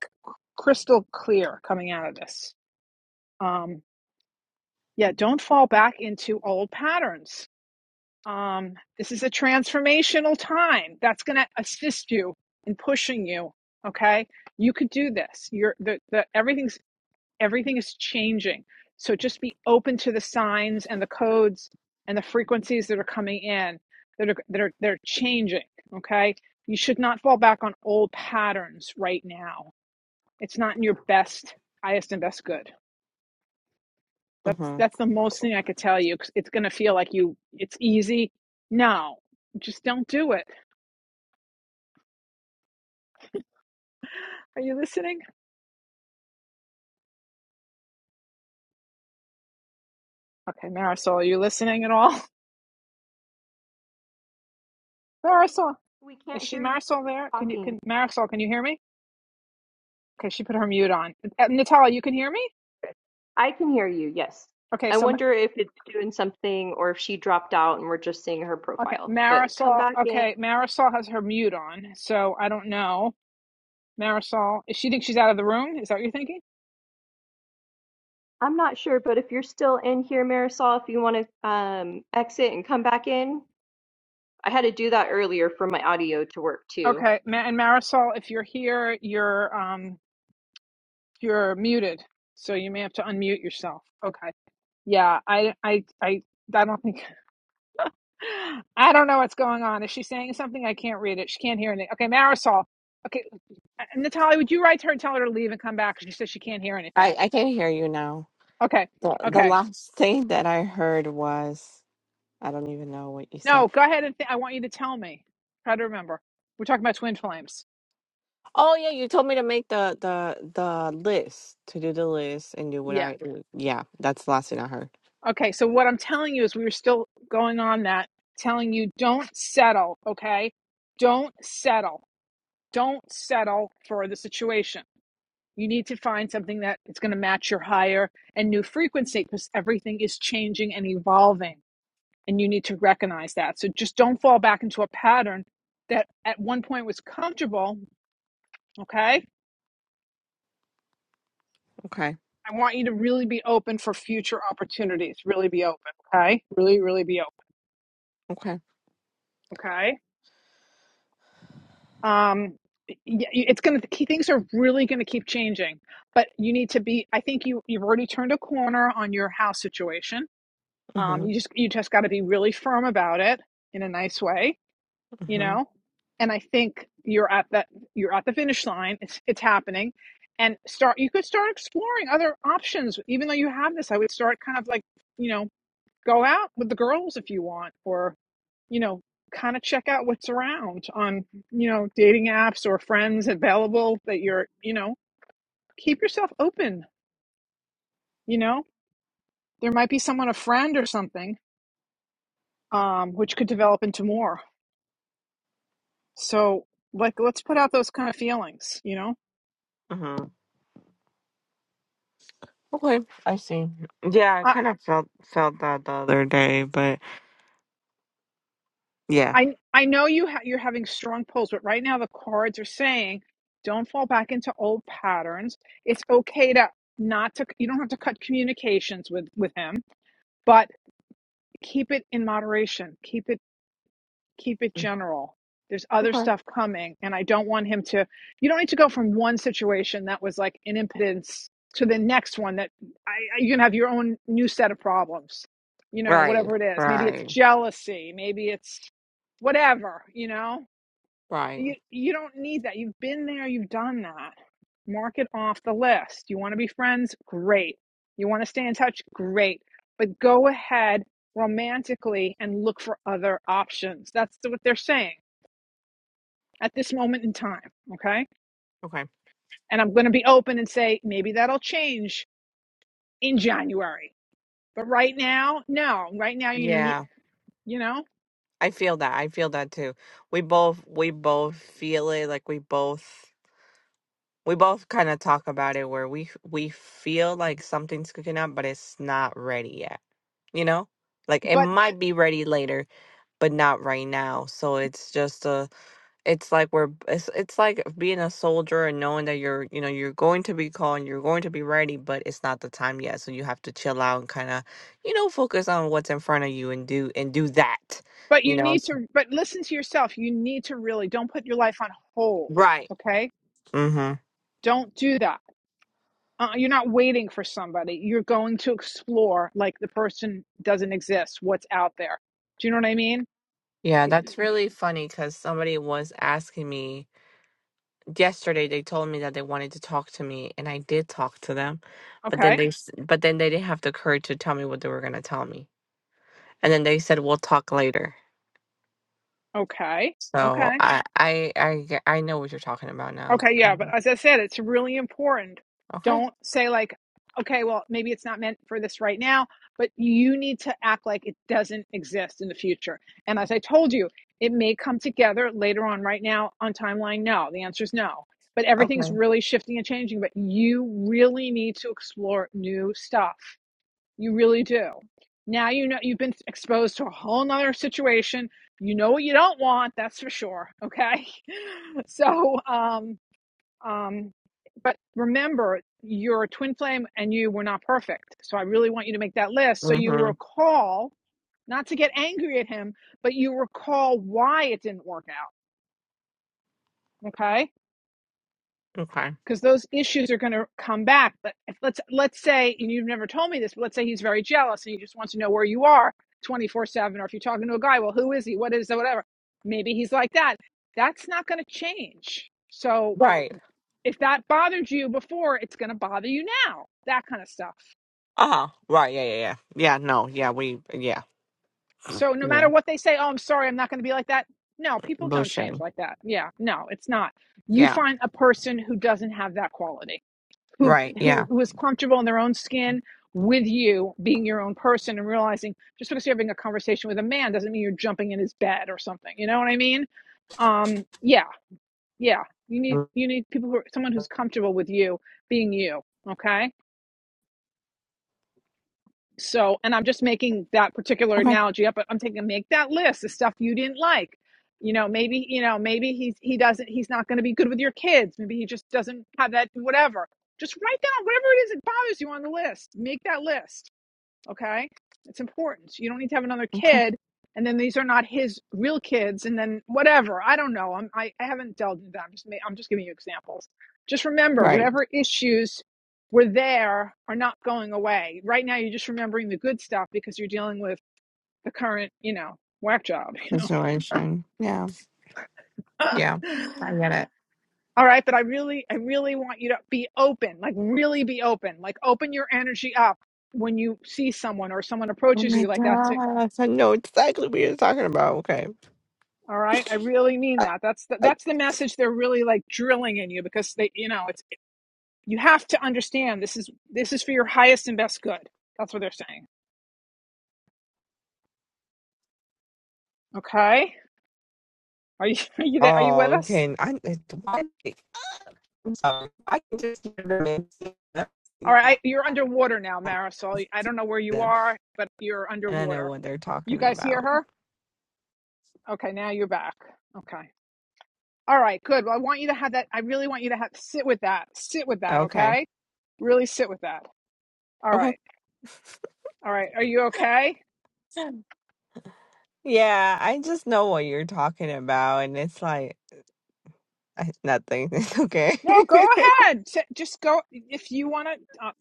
crystal clear coming out of this um yeah don't fall back into old patterns Um, this is a transformational time that's going to assist you in pushing you. Okay, you could do this. You're the, the everything's everything is changing. So just be open to the signs and the codes and the frequencies that are coming in that are that are they're changing. Okay, you should not fall back on old patterns right now. It's not in your best, highest, and best good. That's
Mm-hmm.
that's the most thing I could tell you. It's gonna feel like you. It's easy. No, just don't do it. Are you listening? Okay, Marisol, are you listening at all? Marisol,
We
is
can't
she
hear you
Marisol there? Can you
talking.
can Marisol? Can you hear me? Okay, she put her mute on. Uh, Natalia, you can hear me?
I can hear you, yes.
Okay,
I
so
wonder if it's doing something or if she dropped out and we're just seeing her
okay,
profile. But come
Marisol.
back in.
Okay, Marisol has her mute on, so I don't know. Marisol, is she think she's out of the room. Is that what you're thinking?
I'm not sure, but if you're still in here, Marisol, if you want to um, exit and come back in, I had to do that earlier for my audio to work too.
Okay, Ma- and Marisol, if you're here, you're um You're muted, so you may have to unmute yourself. Okay. Yeah, I I I I don't think I don't know what's going on. Is she saying something? I can't read it. She can't hear anything. Okay, Marisol. Okay, uh, Natalia, would you write to her and tell her to leave and come back? 'Cause She says she can't hear anything.
I, I can not hear you now.
Okay.
The, the
Okay.
last thing that I heard was I don't even know what you said.
No, go ahead and th- I want you to tell me. Try to remember. We're talking about twin flames.
Oh yeah, you told me to make the the the list to do the list and do what
Yeah.
I yeah. That's the last thing I heard.
Okay. So what I'm telling you is we were still going on that, telling you don't settle. Okay. Don't settle. don't settle for the situation. You need to find something that it's going to match your higher and new frequency because everything is changing and evolving. And you need to recognize that. So just don't fall back into a pattern that at one point was comfortable. Okay.
Okay.
I want you to really be open for future opportunities. Really be open. Okay. Really, really be open.
Okay.
Okay. Um, y- it's going to, things are really going to keep changing, but you need to be, I think you, you've already turned a corner on your house situation Um, you
Mhm.
just you just got to be really firm about it in a nice way, you
Mhm.
know. And I think you're at that you're at the finish line. It's it's happening, and start you could start exploring other options. Even though you have this, I would start kind of like you know go out with the girls if you want, or you know kind of check out what's around on you know dating apps or friends available that you're you know keep yourself open. You know there might be someone a friend or something um, which could develop into more. So like let's put out those kind of feelings, you know?
Mhm. Okay. I see. Yeah, I
I
kind of felt felt that the other day, but yeah.
I I know you ha- you're having strong pulls, but right now the cards are saying don't fall back into old patterns. It's okay to not to you don't have to cut communications with with him, but keep it in moderation. Keep it keep it
Mm.
general. There's other
Okay.
stuff coming, and I don't want him to. You don't need to go from one situation that was like an impotence to the next one that I, I, you can have your own new set of problems. You know,
Right.
whatever it is. Maybe it's
Right.
jealousy. Maybe it's whatever. You know
Right.
you you don't need that. You've been there, you've done that. Mark it off the list. You want to be friends? Great. You want to stay in touch? Great. But go ahead romantically and look for other options. That's what they're saying at this moment in time, okay?
Okay.
And I'm going to be open and say maybe that'll change in January. But right now, no. Right now you need,
Yeah.
you know,
I feel that. I feel that too. We both we both feel it like we both we both kind of talk about it where we we feel like something's cooking up but it's not ready yet, you know? Like it
but
might be ready later, but not right now. So it's just a it's like we're it's it's like being a soldier and knowing that you're you know you're going to be called and you're going to be ready but it's not the time yet so you have to chill out and kind of you know focus on what's in front of you and do and do that
But
you
you
know
need
s-
to, but listen to yourself. You need to really don't put your life on hold.
right
Okay.
mm-hmm
Don't do that. Uh, you're not waiting for somebody. You're going to explore like the person doesn't exist, what's out there. Do you know what I mean?
yeah that's really funny because somebody was asking me yesterday they told me that they wanted to talk to me and i did talk to them but then
Okay.
they s- but then they didn't have the courage to tell me what they were going to tell me and then they said we'll talk later
Okay.
So
Okay.
I I I g- I know what you're talking about now.
Okay, yeah, but
Mhm.
as I said, it's really important.
Okay.
Don't say like, okay, well, maybe it's not meant for this right now, but you need to act like it doesn't exist in the future. And as I told you, it may come together later on. Right now on timeline, no. The answer is no. But everything's
Okay.
really shifting and changing, but you really need to explore new stuff. You really do. Now you know you've been exposed to a whole nother situation. You know what you don't want, that's for sure. Okay. So um um, but remember, your twin flame and you were not perfect. So I really want you to make that list so you
hmm
recall, not to get angry at him, but you recall why it didn't work out. Okay.
Okay.
Because those issues are going to come back. But if, let's let's say, and you've never told me this, but let's say he's very jealous and he just wants to know where you are 24 7, or if you're talking to a guy, well, who is he? What is that? Whatever. Maybe he's like that. That's not going to change. So
Right.
If that bothered you before, it's going to bother you now. That kind of stuff.
Uh huh. Right. Yeah. Yeah. Yeah. Yeah. No. Yeah. We. Yeah.
So no matter
Yeah.
what they say, oh, I'm sorry, I'm not going to be like that. No, people don't change
Bullshit.
like that. Yeah, no, it's not. You
Yeah.
find a person who doesn't have that quality, who
Right.
who
Yeah.
who is comfortable in their own skin with you being your own person and realizing just because you're having a conversation with a man doesn't mean you're jumping in his bed or something. You know what I mean? Um, yeah, yeah. You need
Mm.
you need people who are, someone who's comfortable with you being you. Okay So, and I'm just making that particular
Okay.
analogy up, but I'm taking make that list of stuff you didn't like. You know, maybe, you know, maybe he's he doesn't he's not going to be good with your kids. Maybe he just doesn't have that whatever. Just write down whatever it is that bothers you on the list. Make that list Okay. It's important. You don't need to have another
Okay.
kid. And then these are not his real kids. And then whatever. I don't know. I'm, I, I haven't delved into that. I'm just, I'm just giving you examples. Just remember
Right.
whatever issues were there are not going away. Right now, you're just remembering the good stuff because you're dealing with the current, you know, whack job, you know.
Situation. Yeah. Yeah. I get it.
All right. But I really, I really want you to be open, like really be open, like open your energy up when you see someone or someone
Oh
approaches
my
you like that To
gosh! I know exactly what you're talking about. Okay.
All right, I really mean
I,
that. That's the,
I,
that's the message they're really like drilling in you because they, you know, it's you have to understand this is this is for your highest and best good. That's what they're saying. Okay, are you are you there? Are you
oh,
with us?
okay. I, I, why- I'm sorry. I can just hear the
All right, I, you're
man.
underwater now, Marisol. I don't know where you
them
are, but you're
and I know
underwater.
what they're
You
talking
guys hear
about.
her? Okay, now you're back. Okay. All right, good. Well, I want you to have that. I really want you to have sit with that. Sit with that.
Okay.
Okay, really sit with that. All
Okay.
right, all right. Are you okay?
Yeah, I just know what you're talking about and it's like I, nothing. It's okay.
No, go ahead. S- Just go if you want to. Uh,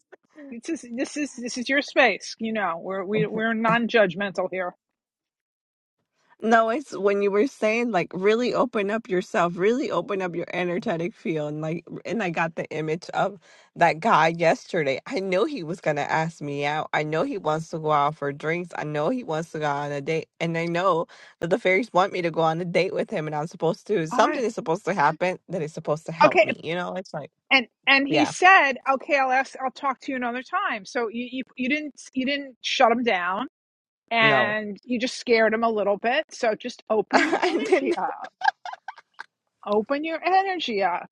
this is this is this is your space. You know, we're we, we're non-judgmental here.
No, it's when you were saying like really open up yourself, really open up your energetic field, and like, and I got the image of that guy yesterday. I know he was gonna ask me out. I know he wants to go out for drinks. I know he wants to go on a date, and I know that the fairies want me to go on a date with him, and I'm supposed to.
I
Something is supposed to happen that is supposed to help
okay.
me. You know, it's like,
And and he
yeah,
said, okay, I'll ask. I'll talk to you another time. So you you, you didn't you didn't shut him down,
no.
and you just scared him a little bit. So just open your
And
energy
then
up. Open your energy up.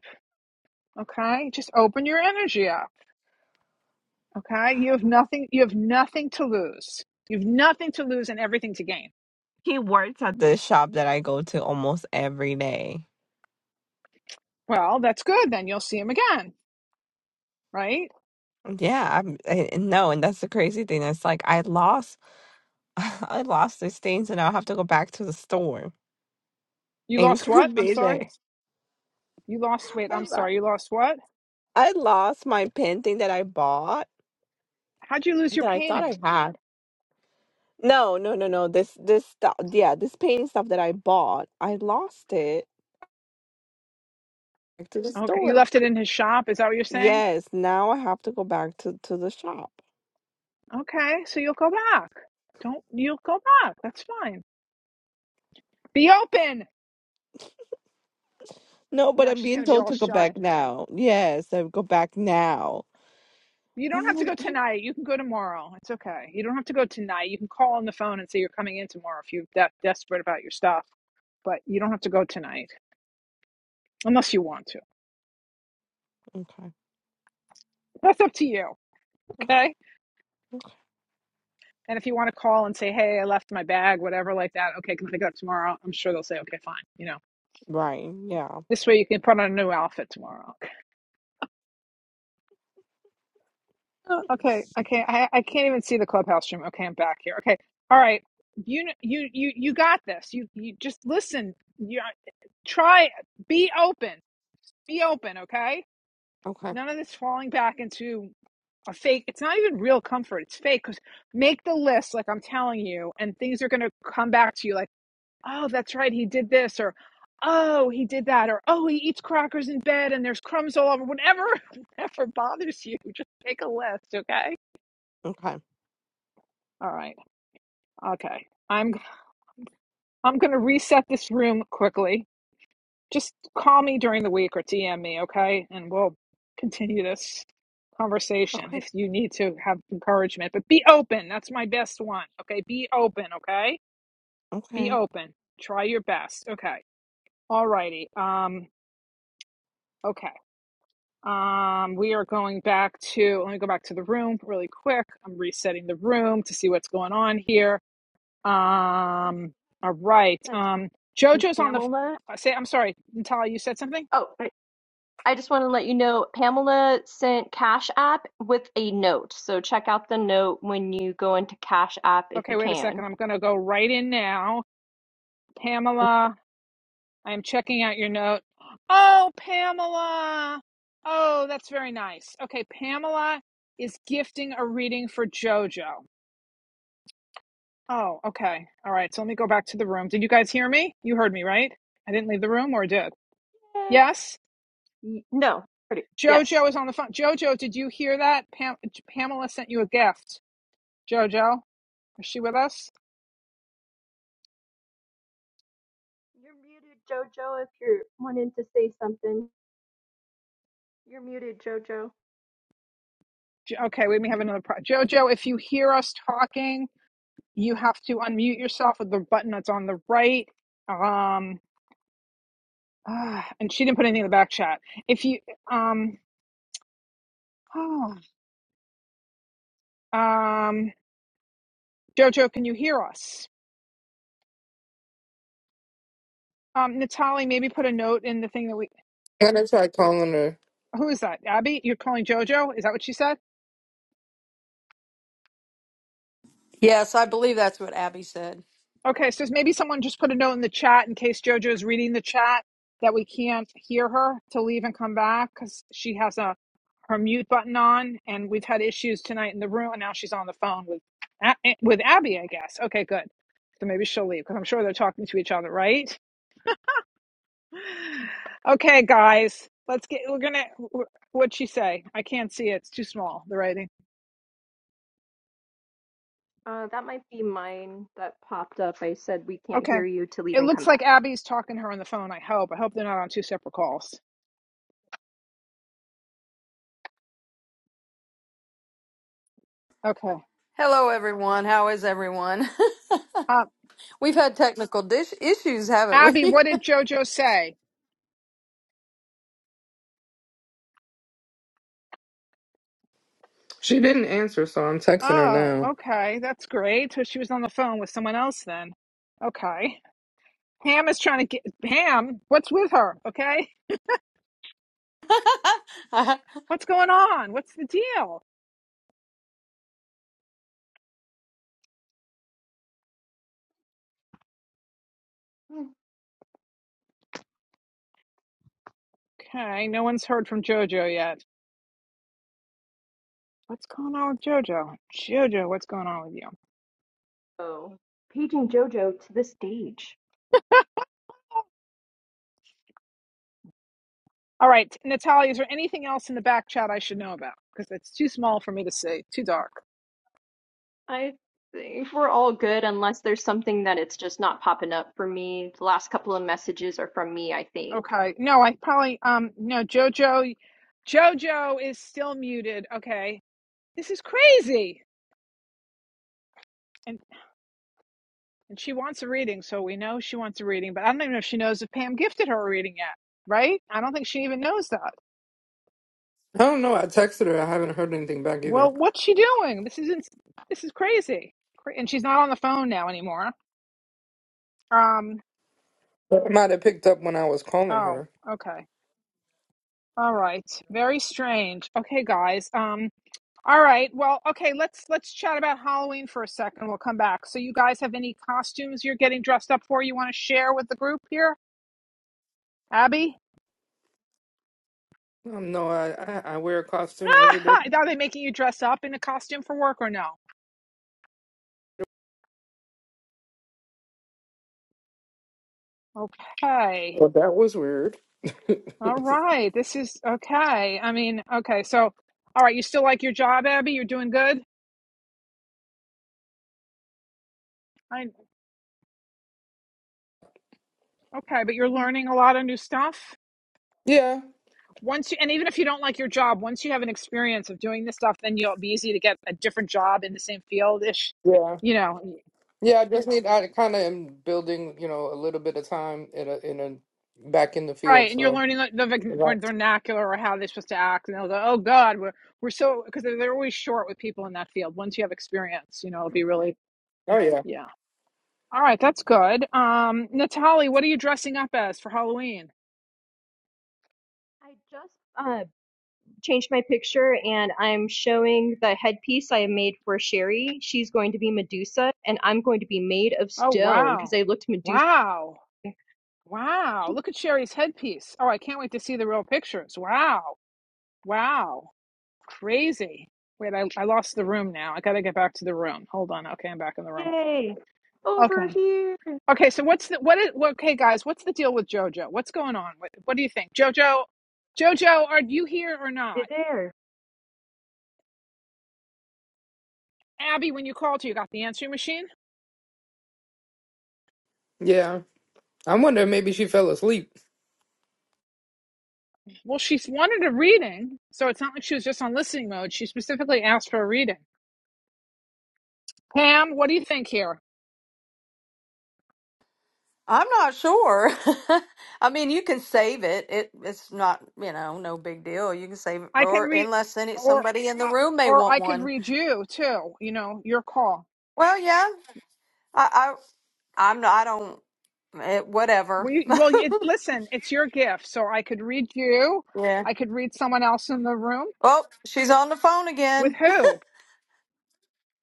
Okay, just open your energy up. Okay, you have nothing. You have nothing to lose. You have nothing to lose and everything to gain.
he works at the shop that I go to almost every day.
Well, that's good. Then you'll see him again, right?
Yeah, I'm, I, and no, and that's the crazy thing. It's like I lost, I lost these things, and I'll have to go back to the store,
You
and it's
lost what?
gonna
I'm
be
sorry.
there.
You lost. Wait, I'm
I, lo-
sorry. You lost what?
I lost my pen thing that I bought
How'd you lose your
that I thought
painting?
I had. No, no, no, no. This, this stuff. Yeah, this painting stuff that I bought, I lost it back to the
Okay, you
store.
left it in his shop. Is that what you're saying?
Yes, now I have to go back to to the shop.
Okay, so you'll go back. Don't you'll go back. That's fine. Be open.
No, but
Now
I'm
she's
being
gonna be
told
all
to go
shy.
back now. Yes, I go back now.
You don't
I'm
have to go
like,
tonight. You can go tomorrow. It's okay. You don't have to go tonight. You can call on the phone and say you're coming in tomorrow if you're that desperate about your stuff. But you don't have to go tonight unless you want to.
okay,
That's up to you. Okay.
okay,
And if you want to call and say, hey, I left my bag, whatever, like that, okay, can I pick it up tomorrow? I'm sure they'll say, okay, fine. You know,
right, yeah.
this way you can put on a new outfit tomorrow. Oh, okay, I can't. I, I can't even see the clubhouse stream. Okay, I'm back here. Okay, all right. You kn- you you you got this. You you just listen. You try. Be open. Be open. Okay.
Okay.
None of this falling back into a fake. It's not even real comfort. It's fake. Cause make the list, like I'm telling you, and things are gonna come back to you. Like oh, that's right, he did this, or oh, he did that, or oh, he eats crackers in bed and there's crumbs all over. Whatever, whatever bothers you, just make a list, okay?
Okay.
All right, okay. I'm I'm gonna reset this room quickly. Just call me during the week or DM me, okay? And we'll continue this conversation
Okay.
if you need to have encouragement. But be open. That's my best one. Okay, be open. Okay, be
Okay.
open. Try your best. Okay. All righty. Um. Okay. Um, we are going back to, let me go back to the room really quick. I'm resetting the room to see what's going on here.
We
Um, all right.
just had chat
Um,
with
JoJo's on the, f-
Pamela.
I say, I'm sorry, Natalia, you said something?
Oh, I I just want to let you know Pamela sent Cash App with a note. So check out the note when you go into Cash App if
Okay,
you
wait a second.
can.
I'm going to go right in now. Pamela, I am checking out your note. Oh, Pamela. Oh, that's very nice. Okay, Pamela is gifting a reading for JoJo. Oh, okay. All right. So let me go back to the room. Did you guys hear me? You heard me, right? I didn't leave the room or did?
Y-
Yes.
No, pretty. Yes.
Jojo is on the phone. Jojo, did you hear that? Pam- Pamela sent you a gift. Jojo, is she with us?
You're muted, Jojo, if you're wanting to say something. You're muted, Jojo.
Jo- okay, we may have another. Pro- Jojo, if you hear us talking, you have to unmute yourself with the button that's on the right. Um, ah, and she didn't put anything in the back chat. If you, um, oh, um, Jojo, can you hear us? Um, Natalie, maybe put a note in the thing that we.
I'm gonna try calling her.
Who is that? Abby, you're calling JoJo? Is that what she said?
Yes, I believe that's what Abby said.
Okay, so maybe someone just put a note in the chat in case JoJo is reading the chat that we can't hear her to leave and come back because she has a her mute button on, and we've had issues tonight in the room, and now she's on the phone with A- with Abby, I guess. Okay, good. So maybe she'll leave because I'm sure they're talking to each other, right? Okay, guys, let's get. We're gonna. What'd she say? I can't see it. It's too small. The writing.
Uh, that might be mine that popped up. I said we can't
Okay.
hear you to leave
It
and come
looks like
back.
Abby's talking to her on the phone. I hope. I hope they're not on two separate calls. Okay.
Hello, everyone. How is everyone?
uh,
We've had technical dish issues, haven't
Abby,
we?
what did JoJo say?
She didn't answer, so I'm texting her
Oh,
now.
okay. That's great. So she was on the phone with someone else then. Okay. Ham is trying to get Ham. What's with her? Okay.
I-
What's going on? What's the deal?
Hmm.
Okay. No one's heard from JoJo yet. What's going on with JoJo? JoJo, what's going on with you?
So, paging Jojo to the stage.
All right, Natalia, is there anything else in the back chat I should know about? Because it's too small for me to see, too dark.
I think we're all good unless there's something that it's just not popping up for me. The last couple of messages are from me, I think.
Okay. No, I probably um no Jojo Jojo is still muted. Okay. This is crazy. And and she wants a reading, so we know she wants a reading, but I don't even know if she knows if Pam gifted her a reading yet, right? I don't think she even knows that.
I don't know. I texted her. I haven't heard anything back either.
Well, what's she doing? This is ins- this is crazy. Cra- And she's not on the phone now anymore. Um
But I might have picked up when I was calling
oh,
her.
okay. All right. Very strange. Okay, guys. Um. All right. Well, okay, let's let's chat about Halloween for a second. We'll come back. So you guys have any costumes you're getting dressed up for you want to share with the group here? Abby?
Um, no, I, I I wear a costume every day.
Are they making you dress up in a costume for work or no? Okay.
Well, that was weird.
All right. This is okay. I mean, okay. So all right, you still like your job, Abby? You're doing good? I okay, but you're learning a lot of new stuff.
Yeah,
Once you, and even if you don't like your job, once you have an experience of doing this stuff, then you'll be easy to get a different job in the same field ish
yeah,
you know
yeah. I just need. I kind of am building, you know, a little bit of time in a in a back in the field.
Right, and you're
So.
learning like, the
Right.
vernac- vernacular or how they're supposed to act, and they'll go, "Oh God, we're we're so," because they're, they're always short with people in that field. Once you have experience, you know, it'll be really,
Oh yeah.
yeah. All right, that's good. Um, Natalie, what are you dressing up as for Halloween?
I just changed my picture and I'm showing the headpiece I made for Sherry. She's going to be Medusa and I'm going to be made of
Oh
stone because
wow,
I looked Medusa.
wow, wow! Look at Sherry's headpiece. Oh, I can't wait to see the real pictures. Wow, wow, crazy. Wait, I I lost the room now. I gotta get back to the room. Hold on. Okay, I'm back in the room.
Yay!
Okay.
Over here. Hey,
Okay, so what's the what is well, okay, guys? What's the deal with JoJo? What's going on? What, what do you think, JoJo? JoJo, are you here or not?
there.
Abby, when you called her, you got the answering machine.
Yeah. I wonder maybe she fell asleep.
Well, she wanted a reading, so it's not like she was just on listening mode. She specifically asked for a reading. Pam, what do you think here?
I'm not sure. I mean, you can save it. It it's not you know no big deal. You can save it,
I can
or
read,
unless then it's
or
somebody in the
uh,
room may
or
want
I could
one.
read you too. You know, your call.
Well, yeah. I, I I'm not. I don't. It, whatever.
Well, you, well it, listen, it's your gift, so I could read you.
yeah.
I could read someone else in the room.
Oh, she's on the phone
With
again.
who?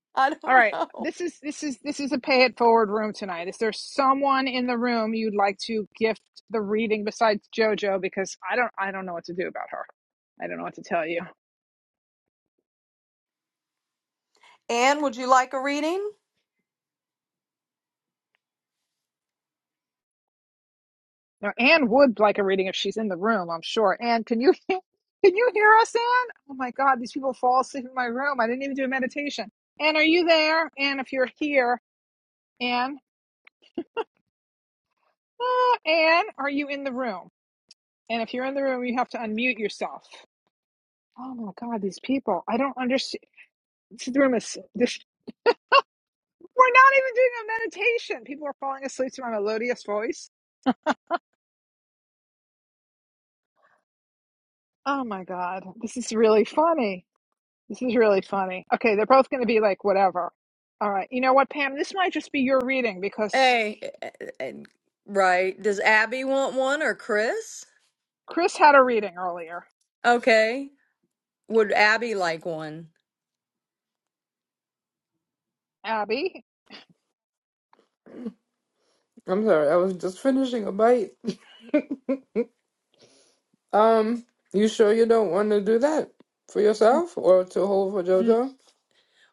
I
All
don't
right.
know.
This is this is this is a pay it forward room tonight. Is there someone in the room you'd like to gift the reading besides JoJo? Because I don't I don't know what to do about her. I don't know what to tell you.
Anne, would you like a reading?
Now, Anne would like a reading if she's in the room, I'm sure. Anne, can you can you hear us, Anne? Oh my God, these people fall asleep in my room. I didn't even do a meditation. Anne, are you there? Anne, if you're here, Anne, ah, Anne, are you in the room? And if you're in the room, you have to unmute yourself. Oh my God, these people! I don't understand. This room is this. We're not even doing a meditation. People are falling asleep to my melodious voice. Oh my God. This is really funny. This is really funny. Okay, they're both going to be like, whatever. All right. You know what, Pam? This might just be your reading because
Hey, eh, eh, right. Does Abby want one or Chris?
Chris had a reading earlier.
Okay. Would Abby like one?
Abby,
I'm sorry. I was just finishing a bite. Um, you sure you don't want to do that for yourself or to hold for
N-
JoJo?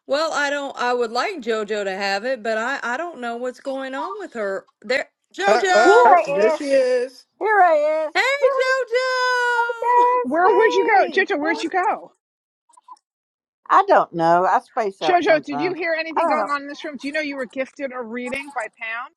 Well, I don't. I would like JoJo to have it, but I I don't know what's going on with her. There,
Uh, uh,
Here
uh,
JoJo.
there
I is.
she is.
Here I is.
Hey,
Woohoo. Hey,
JoJo.
guys.
where would you go?
Hey.
Jojo,
Hey.
where'd you go?
I don't know. I space out
Jojo, did you
sometimes.
hear
I
anything
don't
going
know.
on in this room? Do you know you were gifted a reading by Pam?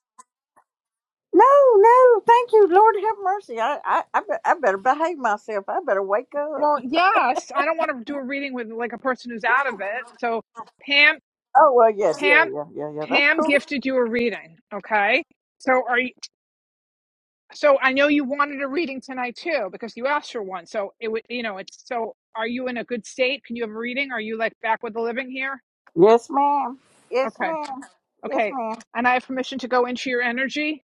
No, no. Thank you. Lord have mercy. I, I, I, be- I better behave myself. I better wake up.
Well, yes. I don't want to do a reading with like a person who's out of it. So, Pam,
Oh, well, yes. Yeah,
Pam,
yeah, yeah, yeah. That's
Pam
cool.
gifted you a reading. Okay. So are you, so I know you wanted a reading tonight too, because you asked for one. So it would, you know, it's, so are you in a good state? Can you have a reading? Are you like back with the living here?
Yes, ma'am. Yes,
Okay.
ma'am. Yes,
Okay.
ma'am.
And I have permission to go into your energy.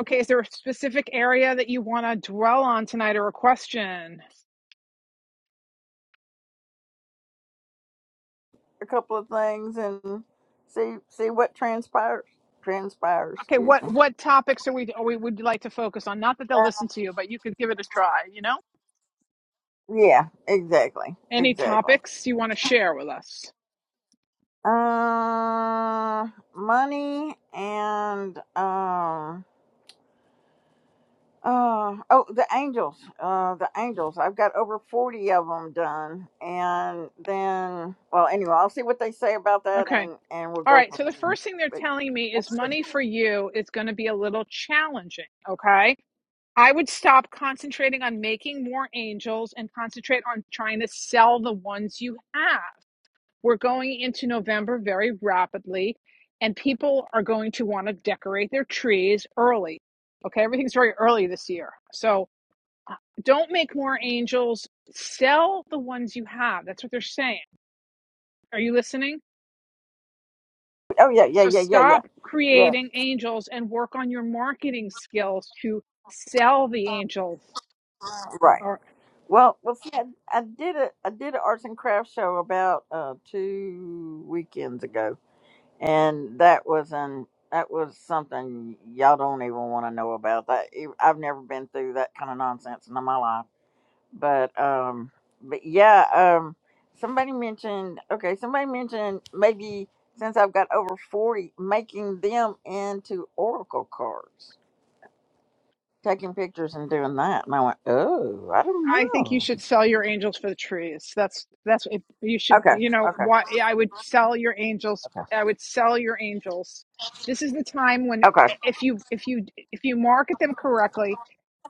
Okay. Is there a specific area that you want to dwell on tonight or a question?
A couple of things and see see what transpires. Transpires.
Okay.
Excuse
What,
me.
what topics are we, are we, would you like to focus on? Not that they'll
Uh,
listen to you, but you could give it a try, you know?
Yeah, exactly.
Any
Exactly.
topics you want to share with us?
Uh, money and um. Uh, oh, the angels. Uh, the angels. I've got over forty of them done, and then, well, anyway, I'll see what they say about that,
Okay.
and and we'll
All
go
right.
from
So the
there.
first thing they're
But
telling me is
that's it.
money for you is going to be a little challenging. Okay. I would stop concentrating on making more angels and concentrate on trying to sell the ones you have. We're going into November very rapidly, and people are going to want to decorate their trees early. Okay, everything's very early this year. So uh, don't make more angels. Sell the ones you have. That's what they're saying. Are you listening?
Oh yeah, yeah,
So
yeah, yeah, yeah,
stop
yeah.
creating angels and work on your marketing skills to sell the angels.
Right.
Or.
Well, well, see, I, I did a I did an arts and crafts show about uh two weekends ago, and that was an that was something y'all don't even want to know about that i i've never been through that kind of nonsense in my life but um but yeah um somebody mentioned okay somebody mentioned maybe since i've got over 40 making them into oracle cards taking pictures and doing that and i went oh i don't
I think you
know
should sell your angels for the trees. That's that's if you should
okay
you know
okay
why I would sell your angels.
okay
I would sell your angels. This is the time when
okay
if you if you if you market them correctly,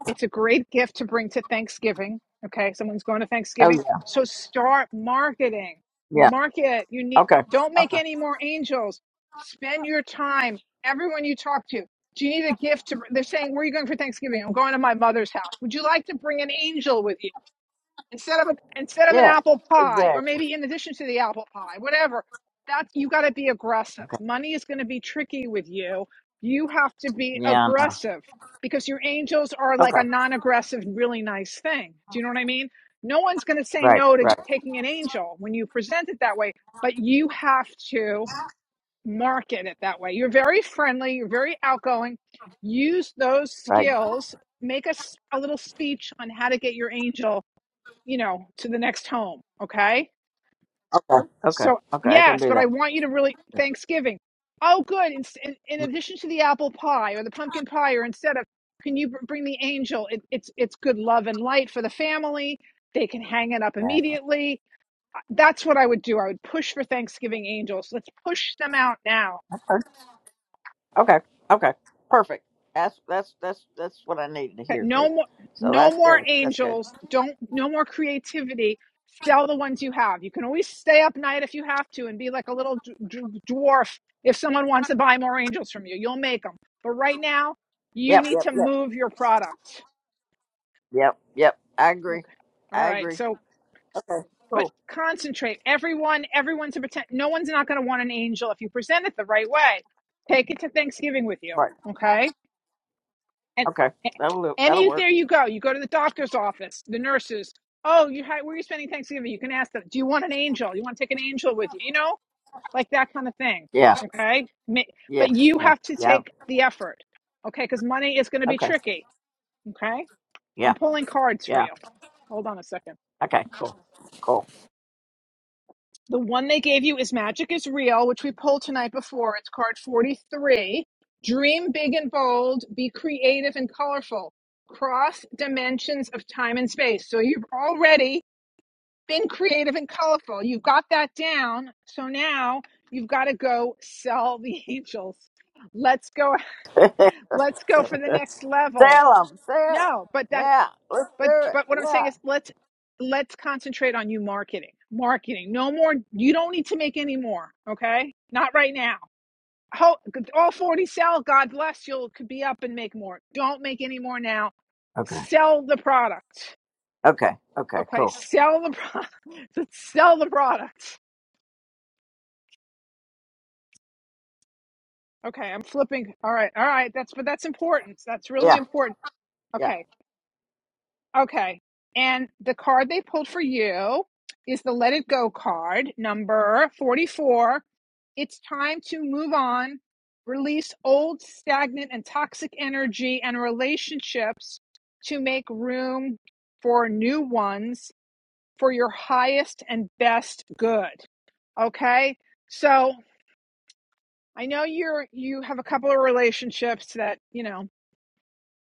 it's a great gift to bring to Thanksgiving. Okay, someone's going to
oh
Thanksgiving,
yeah
so start marketing.
yeah
Market. You need.
okay
Don't make
okay
any more angels. Spend your time. Everyone you talk to. Do you need a gift to? They're saying, "Where are you going for Thanksgiving?" I'm going to my mother's house. Would you like to bring an angel with you? instead of a, instead of an
yeah
apple pie or
exactly
maybe in addition to the apple pie whatever that's you got to be aggressive
okay
money is going to be tricky with you you have to be
yeah I know.
aggressive because your angels are like
Okay.
a non-aggressive really nice thing do you know what i mean no one's going to say
Right,
no to
right,
taking an angel when you present it that way but you have to market it that way you're very friendly you're very outgoing use those
right.
skills make us a s- a little speech on how to get your angel you know, to the next home. Okay.
Okay, okay,
So,
okay. I can
yes,
do
but I
that.
want you to really Thanksgiving. Oh, good. In, in, in addition to the apple pie or the pumpkin pie, or instead of, can you bring the angel? It, it's it's good love and light for the family. They can hang it up
Yeah.
immediately. That's what I would do. I would push for Thanksgiving angels. Let's push them out now
Okay, okay, perfect. That's that's that's that's what I needed to
Okay,
hear
No
too.
more,
So
no
that's
more
good. That's good.
angels. Don't, no more creativity. Sell the ones you have. You can always stay up night if you have to and be like a little d- d- dwarf if someone wants to buy more angels from you. You'll make them. But right now, you
Yep,
need
yep,
to
yep,
move your product.
yep, yep. I agree.
Okay. All
I
right.
agree.
So,
Okay,
but
cool.
concentrate. Everyone, everyone's a pretend. No one's not going to want an angel if you present it the right way. Take it to Thanksgiving with you.
Right.
Okay And
Okay, that'll do- that'll
any
work.
there you go. You go to the doctor's office, the nurses. Oh, you had where are you spending Thanksgiving? You can ask them. Do you want an angel? You want to take an angel with you? You know, like that kind of thing.
Yeah,
Okay, Ma-
yeah,
but you
yeah,
have to
yeah.
take the effort. Okay, because money is going to be
Okay,
tricky. Okay, I'm
yeah,
pulling cards for
yeah.
you. Hold on a second.
Okay, cool, cool.
The one they gave you is Magic is Real, which we pulled tonight before. It's card 43. Dream big and bold, be creative and colorful. Cross dimensions of time and space. So you've already been creative and colorful. You've got that down. So now you've got to go sell the angels. Let's go let's go for the next level.
Sell them, sell.
No, but that.
Yeah, let's do
But
it.
but what I'm
Yeah.
saying is let's let's concentrate on you marketing. Marketing. No more you don't need to make any more, okay? Not right now. Ho- All 40 sell, God bless you'll could be up and make more. Don't make any more now.
Okay,
Sell the product.
okay, okay,
Okay,
cool.
sell the product. sell the product. Okay, I'm flipping. All right. All right, that's but that's important. That's really
Yeah,
important.
yeah.
Okay. Okay. And the card they pulled for you is the Let It Go card, number 44. It's time to move on, release old, stagnant, and toxic energy and relationships to make room for new ones for your highest and best good. Okay? So, I know you're you have a couple of relationships that, you know,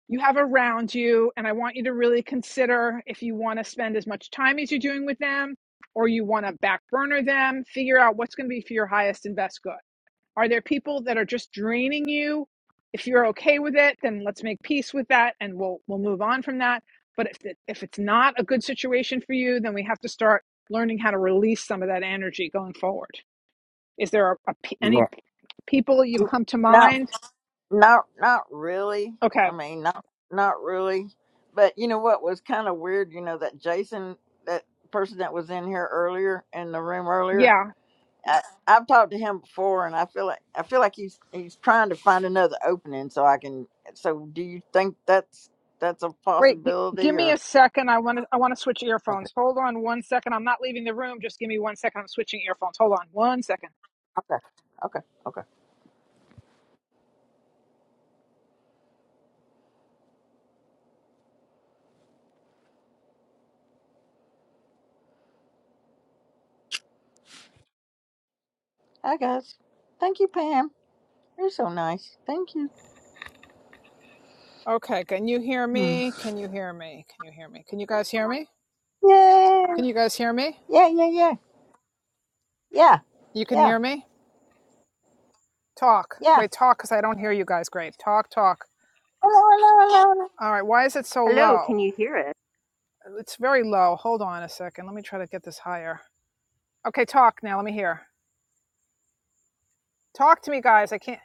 you have around you. And I want you to really consider if you want to spend as much time as you're doing with them or you want to back burner them. Figure out what's going to be for your highest and best good. Are there people that are just draining you? If you're okay with it, then let's make peace with that and we'll we'll move on from that. But if it, if it's not a good situation for you, then we have to start learning how to release some of that energy going forward. Is there a, a p- any
Yeah.
people you come to
No,
mind?
Not not really. I
Okay,
mean, not not really. But you know what was kind of weird? You know that Jason, that person that was in here earlier in the room earlier.
yeah
I, I've talked to him before, and I feel like I feel like he's he's trying to find another opening so I can. So, do you think that's that's a
Wait, g- give
possibility
me
or?
a second. I want to. I want to switch
Okay.
earphones. Hold on one second. I'm not leaving the room. Just give me one second. I'm switching earphones. Hold on one second.
Okay. Okay. Okay. Hi guys. Thank you, Pam. You're so nice. Thank you.
Okay. Can you hear
Hmm.
me? Can you hear me? Can you hear me? Can you guys hear me?
Yay!
Can you guys hear me?
Yeah. Yeah. Yeah. Yeah.
You can
Yeah.
hear me. Talk.
Yeah.
Wait, talk, because I don't hear you guys. Great. Talk, talk.
Can
All right. Why is it so
Hello,
low?
can you hear us?
It's very low. Hold on a second. Let me try to get this higher. Okay. Talk now. Let me hear. Talk to me, guys. I can't.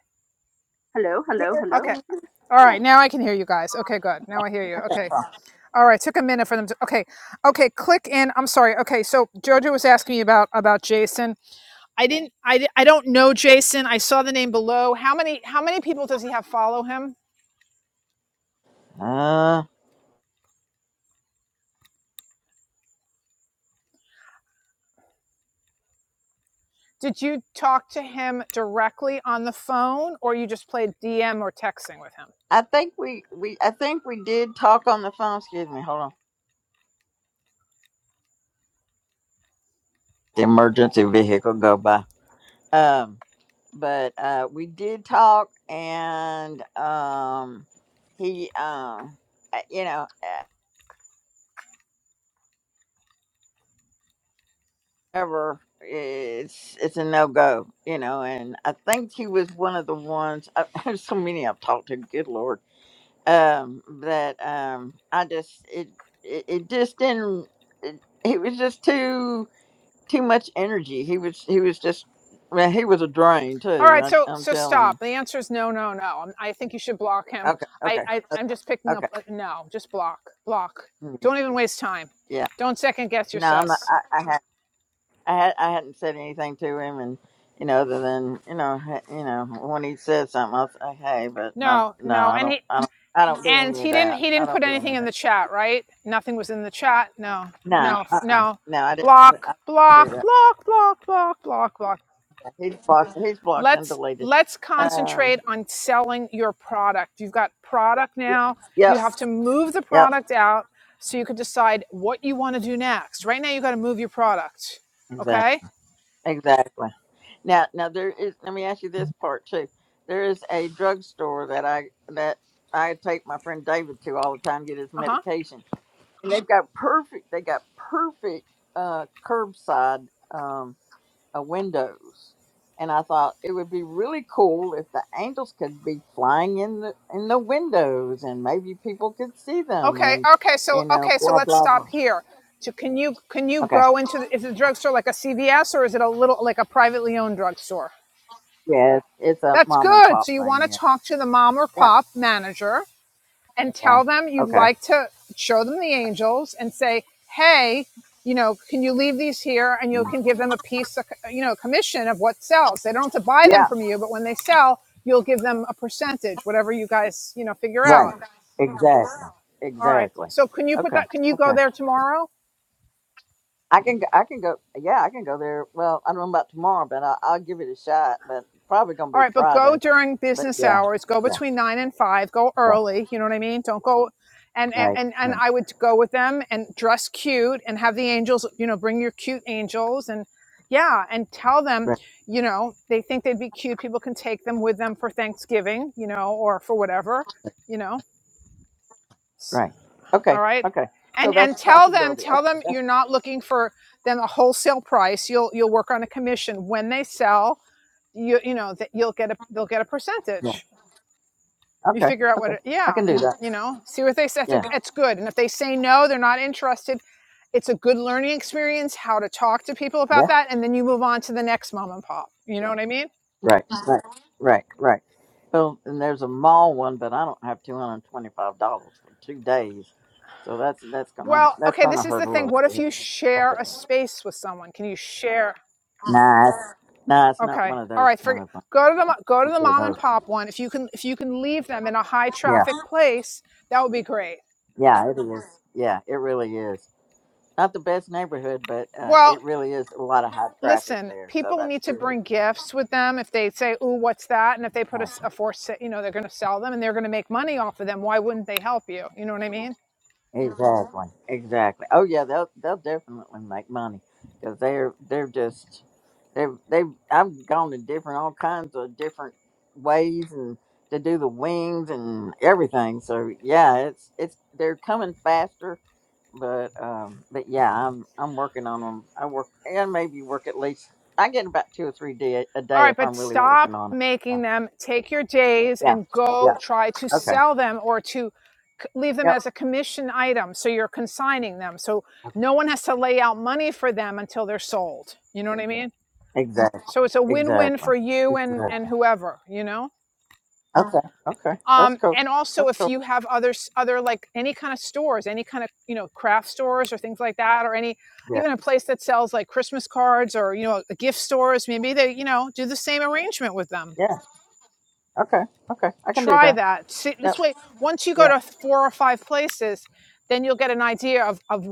Hello, hello, hello.
Okay.
you-
All
yeah.
right. Now I can hear you guys. Okay. Good. Now I hear you. Okay. All right, took a minute for them to. Okay, okay, click in. I'm sorry. Okay, so Jojo was asking me about about Jason. I didn't. I I don't know Jason. I saw the name below. How many How many people does he have follow him?
Uh,
Did you talk to him directly on the phone, or you just played DM or texting with him?
I think we, we I think we did talk on the phone. Excuse me, hold on. the emergency vehicle go by. Um, but uh, we did talk, and um, he, um, uh, you know, uh, ever it's it's a no go, you know. And I think he was one of the ones. I, there's so many I've talked to. Good lord. um that um i just it it, it just didn't it, it was just too too much energy he was he was just well he was a drain
All
too
right,
I,
so
i'm
so
telling
stop.
you
The answer is no, no, no. I'm, I think you should block him.
okay
I,
okay
I
okay
I'm just picking up.
okay
uh, No, just block, block.
mm,
Don't even waste time.
yeah
Don't second guess your
no i'm not
sus.
i, I had I, had, I hadn't said anything to him, and you know, other than you know, ha- you know, when he said something, I'll say, "Hey," but not,
No,
no,
no,
I
and
don't,
he
I don't, I don't do
and
any
he
of
didn't
that.
he
I
didn't put
don't do any
anything
of
in the
that.
chat, right? Nothing was in the chat. No,
No,
no,
uh, uh
no.
no, I didn't.
Block,
I didn't do
block,
that.
block, block, block, block, block,
He's blocked. He's blocked and
let's
deleted.
let's
Um.
concentrate on selling your product you've got product now you
Yep.
have to move the
Yep.
product out so you can decide what you want to do next right now you got to move your product
Exactly.
okay
Exactly. Now, now there is. Let me ask you this part too. There is a drugstore that I that I take my friend David to all the time get his
uh-huh
medication, and they've got perfect. They got perfect uh, curbside. Um, uh, windows. And I thought it would be really cool if the angels could be flying in the in the windows, and maybe people could see them,
okay
and
okay so
you know,
okay so
blah
let's
blah
stop
blah.
here so can you can you
Okay,
go into the, is it a drugstore like a cvs or is it a little like a privately owned drugstore
yeah, it's, it's a
that's
mom and
good
pop
so you want
thing.
to
Yeah,
talk to the mom or
yeah.
pop manager and
Okay,
tell them you'd
okay.
like to show them the angels and say, hey, you know, can you leave these here and you
Mm.
can give them a piece, of, you know, commission of what sells. They don't have to buy them
Yeah,
from you, but when they sell, you'll give them a percentage, whatever you guys, you know, figure out.
right. Exactly,
All right.
exactly.
So can you put
Okay,
that? Can you go
okay.
there tomorrow?
I can go- I can go. Yeah, I can go there. Well, I don't know about tomorrow, but I, I'll give it a shot. But probably gonna
All
be
right, but go
Friday.
during
But
business
yeah,
hours. Go
yeah.
between nine and five. Go
Okay.
early. You know what I mean. Don't go. And
Right, right.
and and I
Right.
would go with them and dress cute and have the angels. You know, bring your cute angels and yeah, and tell them. You know, they think they'd be cute. People can take them with them for Thanksgiving. You know, or for whatever. You know. S-
Right.
All
Okay.
right.
Okay. So
And
that's
and
a
tell them
possibility.
tell
Okay.
them
That's,
you're not looking for them a wholesale price. You'll you'll work on a commission when they sell. You you know that you'll get a they'll get a percentage
yeah.
you
Okay.
figure out what
Okay.
it,
I
yeah
can do
and
that.
you know see what they say that's,
Yeah.
good and if they say no they're not interested it's a good learning experience how to talk to people about
Yeah.
that and then you move on to the next mom and pop you know what i mean
Right. Right. Right. Right. Well, and there's a mall one, but I don't have two hundred twenty-five dollars for two days, so that's that's gonna
well
that's
okay
gonna
this is
hurt
the
a
thing
little
what if
bit.
you
That's
share
okay.
a space with someone can you share
Nah, it's, nah, it's not one
okay
of
all
those
right
kind
forget
of things.
go to the go to
We'll
the
do
mom and
those. things.
pop one if you can if you can leave them in a high
Yeah,
traffic place that would be great
yeah, it is. Yeah, it really is. Not the best neighborhood, but uh,
well
it really is a lot of high traffic
listen,
there, so
people
that's
need to
good.
bring gifts with them if they say, "Ooh, what's that?" And if they put a
Yeah.
a for sa- you know, they're going to sell them and they're going to make money off of them. Why wouldn't they help you? You know what I mean?
Exactly. Exactly. Oh yeah, they'll they'll definitely make money because they're they're just they're they are they are just they have they have i have gone to different all kinds of different ways and to do the wings and everything. So yeah, it's it's they're coming faster, but um but yeah, I'm I'm working on them. I work and maybe work at least I get about two or three day a
All
day
right,
if
but
I'm really working
stop
on it. Yeah.
making them take your days
Yeah.
and go
Yeah.
try to
Okay.
sell them or to c- leave them
Yep.
as a commission item. So you're consigning them. So no one has to lay out money for them until they're sold. You know what I mean?
Exactly.
So it's a win-win
Exactly.
for you and
Exactly.
and whoever. You know.
Okay. Okay. That's
um,
cool.
and also
That's
if
cool.
you have other, other like any kind of stores any kind of you know craft stores or things like that or any
Yeah.
even a place that sells like christmas cards or you know gift stores maybe they you know do the same arrangement with them
Yeah. Okay. Okay. I can do
try
that.
that See,
Yep.
this way once you go
Yeah.
to four or five places then you'll get an idea of of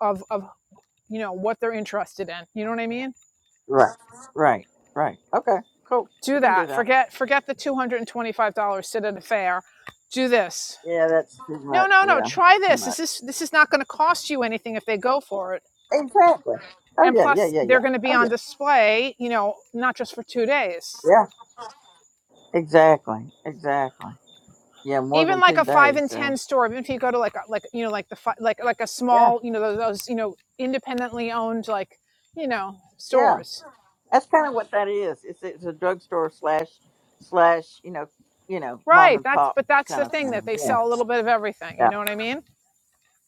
of, of you know what they're interested in you know what i mean
Right. Right. Right. Okay. Cool. I
do
can do
that
that.
forget forget the $225 sit at a fair do this
Yeah, that's too
No,
much.
no, no.
Yeah, that's
Try
too
this.
much.
This is this is not going to cost you anything if they go for it.
Exactly. Oh
And
yeah, yeah,
plus,
yeah,
they're
yeah.
going to be
Oh
on
yeah.
display. You know, not just for two days.
Yeah. Exactly. Exactly. Yeah, more
Even
than
like
two
a five
days.
and
So
ten store, even if you go to like a, like you know like the like like a
yeah,
small you know those, those you know independently owned like you know
yeah.
stores.
That's kind of what that is. It's it's a drugstore slash slash you know you know mom
Right.
and
That's
pop
but that's
kind
the
of
thing that
thing.
they
Yeah.
sell a little bit of everything. You know what I mean?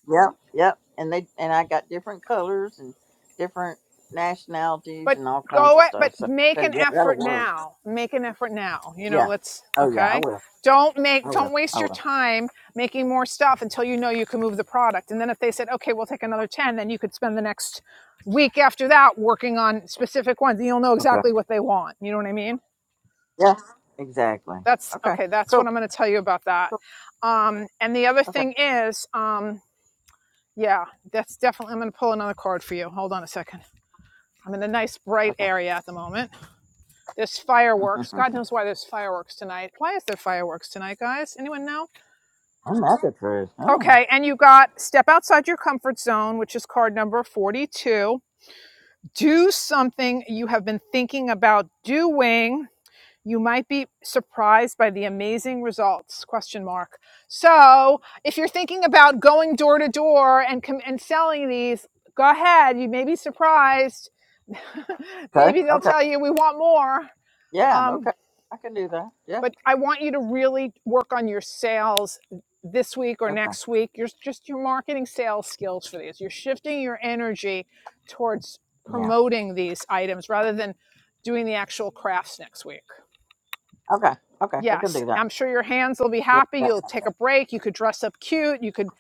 Yep, yep. And they and I got different colors and different nationalities
but
and all kinds
go
of
it but
stuff. So,
make
so
an
yeah, that'll
effort
work.
now make an effort now you know
Yeah.
let's
Oh yeah, I
okay
will.
don't make
I
don't
will.
waste
I
your
will.
time making more stuff until you know you can move the product and then if they said okay we'll take another 10 then you could spend the next week after that working on specific ones and you'll know
Okay.
exactly what they want you know what i mean
Yeah. Exactly.
that's
Okay.
okay that's what
Cool.
i'm going to tell you about that
Cool.
um and the other
Okay.
thing is um yeah that's definitely i'm going to pull another card for you hold on a second i'm in a nice bright
Okay.
area at the moment There's fireworks. God knows why there's fireworks tonight. Why is there fireworks tonight, guys? Anyone know?
I'm not the truth. Oh.
Okay, and you got step outside your comfort zone, which is card number 42. Do something you have been thinking about doing. You might be surprised by the amazing results. Question mark. So, if you're thinking about going door to door and and selling these, go ahead. You may be surprised.
Okay.
Maybe they'll
Okay.
tell you we want more.
Yeah.
Um,
Okay. I can do that. Yeah.
but I want you to really work on your sales this week or
Okay.
next week. Your just your marketing sales skills for these. You're shifting your energy towards
Yeah.
promoting these items rather than doing the actual crafts next week.
Okay. Okay. I can
Yes,
do that.
I'm sure your hands will be
Yeah.
happy.
Yeah.
You'll take a break. You could dress up cute. You could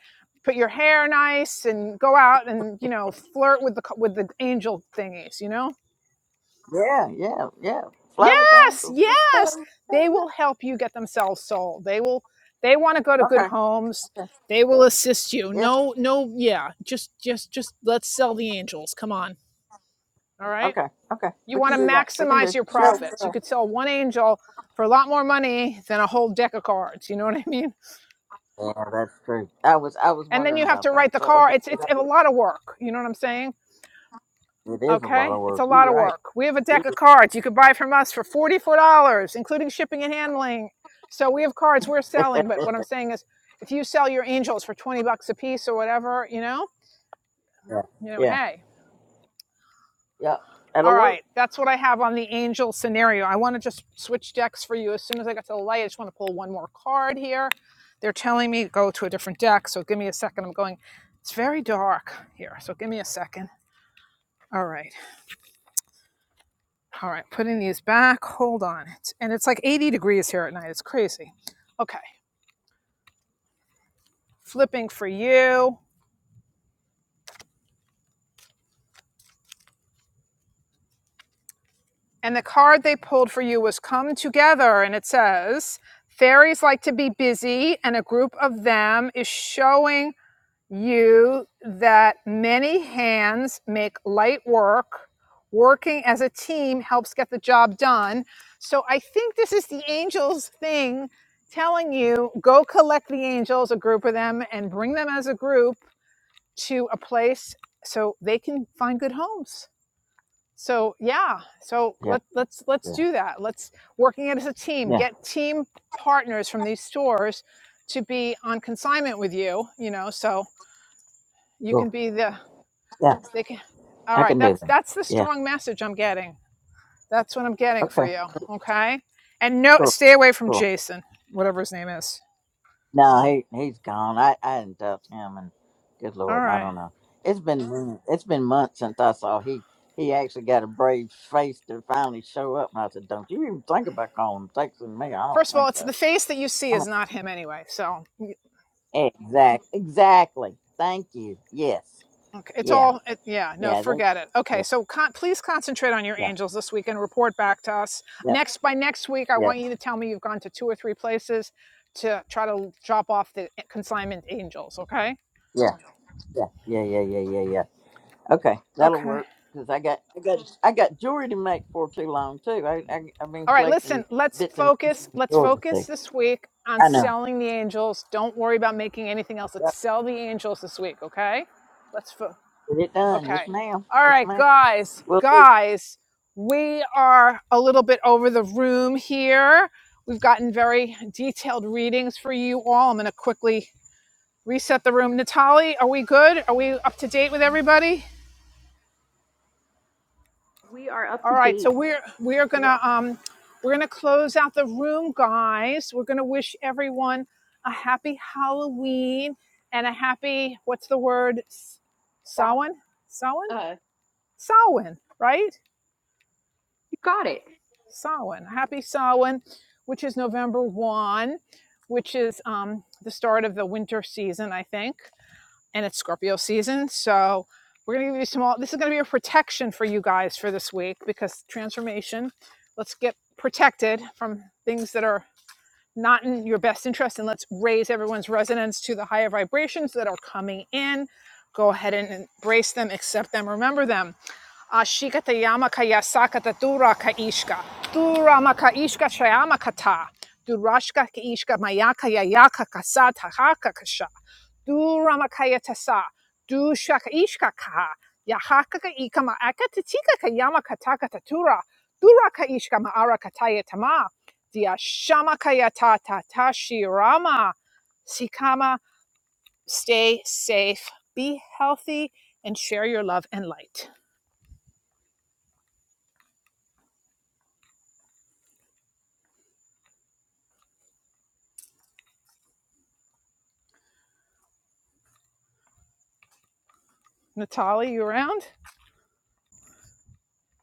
put your hair nice and go out and you know flirt with the with the angel thingies. You know
Yeah. Yeah. yeah. Fly with the
Yes,
angels. Let's
yes.
go.
They will help you get themselves sold. They will they want to go to good
Okay.
homes. They will assist you.
Yes.
No, no, yeah. Just just just let's sell the angels. Come on. All right?
Okay, okay,
You
we
want
can
to
do that. We can
maximize
do.
your
Sure,
profits. You
sure.
could sell one angel for a lot more money than a whole deck of cards, you know what I mean?
Yeah, that's true. I was I was
And then
wondering
you have
about
to
that.
write the
So
card.
okay,
It's
yeah,
it's
that
a
works.
lot of work, you know what I'm saying?
It is a lot
Okay,
of
it's
work.
a
You're
lot of
right.
work. We have a
You're
deck of cards you could buy from us for forty-four dollars, including shipping and handling. So we have cards we're
right.
selling, but what I'm saying is, if you sell your angels for twenty bucks a piece or whatever, you know,
yeah,
you know,
yeah,
hey,
yeah.
all
That'll work.
right, that's what I have on the angel scenario. I want to just switch decks for you as soon as I get to the light. I just want to pull one more card here. They're telling me to go to a different deck, so give me a second. I'm going. It's very dark here, so give me a second. All right. All right, putting these back. Hold on. It's, and it's like 80 degrees here at night. It's crazy. Okay, flipping for you. And the card they pulled for you was Come Together. And it says, Fairies like to be busy, and a group of them is showing you that many hands make light work. Working as a team helps get the job done. So I think this is the angels thing telling you go collect the angels, a group of them, and bring them as a group to a place so they can find good homes. So yeah, so
Yeah,
let, let's
yeah,
let's do that. Let's working it as a team.
yeah.
Get team partners from these stores to be on consignment with you. You know, so you
Cool.
can be the
Yeah,
they can. All
I
right,
can do
that's
that.
that's the
Yeah.
strong message I'm getting. That's what I'm getting for
Okay.
you. Okay, and no,
Cool.
stay away from
Cool.
Jason, whatever his name is.
No, he he's gone. I I didn't touch him, and good
All
lord, I
right.
don't know. It's been mon- it's been months since I saw he he actually got a brave face to finally show up. And I said, "Don't you even think about calling, texting me? I don't
First of all,
think
it's
so."
the face that you see
I
is not him anyway. So,
mean, exact, exactly. Thank you. Yes.
okay, it's
Yeah.
all. It, yeah, no,
Yeah. That,
forget it. Okay,
yeah.
so con- please concentrate on your
Yeah.
angels this week and report back to us
Yeah.
next by next week. I
Yeah.
want you to tell me you've gone to two or three places to try to drop off the consignment angels. Okay.
Yeah. Yeah. Yeah. Yeah. Yeah. Yeah. Yeah. Okay, that'll
Okay.
work. Cause I got, I got, I got jewelry to make for too long too. I, I I've been
All right, listen,
collecting
let's
bits and pieces
focus.
of
Let's
jewelry.
focus
Too.
this week on
I know.
selling the angels. Don't worry about making anything else. Let's
Yep.
sell the angels this week, okay? Let's fo-
Get it done. Yes,
okay.
ma'am.
All
Yes,
right,
ma'am.
guys.
Well,
Guys, we are a little bit over the room here. We've gotten very detailed readings for you all. I'm going to quickly reset the room. Natali, are we good? Are we up to date with everybody?
We are up
All
to
right, so
date.
we're we're
We're all
gonna um we're gonna close out the room, guys. We're gonna wish everyone a happy Halloween and a happy what's the word? S-
back.
Samhain, Samhain,
Uh,
Samhain,
you
right?
got it.
Samhain. Happy Samhain, which is November one, which is um the start of the winter season, I think. and it's Scorpio season. So we're going to give you some all this is going to be a protection for you guys for this week because transformation. Let's get protected from things that are not in your best interest and let's raise everyone's resonance to the higher vibrations that are coming in. Go ahead and embrace them, accept them, remember them Ashikata yamaka yasakata duraka ishka. Duramaka ishka shayamaka ta. Durashka ki ishka mayaka yayaka kasata haka kasha. Duramakaya tasa. Dushaka ishka kaha. Yahaka ka ikama akatatika ka yamaka takata tura. Duraka ishka maara kataya tama. Diashamakaya ta ta ta shirama. Sikama, stay safe, be healthy, and share your love and light. Natalie, you around?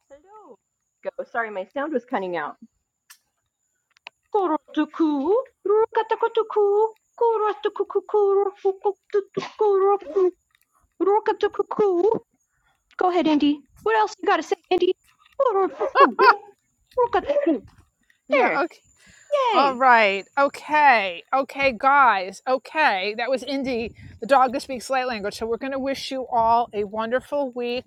Hello. Go. Sorry, my sound was cutting out. Korotuku, rukatakotoku, korotukuku, korofukutuku, Rook up the cuckoo. Go ahead, Indy. What else you got to say, Indy? Rook up the up the cuckoo.
Yeah,
There.
okay.
Yay.
All right. Okay. Okay, guys. Okay. That was Indy, the dog that speaks light language. So we're going to wish you all a wonderful week.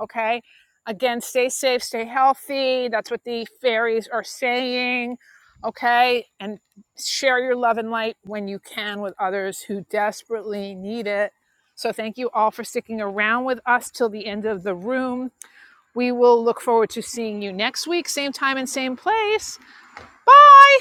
Okay. Again, stay safe, stay healthy. That's what the fairies are saying. Okay. And share your love and light when you can with others who desperately need it. So thank you all for sticking around with us till the end of the room. We will look forward to seeing you next week, same time and same place. Bye.